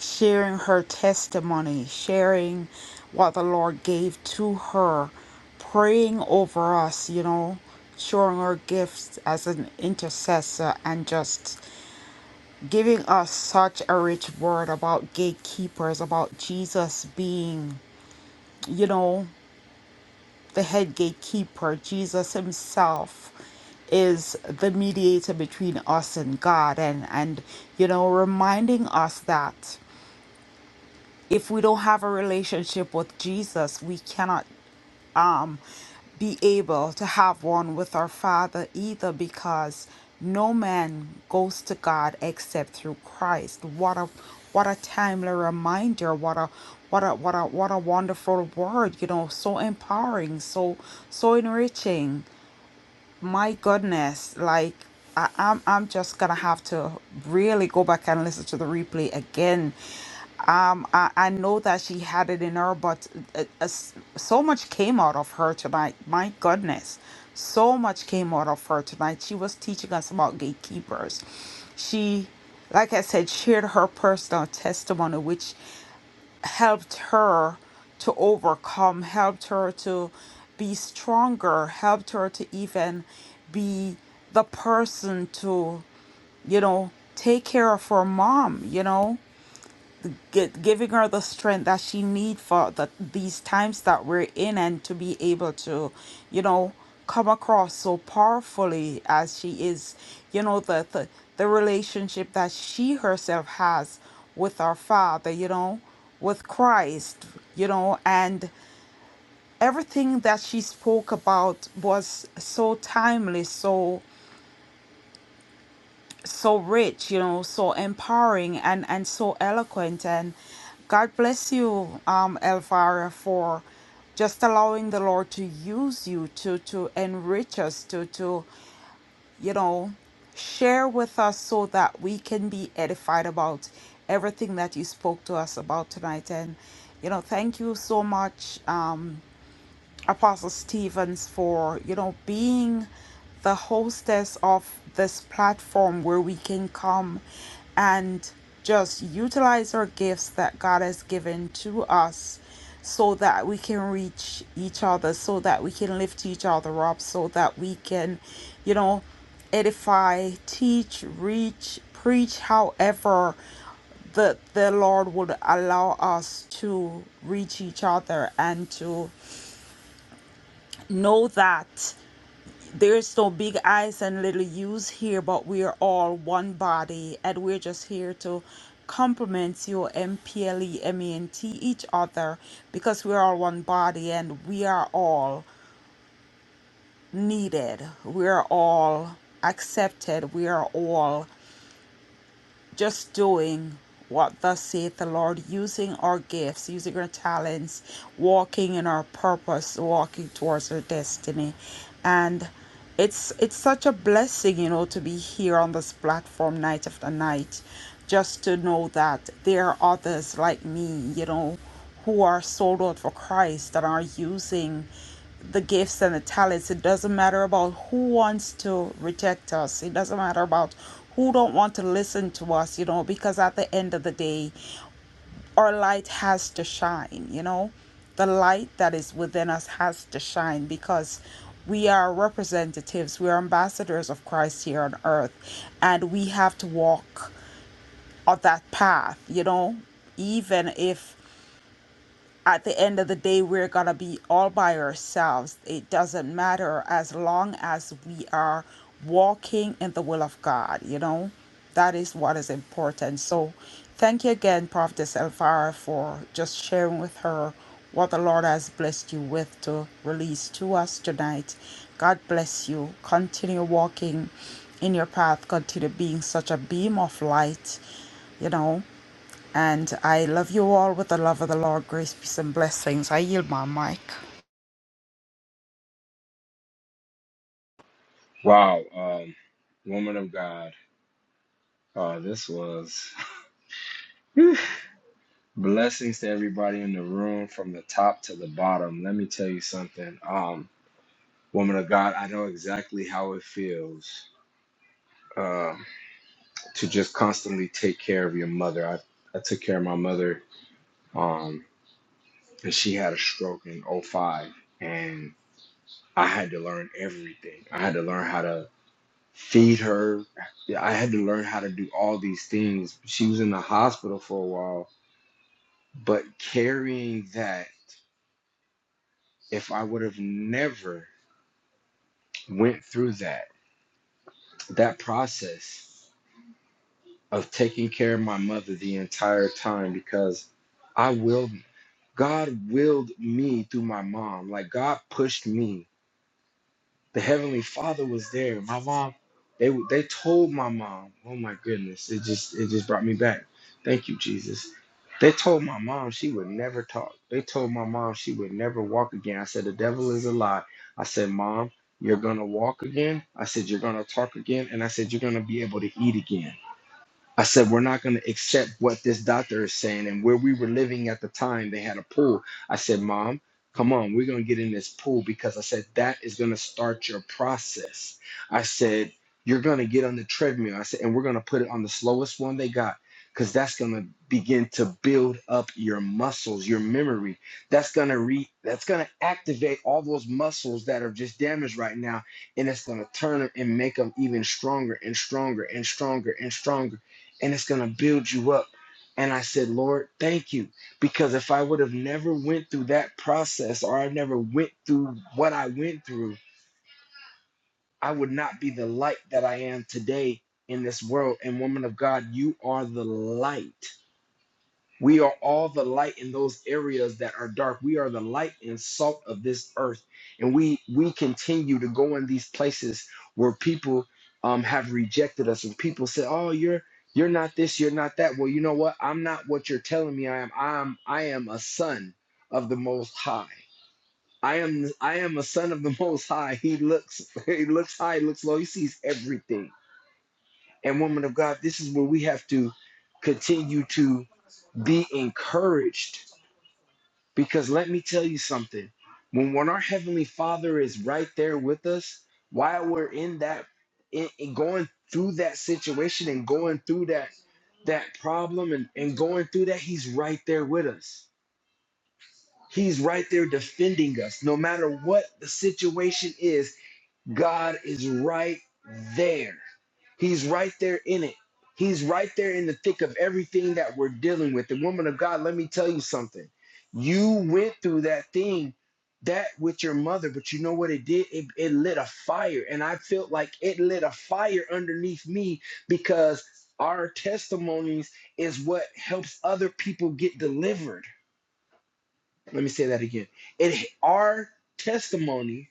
[SPEAKER 4] Sharing her testimony, sharing what the Lord gave to her, praying over us, you know, showing her gifts as an intercessor and just giving us such a rich word about gatekeepers, about Jesus being, you know, the head gatekeeper. Jesus himself is the mediator between us and God and and you know, reminding us that if we don't have a relationship with Jesus, we cannot um, be able to have one with our Father either because no man goes to God except through Christ. What a what a timely reminder, what a what a what a what a wonderful word, you know, so empowering, so so enriching my goodness like I, I'm, I'm just gonna have to really go back and listen to the replay again um i, I know that she had it in her but uh, uh, so much came out of her tonight my goodness so much came out of her tonight she was teaching us about gatekeepers she like i said shared her personal testimony which helped her to overcome, helped her to be stronger, helped her to even be the person to, you know, take care of her mom, you know gi- giving her the strength that she need for the, these times that we're in and to be able to you know come across so powerfully as she is you know the the, the relationship that she herself has with our father you know with christ you know and everything that she spoke about was so timely so so rich, you know, so empowering and, and so eloquent. And God bless you, um, Elvira, for just allowing the Lord to use you to, to enrich us, to, to, you know, share with us so that we can be edified about everything that you spoke to us about tonight. And, you know, thank you so much, um. Apostle Stevens for, you know, being the hostess of this platform where we can come and just utilize our gifts that God has given to us so that we can reach each other, so that we can lift each other up, so that we can, you know, edify, teach, reach, preach, however the the Lord would allow us to reach each other and to know that there's no big eyes and little U's here, but we are all one body, and we're just here to complement you, M P L E M E N T, each other, because we're all one body and we are all needed. We are all accepted. We are all just doing what thus saith the Lord, using our gifts, using our talents, walking in our purpose, walking towards our destiny. And it's it's such a blessing, you know, to be here on this platform night after night, just to know that there are others like me, you know, who are sold out for Christ that are using the gifts and the talents. It doesn't matter about who wants to reject us. It doesn't matter about who don't want to listen to us, you know, because at the end of the day, our light has to shine, you know. The light that is within us has to shine because we are representatives, we are ambassadors of Christ here on earth, and we have to walk on that path, you know, even if at the end of the day, we're going to be all by ourselves. It doesn't matter as long as we are walking in the will of God, you know? That is what is important. So, thank you again, Prophetess Elvira, for just sharing with her what the Lord has blessed you with to release to us tonight. God bless you. Continue walking in your path, continue being such a beam of light, you know? And I love you all with the love of the Lord, grace, peace, and blessings. I yield my mic.
[SPEAKER 5] Wow. Um, woman of God. Uh, this was *laughs* blessings to everybody in the room from the top to the bottom. Let me tell you something. Um, woman of God, I know exactly how it feels um, to just constantly take care of your mother. I, I took care of my mother um, and she had a stroke in '05, and i had to learn everything i had to learn how to feed her i had to learn how to do all these things she was in the hospital for a while but carrying that if i would have never went through that that process of taking care of my mother the entire time because i willed god willed me through my mom like god pushed me the heavenly father was there my mom they they told my mom oh my goodness it just it just brought me back thank you jesus they told my mom she would never talk they told my mom she would never walk again i said the devil is a lie i said mom you're gonna walk again i said you're gonna talk again and i said you're gonna be able to eat again I said, we're not going to accept what this doctor is saying. And where we were living at the time, they had a pool. I said, Mom, come on, we're going to get in this pool because I said, that is going to start your process. I said, you're going to get on the treadmill. I said, and we're going to put it on the slowest one they got because that's going to begin to build up your muscles, your memory. That's going to re that's going to activate all those muscles that are just damaged right now and it's going to turn them and make them even stronger and stronger and stronger and stronger and it's going to build you up and i said lord thank you because if i would have never went through that process or i never went through what i went through i would not be the light that i am today in this world and woman of god you are the light we are all the light in those areas that are dark. We are the light and salt of this earth. And we we continue to go in these places where people um, have rejected us and people say, Oh, you're you're not this, you're not that. Well, you know what? I'm not what you're telling me I am. I'm I am a son of the most high. I am I am a son of the *laughs* most high. He looks *laughs* he looks high, he looks low, he sees everything. And woman of God, this is where we have to continue to be encouraged because let me tell you something. When when our heavenly Father is right there with us, while we're in that in, in going through that situation and going through that that problem and, and going through that, he's right there with us. He's right there defending us. No matter what the situation is, God is right there. He's right there in it. He's right there in the thick of everything that we're dealing with. The woman of God, let me tell you something. You went through that thing, that with your mother, but you know what it did? It, it lit a fire. And I felt like it lit a fire underneath me because our testimonies is what helps other people get delivered. Let me say that again. It our testimony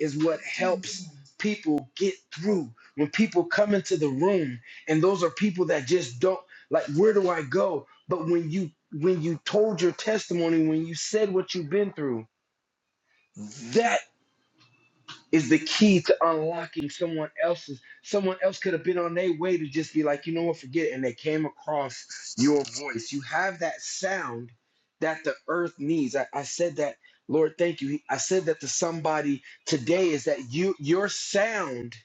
[SPEAKER 5] is what helps people get through. When people come into the room, and those are people that just don't like, where do I go? But when you when you told your testimony, when you said what you've been through, is the key to unlocking someone else's. Someone else could have been on their way to just be like, you know what, forget it. And they came across your voice. You have that sound that the earth needs. I, I said that, Lord, thank you. I said that to somebody today is that you your sound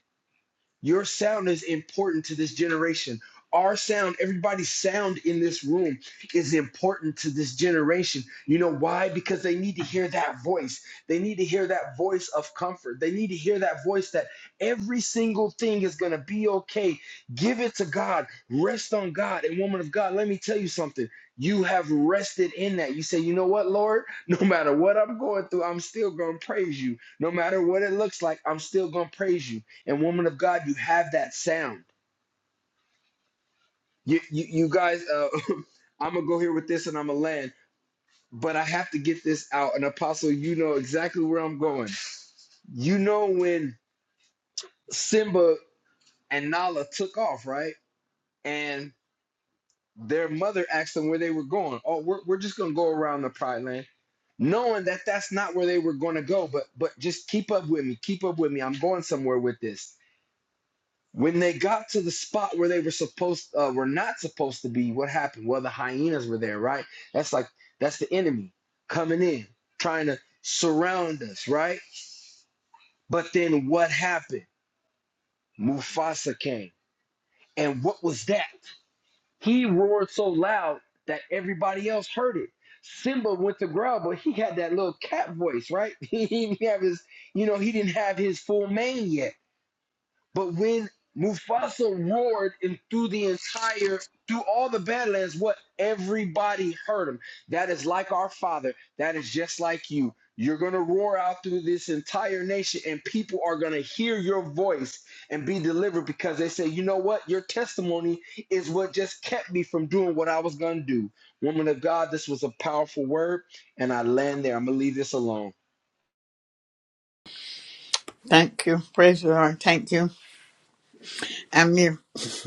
[SPEAKER 5] your sound is important to this generation. Our sound, everybody's sound in this room is important to this generation. You know why? Because they need to hear that voice. They need to hear that voice of comfort. They need to hear that voice that every single thing is going to be okay. Give it to God. Rest on God. And woman of God, let me tell you something. You have rested in that. You say, you know what, Lord? *laughs* No matter what I'm going through, I'm still going to praise you. No matter what it looks like, I'm still going to praise you and woman of God, you have that sound. You, you, you guys, uh, *laughs* I'm gonna go here with this and I'm gonna land, but I have to get this out. And Apostle, you know exactly where I'm going. You know when Simba and Nala took off, right? And their mother asked them where they were going. Oh, we're, we're just gonna go around the Pride Land, knowing that that's not where they were gonna go. But but just keep up with me, keep up with me. I'm going somewhere with this When they got to the spot where they were supposed uh, were not supposed to be, what happened? Well, the hyenas were there, right? That's like that's the enemy coming in, trying to surround us, right? But then what happened? Mufasa came. And what was that? He roared so loud that everybody else heard it. Simba went to growl, but he had that little cat voice, right? *laughs* He didn't have his, you know, he didn't have his full mane yet. But when Mufasa roared and through the entire, through all the Badlands, what? Everybody heard him. That is like our father. That is just like you. You're going to roar out through this entire nation, and people are going to hear your voice and be delivered because they say, you know what? Your testimony is what just kept me from doing what I was going to do. Woman of God, this was a powerful word, and I land there. I'm going to leave this alone.
[SPEAKER 2] Thank you. Praise the Lord. Thank you. I mean, *laughs*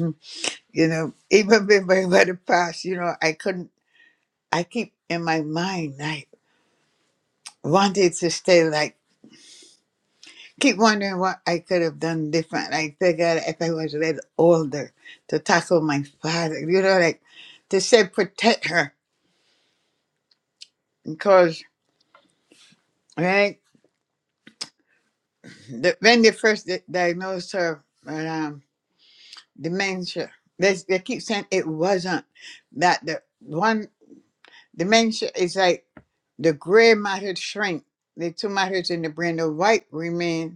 [SPEAKER 2] you know, even before the past, you know, I couldn't, I keep in my mind, I wanted to stay like keep wondering what I could have done different. Like figure if I was a little older to tackle my father, you know, like to say protect her because right the, when they first di- diagnosed her with um, dementia, they they keep saying it wasn't that the one dementia is like the gray matter shrink, the two matters in the brain, the white remain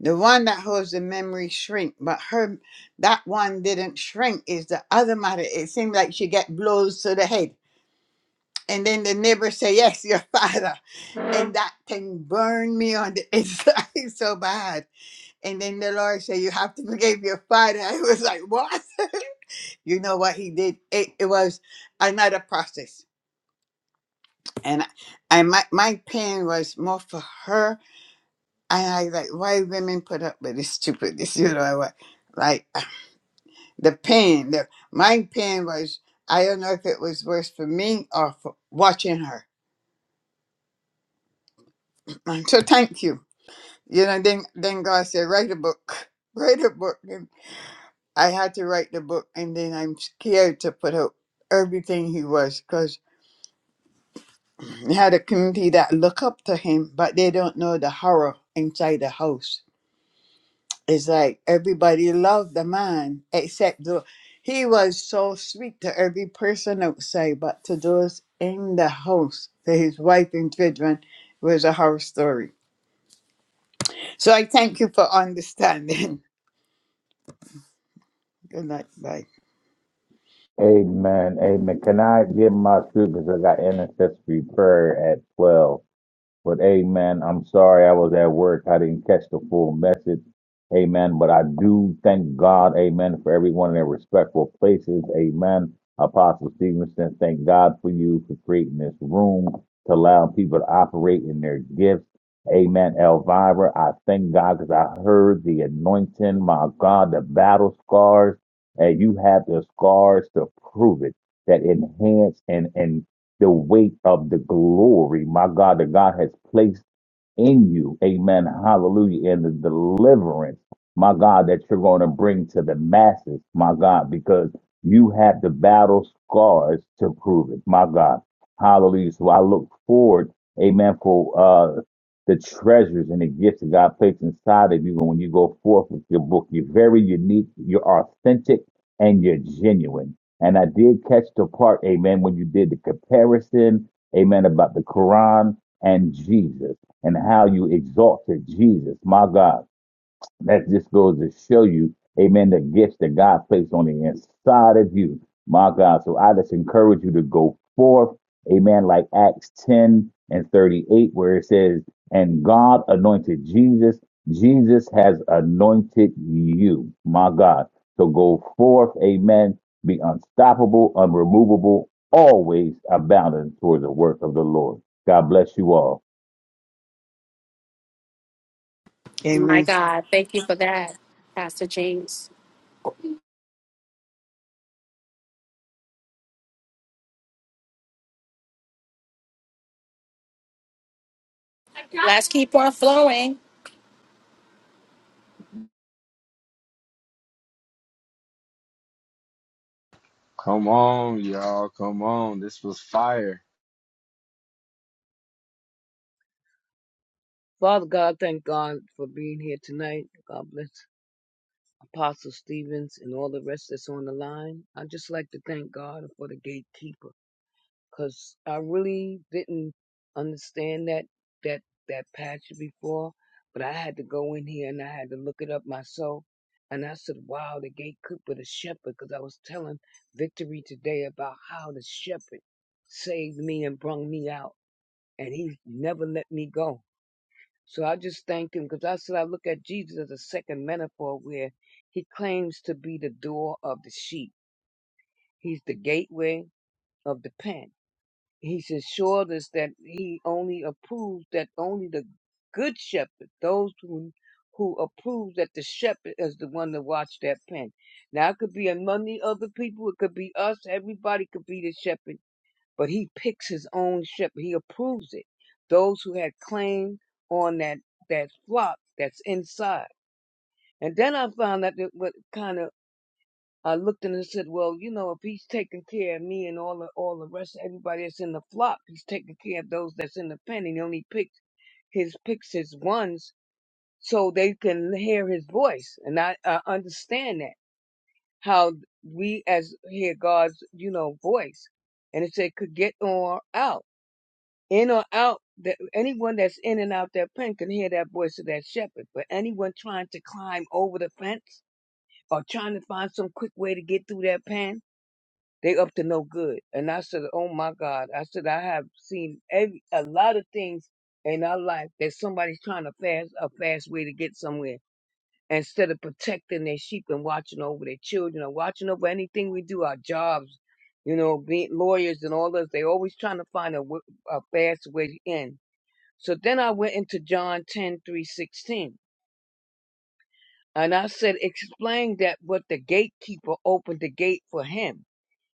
[SPEAKER 2] The one that holds the memory shrink, but her that one didn't shrink is the other mother. It seemed like she get blows to the head. And then the neighbor say, Yes, your *laughs* father. And that thing burned me on the *laughs* inside so bad. And then the Lord said, You have to forgive your father. *laughs* I was like, What? *laughs* you know what he did? It, it was another process. And I, I my, my pain was more for her. And I like, why women put up with this stupidness, *laughs* you know, what? like the pain the my pain was i don't know if it was worse for me or for watching her *laughs* so thank you you know then then god said write a book *laughs* write a book and i had to write the book and then i'm scared to put out everything he was because he had a community that look up to him but they don't know the horror inside the house it's like everybody loved the man except the he was so sweet to every person outside, but to those in the house, to his wife and children, was a horror story. So I thank you for understanding. *laughs* Good night, bye.
[SPEAKER 3] Amen. Amen. Can I give my speakers? I got intercessory prayer at 12. But amen. I'm sorry I was at work. I didn't catch the full message. Amen. But I do thank God, amen, for everyone in their respectful places. Amen. Apostle Stevenson, thank God for you for creating this room to allow people to operate in their gifts. Amen. Elvira, I thank God because I heard the anointing, my God, the battle scars. And you have the scars to prove it that enhance and, and the weight of the glory, my God, that God has placed in you. Amen. Hallelujah. And the deliverance, my God, that you're going to bring to the masses, my God, because you have the battle scars to prove it, my God. Hallelujah. So I look forward, amen, for uh, the treasures and the gifts that God placed inside of you. And when you go forth with your book, you're very unique, you're authentic, and you're genuine. And I did catch the part, amen, when you did the comparison, amen, about the Quran and Jesus and how you exalted Jesus, my God. That just goes to show you, amen, the gifts that God placed on the inside of you, my God. So I just encourage you to go forth, amen, like Acts 10 and 38, where it says, and God anointed Jesus. Jesus has anointed you, my God. So go forth, amen, be unstoppable, unremovable, always abounding toward the work of the Lord. God bless you all.
[SPEAKER 1] My
[SPEAKER 2] Amen.
[SPEAKER 1] God. Thank you for that, Pastor James. Let's keep on flowing.
[SPEAKER 5] Come on, y'all. Come on. This was fire.
[SPEAKER 6] Father God, thank God for being here tonight. God bless Apostle Stevens and all the rest that's on the line. I just like to thank God for the gatekeeper because I really didn't understand that that that passage before, but I had to go in here and I had to look it up myself. And I said, "Wow, the gatekeeper, the shepherd," because I was telling Victory today about how the shepherd saved me and brought me out, and he never let me go. So I just thank him because I said I look at Jesus as a second metaphor where he claims to be the door of the sheep. He's the gateway of the pen. He's assured us that he only approves that only the good shepherd, those who who approves that the shepherd is the one to watch that pen. Now it could be among the other people, it could be us, everybody could be the shepherd but he picks his own shepherd. He approves it. Those who had claim on that that flock that's inside. And then I found out that what kind of I looked and I said, well, you know, if he's taking care of me and all the all the rest of everybody that's in the flock, he's taking care of those that's in the pen. And he only picks his picks his ones so they can hear his voice. And I, I understand that how we as hear God's you know voice. And it said could get on out. in or out that anyone that's in and out that pen can hear that voice of that shepherd but anyone trying to climb over the fence or trying to find some quick way to get through that pen they up to no good and i said oh my god i said i have seen every a lot of things in our life that somebody's trying to fast a fast way to get somewhere instead of protecting their sheep and watching over their children or watching over anything we do our jobs you know being lawyers and all this they always trying to find a, w- a fast way in so then I went into John 10 3 16, and I said, explain that what the gatekeeper opened the gate for him,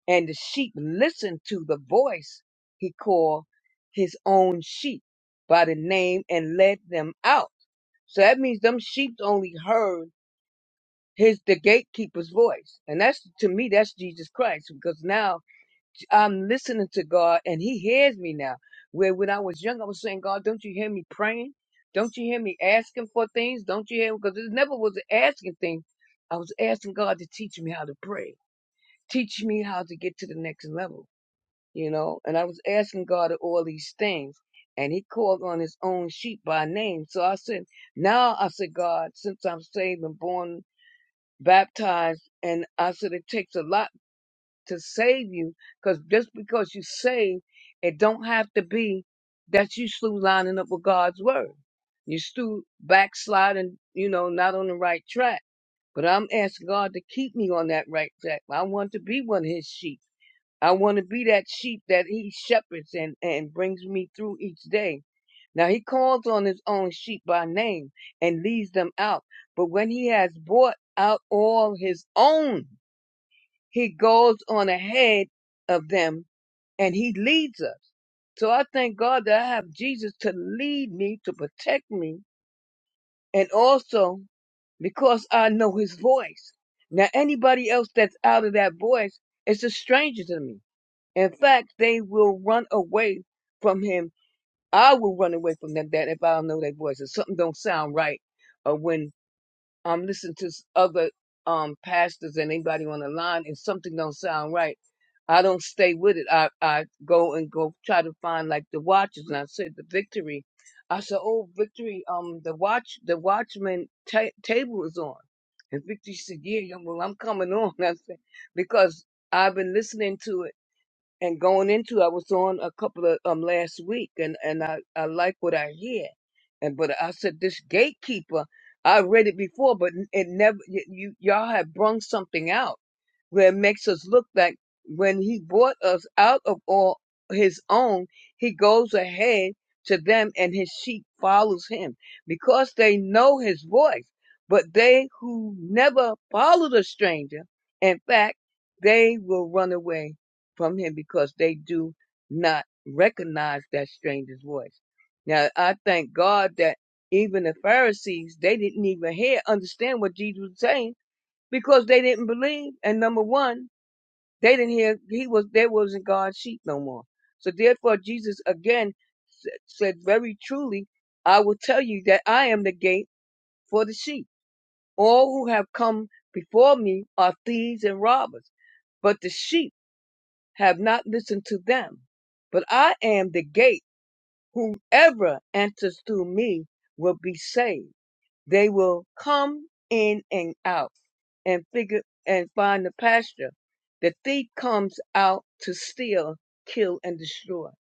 [SPEAKER 6] and the sheep listened to the voice he called his own sheep by the name and led them out. So that means them sheep only heard his the gatekeeper's voice. And that's to me, that's Jesus Christ, because now I'm listening to God and He hears me now. Where when I was young, I was saying, God, don't you hear me praying? Don't you hear me asking for things? Don't you hear? Because it never was an asking thing. I was asking God to teach me how to pray, teach me how to get to the next level, you know? And I was asking God all these things. And he called on his own sheep by name. So I said, now I said, God, since I'm saved and born, baptized, and I said, it takes a lot to save you because just because you saved, it don't have to be that you still lining up with God's word. You still backsliding, you know, not on the right track. But I'm asking God to keep me on that right track. I want to be one of his sheep. I want to be that sheep that he shepherds and, and brings me through each day. Now he calls on his own sheep by name and leads them out. But when he has brought out all his own, he goes on ahead of them and he leads us. So I thank God that I have Jesus to lead me, to protect me, and also because I know his voice. Now, anybody else that's out of that voice is a stranger to me. In fact, they will run away from him. I will run away from them that if I don't know their voice. If something don't sound right, or when um listen to s- other um pastors and anybody on the line and something don't sound right i don't stay with it i i go and go try to find like the watches and i said the victory i said oh victory um the watch the watchman ta- table is on and victory said yeah yeah, well i'm coming on *laughs* i said because i've been listening to it and going into I was on a couple of um last week and and I I like what I hear and but I said this gatekeeper I read it before but it never y- you y'all have brung something out where it makes us look like when he brought us out of all his own he goes ahead to them and his sheep follows him because they know his voice but they who never follow the stranger in fact they will run away from him because they do not recognize that stranger's voice. Now, I thank God that even the Pharisees, they didn't even hear, understand what Jesus was saying because they didn't believe. And number one, they didn't hear, he was, they wasn't God's sheep no more. So therefore, Jesus again said very truly, I will tell you that I am the gate for the sheep. All who have come before me are thieves and robbers, but the sheep have not listened to them. But I am the gate. Whoever enters through me will be saved. They will come in and out and figure and find the pasture. The thief comes out to steal, kill, and destroy.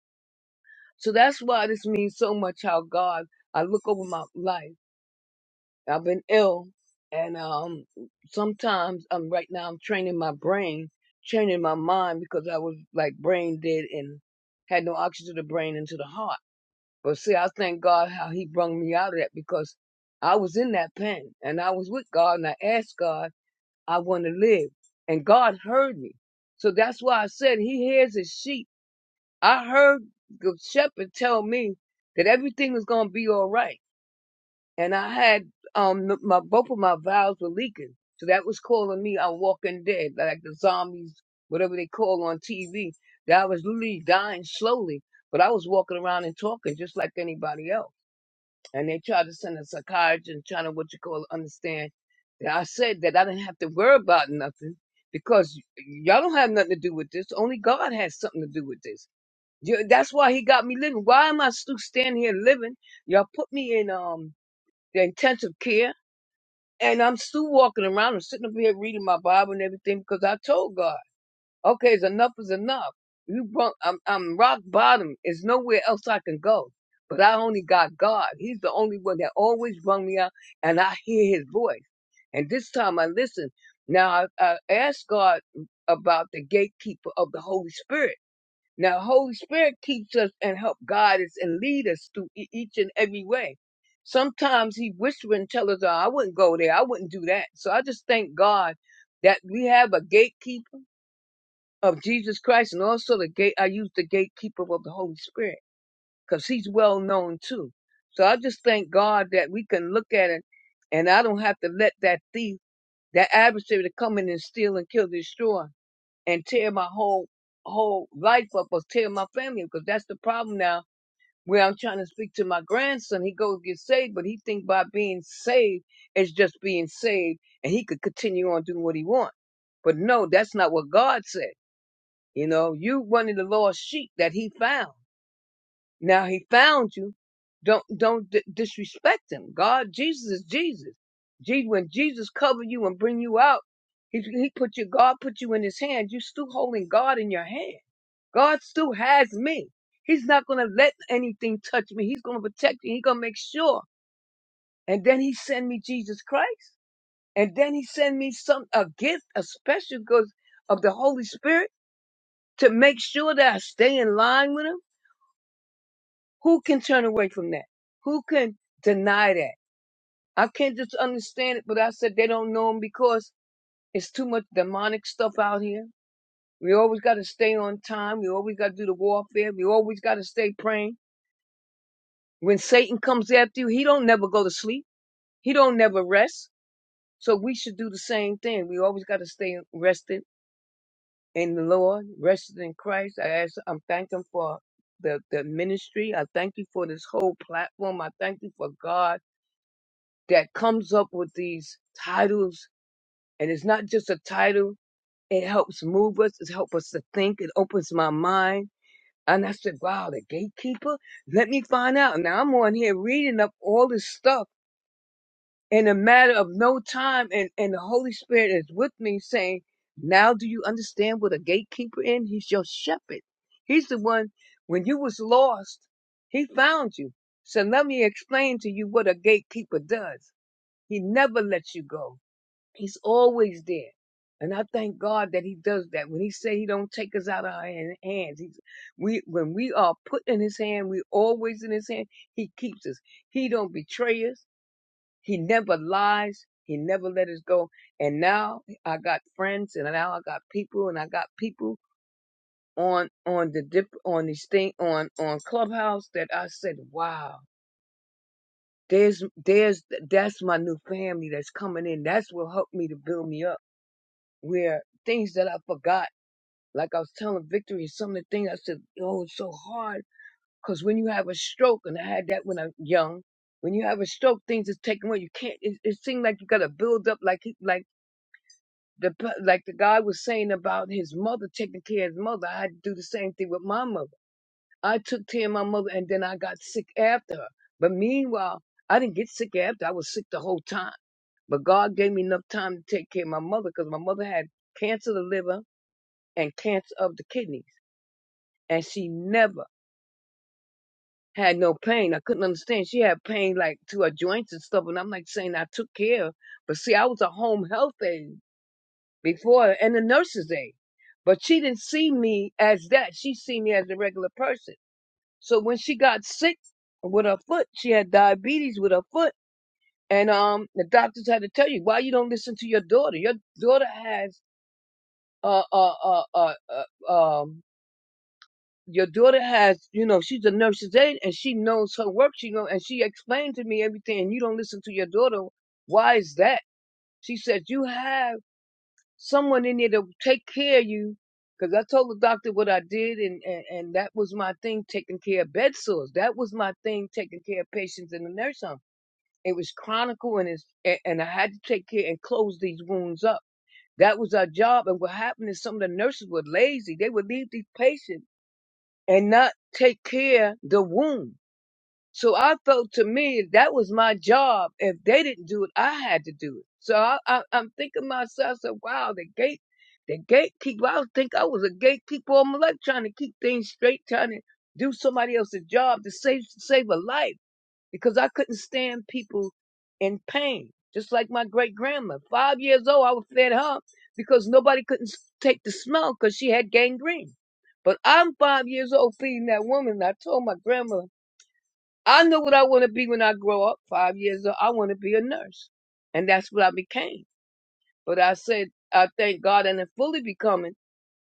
[SPEAKER 6] So that's why this means so much how God, I look over my life. I've been ill, and um, sometimes I'm right now. I'm training my brain, training my mind because I was like brain dead and had no oxygen to the brain and to the heart. But see, I thank God how He brung me out of that because I was in that pen and I was with God and I asked God, I want to live, and God heard me. So that's why I said He hears His sheep. I heard the shepherd tell me that everything was gonna be all right and I had um th- my both of my valves were leaking, so that was calling me a walking dead, like the zombies, whatever they call on TV. That I was literally dying slowly, but I was walking around and talking just like anybody else. And they tried to send a psychiatrist and trying to what you call understand that I said that I didn't have to worry about nothing because y- y'all don't have nothing to do with this. Only God has something to do with this. You, that's why He got me living. Why am I still standing here living? Y'all put me in um the intensive care. And I'm still walking around and sitting up here reading my Bible and everything because I told God, okay, it's enough is enough. You brought, I'm, I'm rock bottom. There's nowhere else I can go. But I only got God. He's the only one that always brung me out and I hear his voice. And this time I listen. Now I, I asked God about the gatekeeper of the Holy Spirit now, Holy Spirit keeps us and help guide us and lead us through e- each and every way. Sometimes He whisper and tell us, oh, "I wouldn't go there. I wouldn't do that." So I just thank God that we have a gatekeeper of Jesus Christ, and also the gate. I use the gatekeeper of the Holy Spirit because He's well known too. So I just thank God that we can look at it, and I don't have to let that thief, that adversary, to come in and steal and kill, destroy and tear my whole whole life up or tear my family up, because that's the problem now where I'm trying to speak to my grandson. He goes get saved, but he think by being saved is just being saved and he could continue on doing what he wants. But no, that's not what God said. You know, you one of the lost sheep that he found. Now he found you. Don't don't d- disrespect him. God, Jesus is Jesus. Je- when Jesus cover you and bring you out, he he put you. God put you in His hand. You still holding God in your hand. God still has me. He's not gonna let anything touch me. He's gonna protect me. He's gonna make sure. And then He send me Jesus Christ. And then He send me some a gift, a special gift of the Holy Spirit to make sure that I stay in line with Him Who can turn away from that? Who can deny that? I can't just understand it, but I said they don't know him because it's too much demonic stuff out here. We always got to stay on time. We always got to do the warfare. We always got to stay praying. When Satan comes after you, he don't never go to sleep. He don't never rest. So we should do the same thing. We always got to stay rested in the Lord, rested in Christ. I ask, I'm thanking for the, the ministry. I thank you for this whole platform. I thank you for God that comes up with these titles and it's not just a title it helps move us it helps us to think it opens my mind and i said wow the gatekeeper let me find out now i'm on here reading up all this stuff in a matter of no time and, and the holy spirit is with me saying now do you understand what a gatekeeper is he's your shepherd he's the one when you was lost he found you so let me explain to you what a gatekeeper does he never lets you go He's always there. And I thank God that he does that. When he say he don't take us out of our han- hands, he's, we, when we are put in his hand, we always in his hand. He keeps us. He don't betray us. He never lies. He never let us go. And now I got friends and now I got people and I got people on, on the dip, on this thing, on, on clubhouse that I said, wow, there's, there's, that's my new family that's coming in. That's what helped me to build me up where things that I forgot, like I was telling Victory, some of the things I said, oh, it's so hard. Because when you have a stroke, and I had that when I'm young, when you have a stroke, things is taken away. You can't. It, it seemed like you got to build up, like he, like the pe- like the guy was saying about his mother taking care of his mother. I had to do the same thing with my mother. I took care of my mother, and then I got sick after her. But meanwhile, I didn't get sick after. I was sick the whole time. But God gave me enough time to take care of my mother because my mother had cancer of the liver and cancer of the kidneys. And she never had no pain. I couldn't understand. She had pain like to her joints and stuff. And I'm like saying I took care. of. But see, I was a home health aide before and a nurse's aide. But she didn't see me as that. She see me as a regular person. So when she got sick with her foot, she had diabetes with her foot. And um, the doctors had to tell you why you don't listen to your daughter. Your daughter has uh uh uh uh, uh um your daughter has, you know, she's a nurse's aide and she knows her work. She know, and she explained to me everything. And you don't listen to your daughter. Why is that? She said you have someone in there to take care of you. Because I told the doctor what I did, and, and and that was my thing, taking care of bed sores. That was my thing, taking care of patients in the nursing home. It was chronic, and it's, a- and I had to take care and close these wounds up. That was our job. And what happened is some of the nurses were lazy. They would leave these patients and not take care the womb. So I felt to me that was my job. If they didn't do it, I had to do it. So I, I, I'm thinking myself, so wow, the gate, the gatekeeper. I think I was a gatekeeper all my life, trying to keep things straight, trying to do somebody else's job to save save a life because I couldn't stand people in pain. Just like my great grandma, five years old, I was fed her because nobody couldn't s- take the smell because she had gangrene. But I'm five years old feeding that woman. And I told my grandma, I know what I want to be when I grow up. Five years old, I want to be a nurse, and that's what I became. But I said, I thank God and it fully becoming.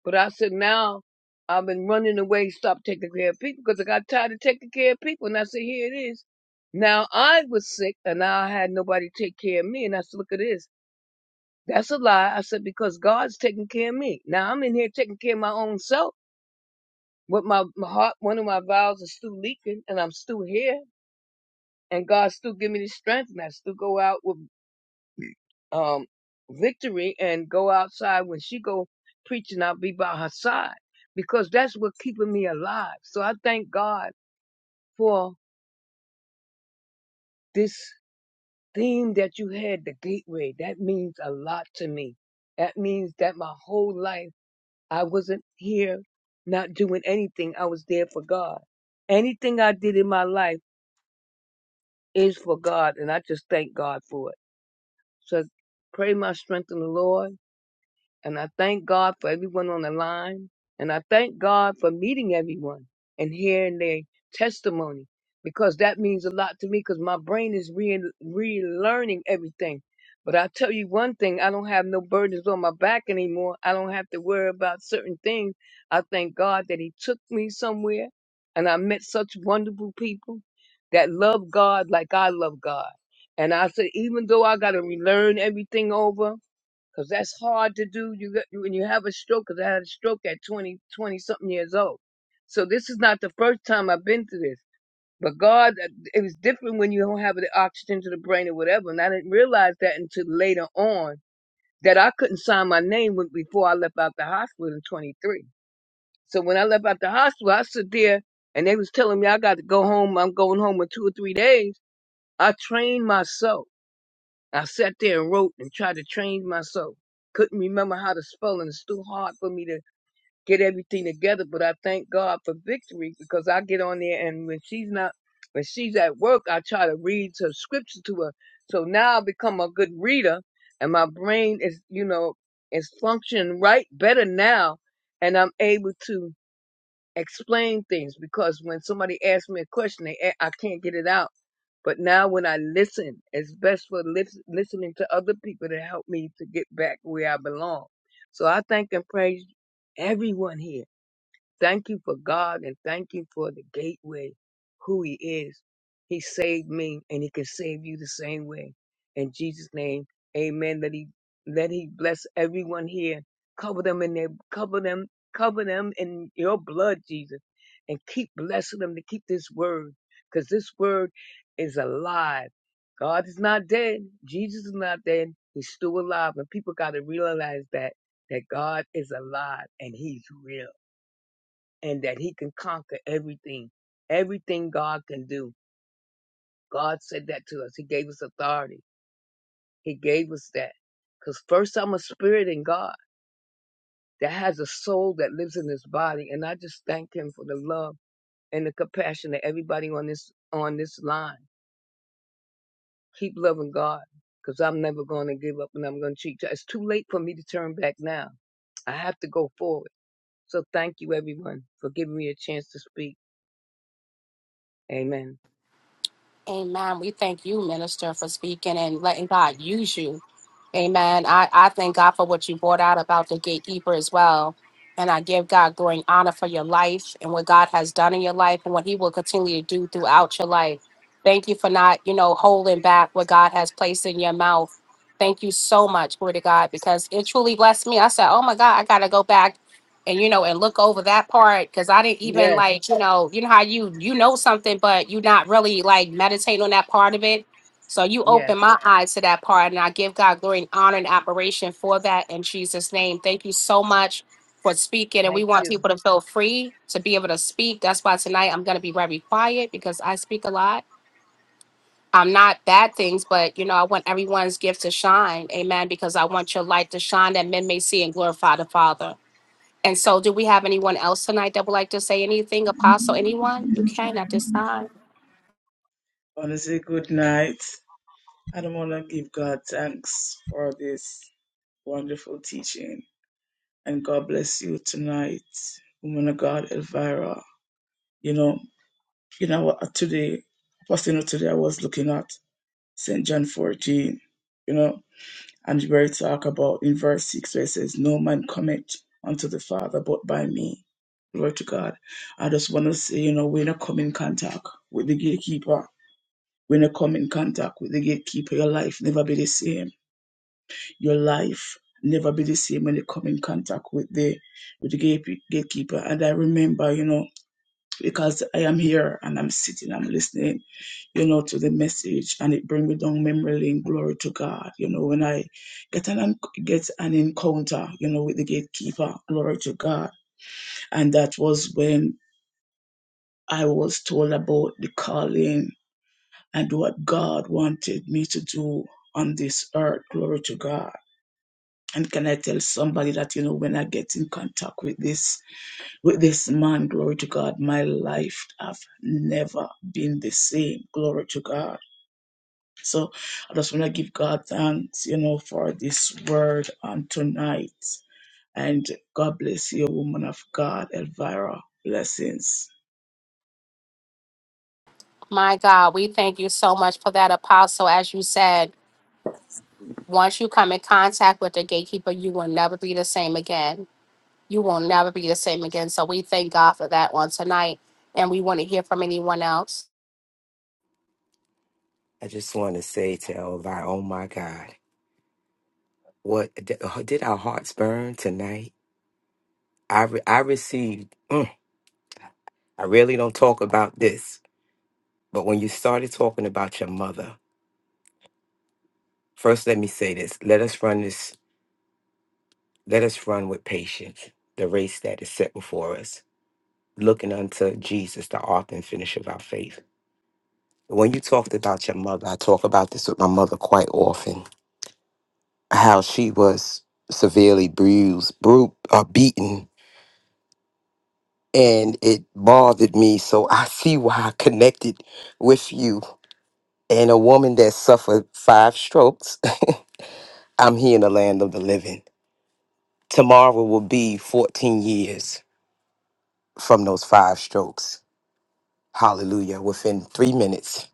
[SPEAKER 6] But I said, now I've been running away, stop taking care of people because I got tired of taking care of people. And I said, here it is. Now I was sick and I had nobody take care of me. And I said, look at this. That's a lie. I said, because God's taking care of me. Now I'm in here taking care of my own self. But my, my heart, one of my valves is still leaking and I'm still here. And God still give me the strength and I still go out with um, victory and go outside when she go preaching. I'll be by her side because that's what keeping me alive. So I thank God for this theme that you had, the gateway. That means a lot to me. That means that my whole life I wasn't here, not doing anything. I was there for God. Anything I did in my life is for God, and I just thank God for it. So pray my strength in the Lord And I thank God for everyone on the line. And I thank God for meeting everyone and hearing their testimony because that means a lot to me because my brain is re- relearning everything. But I tell you one thing, I don't have no burdens on my back anymore. I don't have to worry about certain things. I thank God that He took me somewhere and I met such wonderful people that love God like I love God. And I said, even though I got to relearn everything over, because that's hard to do. You got when you have a stroke, 'cause I had a stroke at twenty, twenty something years old. So this is not the first time I've been through this. But God, uh, it was different when you don't have the oxygen to the brain or whatever. And I didn't realize that until later on that I couldn't sign my name when, before I left out the hospital in 23. So when I left out the hospital, I stood there and they was telling me I got to go home. I'm going home in two or three days. I trained myself. I sat there and wrote and tried to train myself. Couldn't remember how to spell, and it's too hard for me to get everything together. But I thank God for victory because I get on there, and when she's not, when she's at work, I try to read some scripture to her. So now I become a good reader, and my brain is, you know, is functioning right better now, and I'm able to explain things because when somebody asks me a question, they, a- I can't get it out. But now when I listen, it's best for lis- listening to other people to help me to get back where I belong. So I thank and praise everyone here. Thank you for God and thank you for the gateway, who He is. He saved me and He can save you the same way. In Jesus' name, amen. That He let He bless everyone here. Cover them in their cover them, cover them in your blood, Jesus. And keep blessing them to keep this word. Because this word is alive. God is not dead. Jesus is not dead. He's still alive. And people gotta realize that that God is alive and He's real and that he can conquer everything. Everything God can do. God said that to us. He gave us authority. He gave us that. Because first I'm a spirit in God that has a soul that lives in this body. And I just thank him for the love and the compassion that everybody on this on this line. Keep loving God. Because I'm never going to give up and I'm going to cheat. It's too late for me to turn back now. I have to go forward. So thank you everyone for giving me a chance to speak. Amen.
[SPEAKER 1] Amen. We thank you, minister, for speaking and letting God use you. Amen. I, I thank God for what you brought out about the gatekeeper as well. And I give God glory and honor for your life and what God has done in your life and what he will continue to do throughout your life. Thank you for not, you know, holding back what God has placed in your mouth. Thank you so much, glory to God, because it truly blessed me. I said, oh my God, I got to go back and you know and look over that part because i didn't even
[SPEAKER 6] Yes.
[SPEAKER 1] like you know you know how you you know something but you're not really like meditating on that part of it so you
[SPEAKER 6] Yes.
[SPEAKER 1] open my eyes to that part and i give god glory and honor and admiration for that in jesus name thank you so much for speaking and we
[SPEAKER 6] Thank
[SPEAKER 1] want
[SPEAKER 6] you.
[SPEAKER 1] people to feel free to be able to speak that's why tonight i'm going to be very quiet because i speak a lot i'm not bad things but you know i want everyone's gift to shine amen because i want your light to shine that men may see and glorify the father and so, do we have anyone else tonight that would like to say anything? Apostle, anyone? You
[SPEAKER 7] Yes,
[SPEAKER 1] can at this
[SPEAKER 7] man.
[SPEAKER 1] time.
[SPEAKER 7] I want to say good night. I don't want to give God thanks for this wonderful teaching. And God bless you tonight, woman of God, Elvira. You know, you know what, today, first you today I was looking at St. John 14, you know. And where it talk about in verse 6 where it says, No man cometh unto the Father but by me. Glory to God. I just want to say, you know, we're not come in contact with the gatekeeper. When you come in contact with the gatekeeper, your life never be the same. Your life never be the same when you come in contact with the with the gate, gatekeeper. And I remember, you know, because I am here and I'm sitting, I'm listening you know, to the message and it bring me down memory lane, glory to God. You know, when I get an en- get an encounter, you know, with the gatekeeper, glory to God. And that was when I was told about the calling and what God wanted me to do on this earth, glory to God. And can I tell somebody that, you know, when I get in contact with this with this man, glory to God, my life have never been the same. Glory to God So I just want to give God thanks, you know, for this word on tonight. And God bless you, woman of God, Elvira. Blessings.
[SPEAKER 1] My God, we thank you so much for that, Apostle. As you said, once you come in contact with the gatekeeper, you will never be the same again. You will never be the same again. So, we thank God for that one tonight. And we want to hear from anyone else.
[SPEAKER 8] I just want to say to Elvi, oh my God, what did did our hearts burn tonight? I re- I received. mm, I really don't talk about this, But when you started talking about your mother, first let me say this. Let us run this, let us run with patience the race that is set before us, looking unto Jesus, the author and finisher of our faith. When you talked about your mother, I talk about this with my mother quite often, how she was severely bruised, bru- uh, beaten, and it bothered me. So I *laughs* see why I connected with you and a woman that suffered five strokes. *laughs* I'm here in the land of the living. Tomorrow will be 14 years from those five strokes. Hallelujah. Within three minutes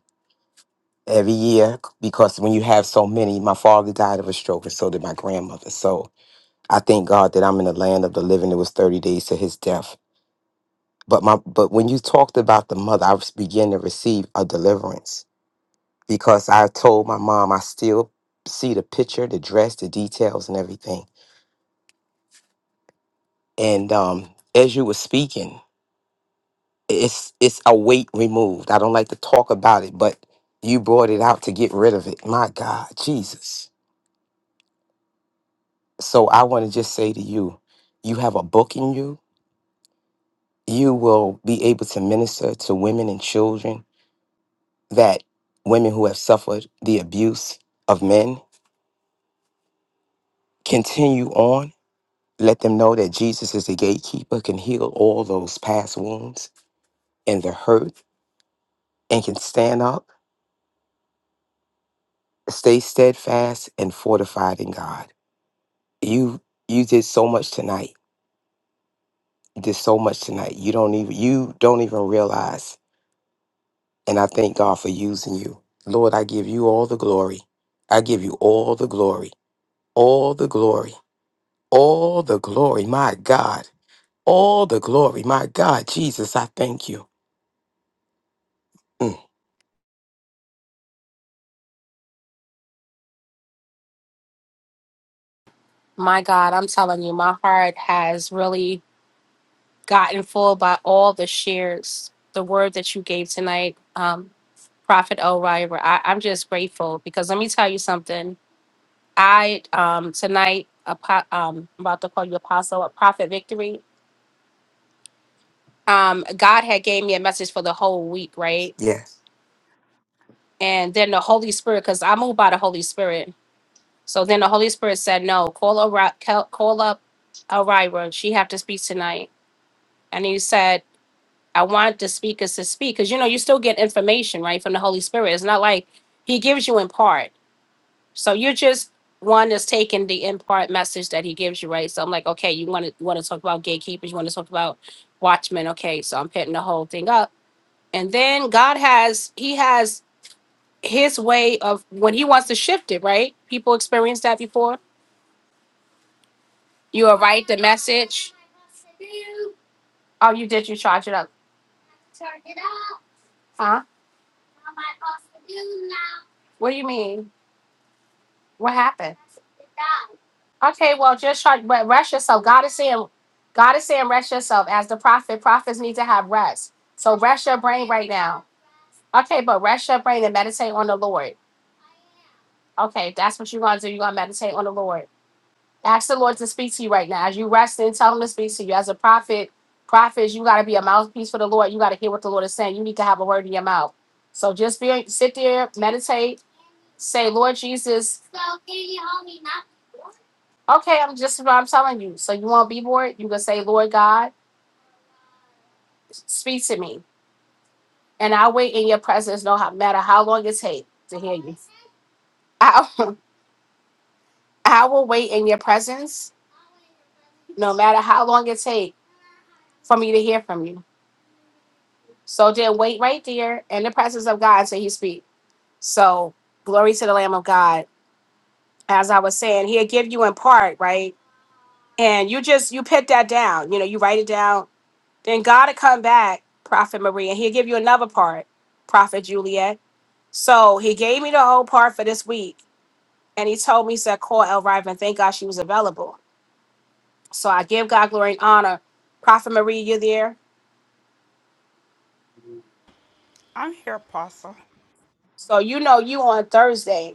[SPEAKER 8] every year, because when you have so many, my father died of a stroke and so did my grandmother. So I thank God that I'm in the land of the living. It was 30 days to his death. But my but when you talked about the mother, I was beginning to receive a deliverance because I told my mom I still see the picture, the dress, the details and everything. And um as you were speaking, it's it's a weight removed. I don't like to talk about it, but you brought it out to get rid of it. My God, Jesus. So I want to just say to you, you have a book in you. You will be able to minister to women and children that women who have suffered the abuse of men continue on. Let them know that Jesus is the gatekeeper, can heal all those past wounds and the hurt, and can stand up, stay steadfast and fortified in God. you you did so much tonight. You did so much tonight. You don't even you don't even realize. And I thank God for using you. Lord, I give you all the glory. I give you all the glory. All the glory. All the glory. My God. All the glory. My God, Jesus, I thank you. Mm,
[SPEAKER 1] My God, I'm telling you, my heart has really gotten full by all the shares, the word that you gave tonight. Um, Prophet O'River. I, I'm just grateful because let me tell you something. I um tonight apo- um I'm about to call you apostle a prophet victory. Um God had gave me a message for the whole week, right?
[SPEAKER 8] yes.
[SPEAKER 1] And then the Holy Spirit, because I moved by the Holy Spirit. So then the Holy Spirit said, No, call Ori- call call up O'River. She have to speak tonight. And he said, I want the speakers to speak. Cause you know, you still get information, right, from the Holy Spirit. It's not like he gives you in part. So you're just one is taking the in part message that he gives you, right? So I'm like, okay, you want to want to talk about gatekeepers, you want to talk about watchmen, okay? So I'm putting the whole thing up, and then God has He has His way of when He wants to shift it, right? People experienced that before. You will write the message. Oh, you did. You charge it up, huh? What do you mean? What happened? Okay, well, just try but rest yourself. God is saying, God is saying, rest yourself. As the prophet, prophets need to have rest. So rest your brain right now. Okay, but rest your brain and meditate on the Lord. Okay, that's what you're gonna do. You're gonna meditate on the Lord. Ask the Lord to speak to you right now. As you rest in, tell him to speak to you. As a prophet, prophets, you gotta be a mouthpiece for the Lord. You gotta hear what the Lord is saying. You need to have a word in your mouth. So just be sit there, meditate, say, Lord Jesus, okay, I'm just what I'm telling you. So you won't be bored. You can say, Lord God. Speak to me, and I'll wait in your presence, no ho- matter how long it takes to hear you. I, *laughs* I will wait in your presence, no matter how long it takes for me to hear from you. So then wait right there in the presence of God till he speak. So glory to the Lamb of God. As I was saying, he'll give you in part, right? And you just, you put that down, you know, you write it down. Then God will come back, Prophet Marie, and he'll give you another part, Prophet Juliet. So he gave me the whole part for this week. And he told me, he said, call El Riven. Thank God she was available. So I give God glory and honor. Prophet Marie, you there.
[SPEAKER 4] I'm here, Apostle.
[SPEAKER 1] So you know you on Thursday.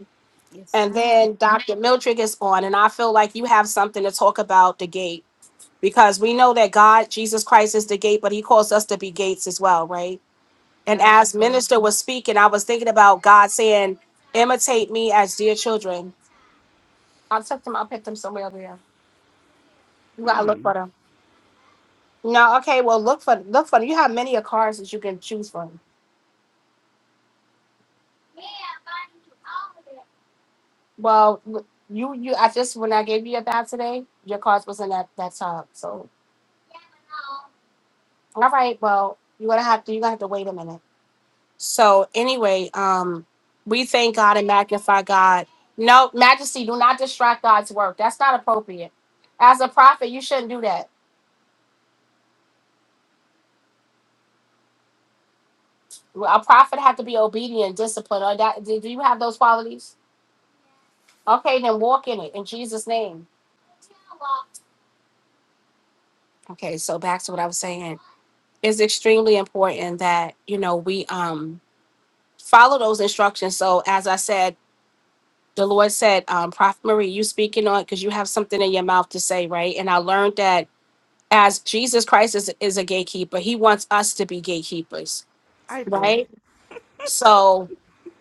[SPEAKER 4] Yes,
[SPEAKER 1] And
[SPEAKER 4] ma'am.
[SPEAKER 1] then Dr. Mildred is on. And I feel like you have something to talk about the gate. Because we know that God, Jesus Christ is the gate, but he calls us to be gates as well, right? And
[SPEAKER 4] That is
[SPEAKER 1] as
[SPEAKER 4] so.
[SPEAKER 1] minister was speaking, I was thinking about God saying, imitate me as dear children. I took them, I picked them somewhere over here. You gotta look for them. No, okay, well look for look for them. You have many of cars that you can choose from. Well, w- you you I just when I gave you your bath today, your cards wasn't that that top. So all right, well, you're gonna have to you're gonna have to wait a minute. So anyway, um we thank God and magnify God. No, Majesty, do not distract God's work. That's not appropriate. As a prophet, you shouldn't do that. A prophet have to be obedient, disciplined. Or that, do do you have those qualities? Okay, then walk in it in Jesus' name. Okay, so back to what I was saying. It's extremely important that you know we um follow those instructions. So as I said, the Lord said, um, Prophet Marie, you speaking on because you have something in your mouth to say, right? And I learned that as Jesus Christ is, is a gatekeeper, he wants us to be gatekeepers,
[SPEAKER 4] I do.
[SPEAKER 1] right? So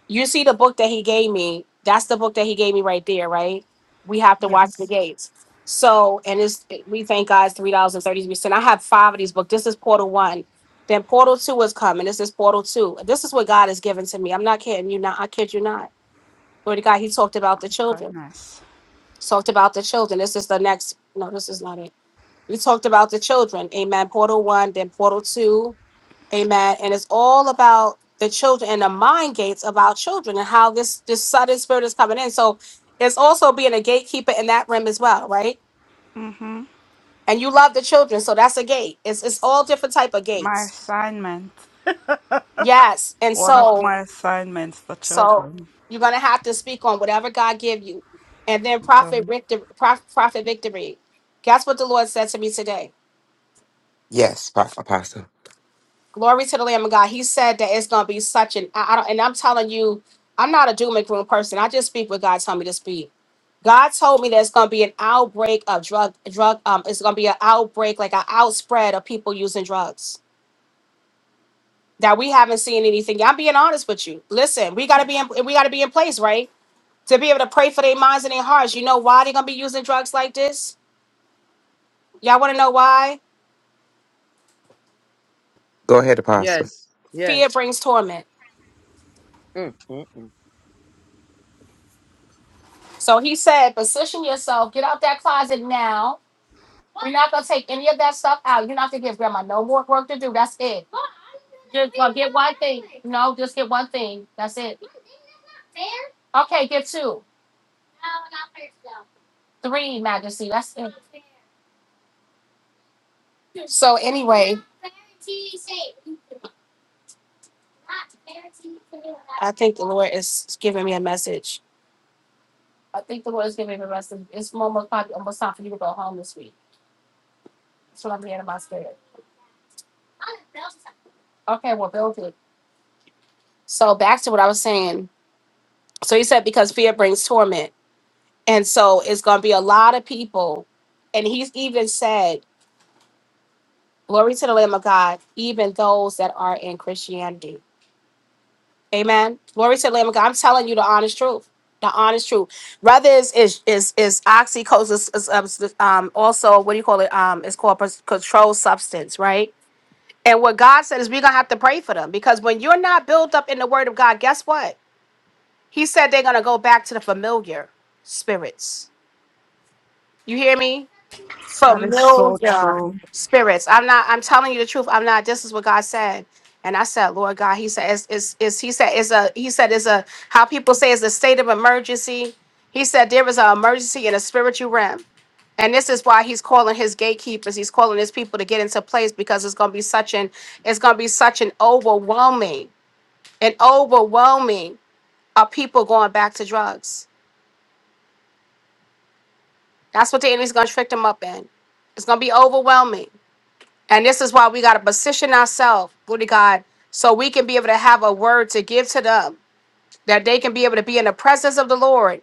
[SPEAKER 1] you see the book that he gave me. That's the book that he gave me right there, right? We have to watch the
[SPEAKER 4] Yes.
[SPEAKER 1] gates. So, and it's we thank God it's three dollars and thirty three cents. I have five of these books. This is Portal One. Then Portal Two is coming. This is Portal Two. This is what God has given to me. I'm not kidding you. Not I kid you not Lord God, he talked about the children.
[SPEAKER 4] Goodness.
[SPEAKER 1] Talked about the children. This is the next. No, this is not it. We talked about the children. Amen. Portal one, then portal two. Amen. And it's all about the children and the mind gates about children and how this this sudden spirit is coming in. So it's also being a gatekeeper in that realm as well, right? And you love the children, so that's a gate. It's it's all different type of
[SPEAKER 4] My
[SPEAKER 1] gates.
[SPEAKER 4] assignment,
[SPEAKER 1] Yes. And
[SPEAKER 4] one of
[SPEAKER 1] so
[SPEAKER 4] my assignments, the
[SPEAKER 1] So
[SPEAKER 4] children.
[SPEAKER 1] you're gonna have to speak on whatever God give you, and then prophet
[SPEAKER 4] Them.
[SPEAKER 1] victory. Prophet victory. Guess what the Lord said to me today?
[SPEAKER 8] Yes, Pa- Apostle.
[SPEAKER 1] Glory to the Lamb of God. He said that it's gonna be such an. I, I don't, and I'm telling you, I'm not a doom and gloom person. I just speak what God told me to speak. God told me there's gonna be an outbreak of drug drug. Um, it's gonna be an outbreak, like an outspread of people using drugs that we haven't seen anything. I'm being honest with you. Listen, we gotta be in, we gotta be in place, right? to be able to pray for their minds and their hearts. You know why they're gonna be using drugs like this? Y'all wanna know why?
[SPEAKER 8] Go ahead, Apostle.
[SPEAKER 6] Yes.
[SPEAKER 1] Fear
[SPEAKER 6] Yes.
[SPEAKER 1] brings torment.
[SPEAKER 6] Mm, mm, mm.
[SPEAKER 1] So he said, position yourself, get out that closet now. We're not gonna take any of that stuff out. You're not gonna give grandma no more work to do. That's it. Just gonna get one thing. No, just get one thing. That's it. Okay, get two, three, Majesty. That's it. So anyway, I think the Lord is giving me a message. I think the Lord is giving me rest of it's almost probably almost time for you to go home this week. That's what I'm hearing in my spirit. Okay, well build it. So back to what I was saying. So he said because fear brings torment. And so it's gonna be a lot of people. And he's even said, Glory to the Lamb of God, even those that are in Christianity. Amen. Glory to the Lamb of God. I'm telling you the honest truth. The honest truth. Rather is is is, is oxycodone is, is um also what do you call it? Um it's called pres- controlled substance, right? And what God said is we're gonna have to pray for them because when you're not built up in the word of God, guess what? He said they're gonna go back to the familiar spirits. You hear me?
[SPEAKER 4] That is so
[SPEAKER 1] Familiar
[SPEAKER 4] true.
[SPEAKER 1] spirits. I'm not, I'm telling you the truth. I'm not, this is what God said. And I said, Lord God, He said, it's, it's, it's He said, it's a, He said, it's a, how people say it's a state of emergency. He said, there is an emergency in a spiritual realm. And this is why he's calling his gatekeepers, he's calling his people to get into place because it's gonna be such an it's gonna be such an overwhelming, an overwhelming of people going back to drugs. That's what the enemy's gonna trick them up in. It's gonna be overwhelming. And this is why we gotta position ourselves, glory to God, so we can be able to have a word to give to them, that they can be able to be in the presence of the Lord.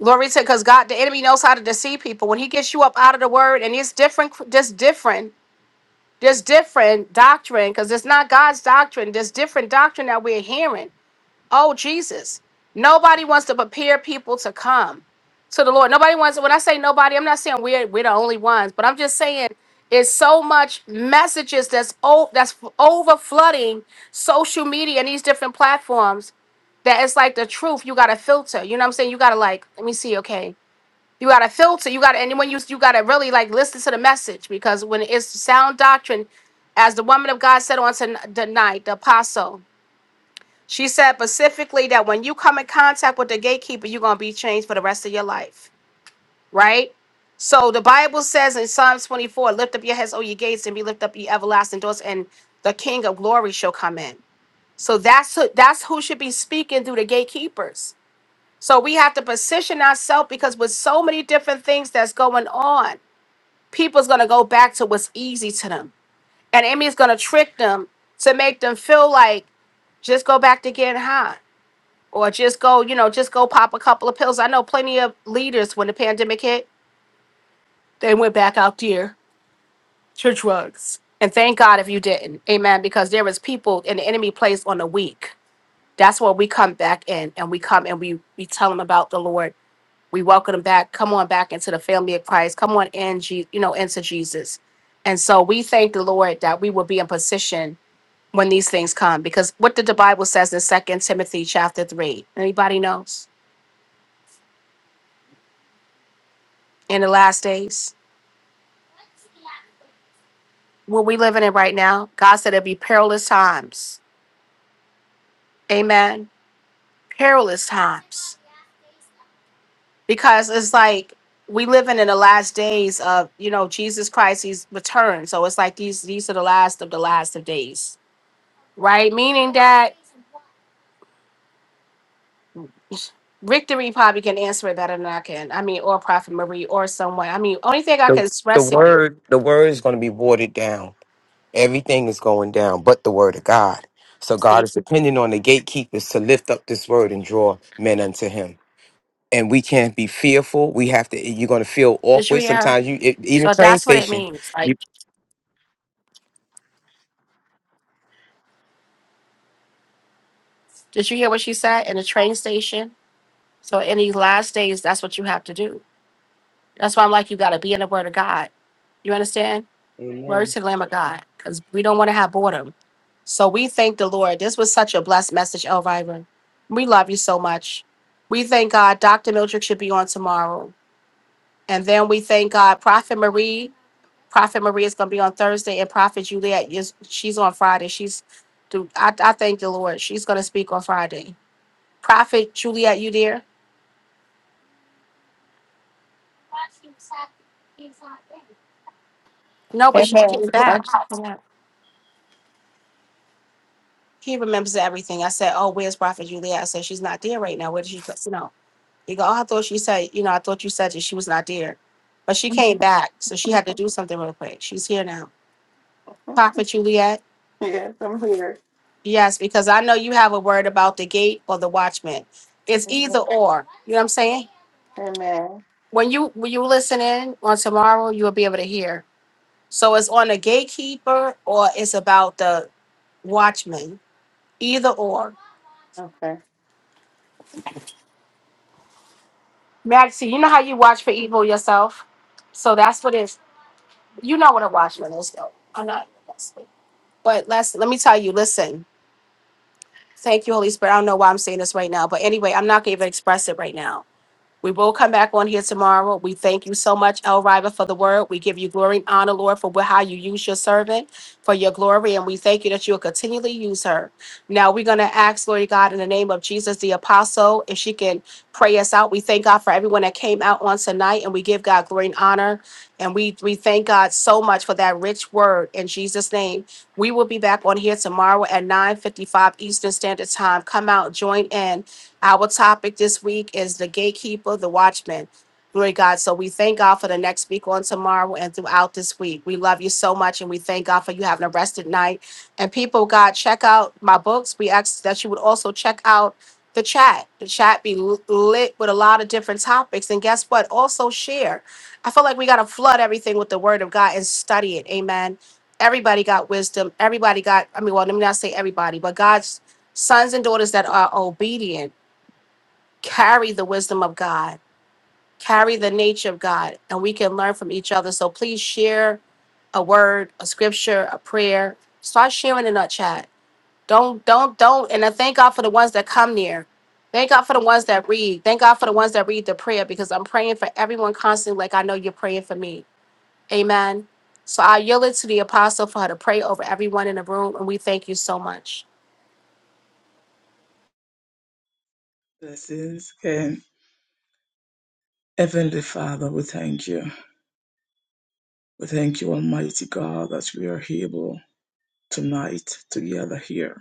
[SPEAKER 1] Glory to because God, the enemy knows how to deceive people. When he gets you up out of the word, and it's different, just different There's different doctrine because it's not God's doctrine. There's different doctrine that we're hearing. Oh, Jesus. Nobody wants to prepare people to come to the Lord. Nobody wants, when I say nobody, I'm not saying we're, we're the only ones, but I'm just saying it's so much messages that's, o- that's over flooding social media and these different platforms that it's like the truth you got to filter. You know what I'm saying? You got to like, let me see, okay. You gotta filter. You gotta, and when you you gotta really like listen to the message because when it's sound doctrine, as the woman of God said on ton- tonight, the apostle, she said specifically that when you come in contact with the gatekeeper, you're gonna be changed for the rest of your life, right? So the Bible says in Psalms 24, "Lift up your heads, O ye gates, and be lift up ye everlasting doors, and the King of glory shall come in." So that's who, that's who should be speaking through the gatekeepers. So we have to position ourselves because with so many different things that's going on people's gonna go back to what's easy to them. And Emmy's gonna trick them to make them feel like just go back to getting high. Or just go, you know, just go pop a couple of pills. I know plenty of leaders when the pandemic hit, they went back out there to drugs. And thank God if you didn't. Amen. Because there is people and the enemy plays on the weak. That's where we come back in and we come and we we tell them about the Lord We welcome them back. Come on back into the family of Christ. Come on in, Je- you know, into Jesus. And so we thank the Lord that we will be in position when these things come, because what did the Bible says in Second Timothy chapter three? Anybody knows? In the last days, what we living in right now, God said it'd be perilous times. Amen. Perilous times, because it's like we living in the last days of you know Jesus Christ. He's returned, so it's like these these are the last of the last of days right? Meaning that Victory probably can answer it better than I can. I mean, or Prophet Marie or someone. I mean, only thing I
[SPEAKER 8] The,
[SPEAKER 1] can
[SPEAKER 8] the
[SPEAKER 1] express to you.
[SPEAKER 8] word the word is going to be watered down Everything is going down but the word of God. So God
[SPEAKER 1] See,
[SPEAKER 8] is depending on the gatekeepers to lift up this word and draw men unto him. And we can't be fearful. We have to, you're going to feel
[SPEAKER 1] did you
[SPEAKER 8] awkward.
[SPEAKER 1] hear her?
[SPEAKER 8] Sometimes you, it, even
[SPEAKER 1] So
[SPEAKER 8] train
[SPEAKER 1] that's what it
[SPEAKER 8] station,
[SPEAKER 1] means. Like,
[SPEAKER 8] you,
[SPEAKER 1] did you hear what she said in the train station? So in these last days, that's what you have to do. That's why I'm like, you got to be in the Word of God. You understand?
[SPEAKER 6] Amen.
[SPEAKER 1] Words to the Lamb of God, because we don't want to have boredom. So we thank the Lord. This was such a blessed message, Elvira. We love you so much. We thank God. Dr. Mildred should be on tomorrow. And then we thank God, Prophet Marie. Prophet Marie is going to be on Thursday, and Prophet Juliet is she's on Friday. She's, do I, I thank the Lord. She's going to speak on Friday. Prophet Juliet, you there? No, but she
[SPEAKER 11] Amen.
[SPEAKER 1] came
[SPEAKER 11] I'm-
[SPEAKER 1] back. She came back. He remembers everything. I said, "Oh, where's Prophet Juliet?" I said, "She's not there right now. Where did she go?" You know, he go, "Oh, I thought she said, you know, I thought you said that she was not there, but she came back, so she had to do something real quick. She's here now." Prophet Juliet.
[SPEAKER 11] Yes, I'm here.
[SPEAKER 1] Yes, because I know you have a word about the gate or the watchman. It's either
[SPEAKER 11] Amen.
[SPEAKER 1] or. You know what I'm saying?
[SPEAKER 11] Amen.
[SPEAKER 1] When you when you listen in on tomorrow, you'll be able to hear. So it's on the gatekeeper or it's about the watchman. Either or.
[SPEAKER 11] Okay.
[SPEAKER 1] Maxie, you know how you watch for evil yourself? So that's what it's you know what a watchman is though. I'm not but let's let me tell you, listen. Thank you, Holy Spirit. I don't know why I'm saying this right now, but anyway, I'm not gonna even express it right now We will come back on here tomorrow. We thank you so much, El Riva, for the word. We give you glory and honor, Lord, for how you use your servant for your glory. And we thank you that you'll continually use her. Now we're going to ask, Lord God, in the name of Jesus, the apostle, if she can pray us out. We thank God for everyone that came out on tonight and we give God glory and honor. And we, we thank God so much for that rich word in Jesus' name. We will be back on here tomorrow at 9.55 Eastern Standard Time. Come out, join in. Our topic this week is the gatekeeper, the watchman. Glory to God. So we thank God for the next speaker on tomorrow and throughout this week. We love you so much and we thank God for you having a rested night. And people, God, check out my books. We ask that you would also check out the chat. The chat be l- lit with a lot of different topics. And guess what? Also share. I feel like we got to flood everything with the word of God and study it. Amen. Everybody got wisdom. Everybody got, I mean, well, let me not say everybody, but God's sons and daughters that are obedient carry the wisdom of God, carry the nature of God, and we can learn from each other. So please share a word, a scripture, a prayer. Start sharing in our chat. Don't, don't, don't. And I thank God for the ones that come near. Thank God for the ones that read. Thank God for the ones that read the prayer because I'm praying for everyone constantly, like I know you're praying for me. Amen. So I yield it to the apostle for her to pray over everyone in the room, and we thank you so much.
[SPEAKER 7] Blessings. And Heavenly Father, we thank you. We thank you, Almighty God, that we are able tonight together here.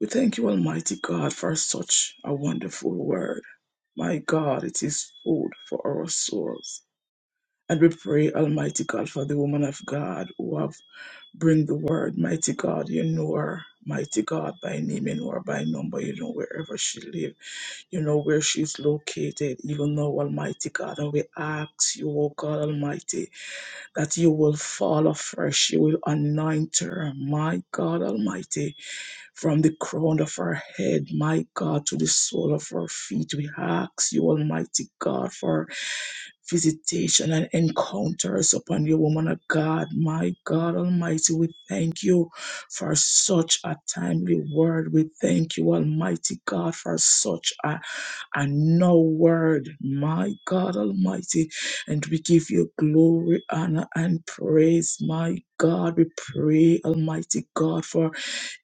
[SPEAKER 7] We thank you, Almighty God, for such a wonderful word. My God, it is food for our souls. And we pray, Almighty God, for the woman of God who have Bring the word, mighty God. You know her, mighty God, by name. You know her by number. You know wherever she lives. You know where she's located. You know, Almighty God. And we ask you, O God Almighty, that you will fall afresh. You will anoint her, my God Almighty from the crown of her head, my God, to the sole of her feet. We ask you, Almighty God, for visitation and encounters upon you, woman of God. My God Almighty, we thank you for such a timely word. We thank you, Almighty God, for such a, a no word. My God Almighty, and we give you glory, honor, and praise. My God, we pray, Almighty God, for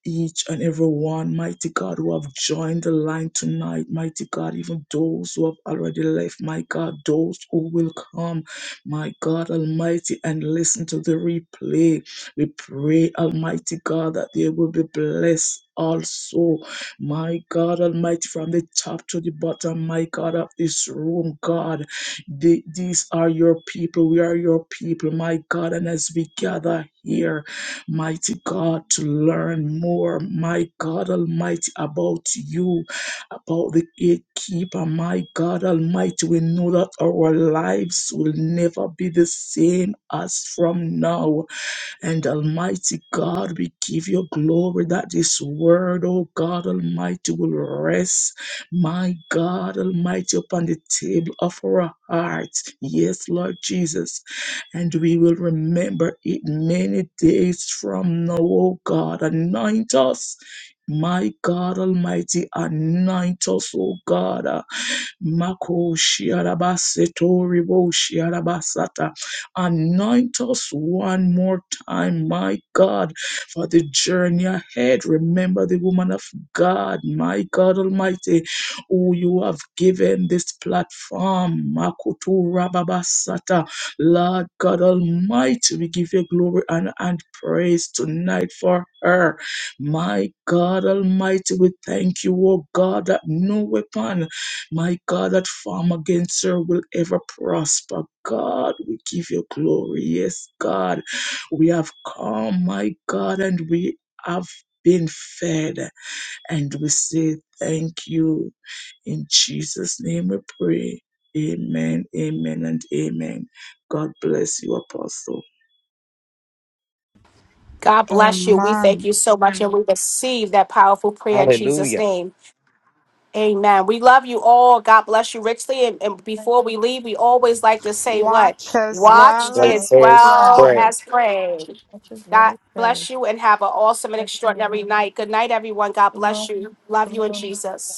[SPEAKER 7] each and every one, mighty God, who have joined the line tonight, mighty God, even those who have already left, my God, those who will come, my God Almighty, and listen to the replay. We pray, Almighty God, that they will be blessed. Also, my God Almighty, from the top to the bottom, my God of this room, God, the- these are your people. We are your people, my God. And as we gather here, mighty God, to learn more, my God Almighty, about you, about the gatekeeper, my God Almighty. We know that our lives will never be the same as from now. And Almighty God, we give you glory that this word, oh God Almighty, will rest, my God Almighty, upon the table of our hearts. Yes, Lord Jesus. And we will remember it many days from now, oh God. Anoint us. My God Almighty, anoint us, oh God. Mako shiarabaseto ribo shiarabasata. Anoint us one more time, my God, for the journey ahead. Remember the woman of God, my God Almighty, who you have given this platform. Makutu rababasata. Lord God Almighty, we give you glory and, and praise tonight for her. My God Almighty, we thank you, O God, that no weapon my God, that farm against her will ever prosper. God, we give you glory. Yes, God, we have come, my God, and we have been fed. And we say thank you. In Jesus' name we pray. Amen, amen, and amen. God bless you, Apostle.
[SPEAKER 1] God bless you. We thank
[SPEAKER 4] Amen.
[SPEAKER 1] you so much, and we receive that powerful prayer in Jesus'
[SPEAKER 8] hallelujah.
[SPEAKER 1] name. Amen. We love you all. God bless you richly. And, and before we leave, we always like to say what?
[SPEAKER 4] Watch as
[SPEAKER 11] Watch
[SPEAKER 1] Watch
[SPEAKER 11] his
[SPEAKER 4] well
[SPEAKER 11] is
[SPEAKER 8] Well,
[SPEAKER 11] what
[SPEAKER 1] as
[SPEAKER 4] as
[SPEAKER 11] is
[SPEAKER 8] there's
[SPEAKER 1] well
[SPEAKER 11] saying.
[SPEAKER 4] pray.
[SPEAKER 8] prayer.
[SPEAKER 1] as pray.
[SPEAKER 11] Watch his is what
[SPEAKER 1] God
[SPEAKER 11] is saying.
[SPEAKER 1] bless you and have an awesome and
[SPEAKER 11] That's you.
[SPEAKER 1] extraordinary
[SPEAKER 11] Lord.
[SPEAKER 1] night. Good night, everyone. God bless
[SPEAKER 11] Shalom.
[SPEAKER 1] you. Love you in
[SPEAKER 11] Shalom.
[SPEAKER 1] Jesus.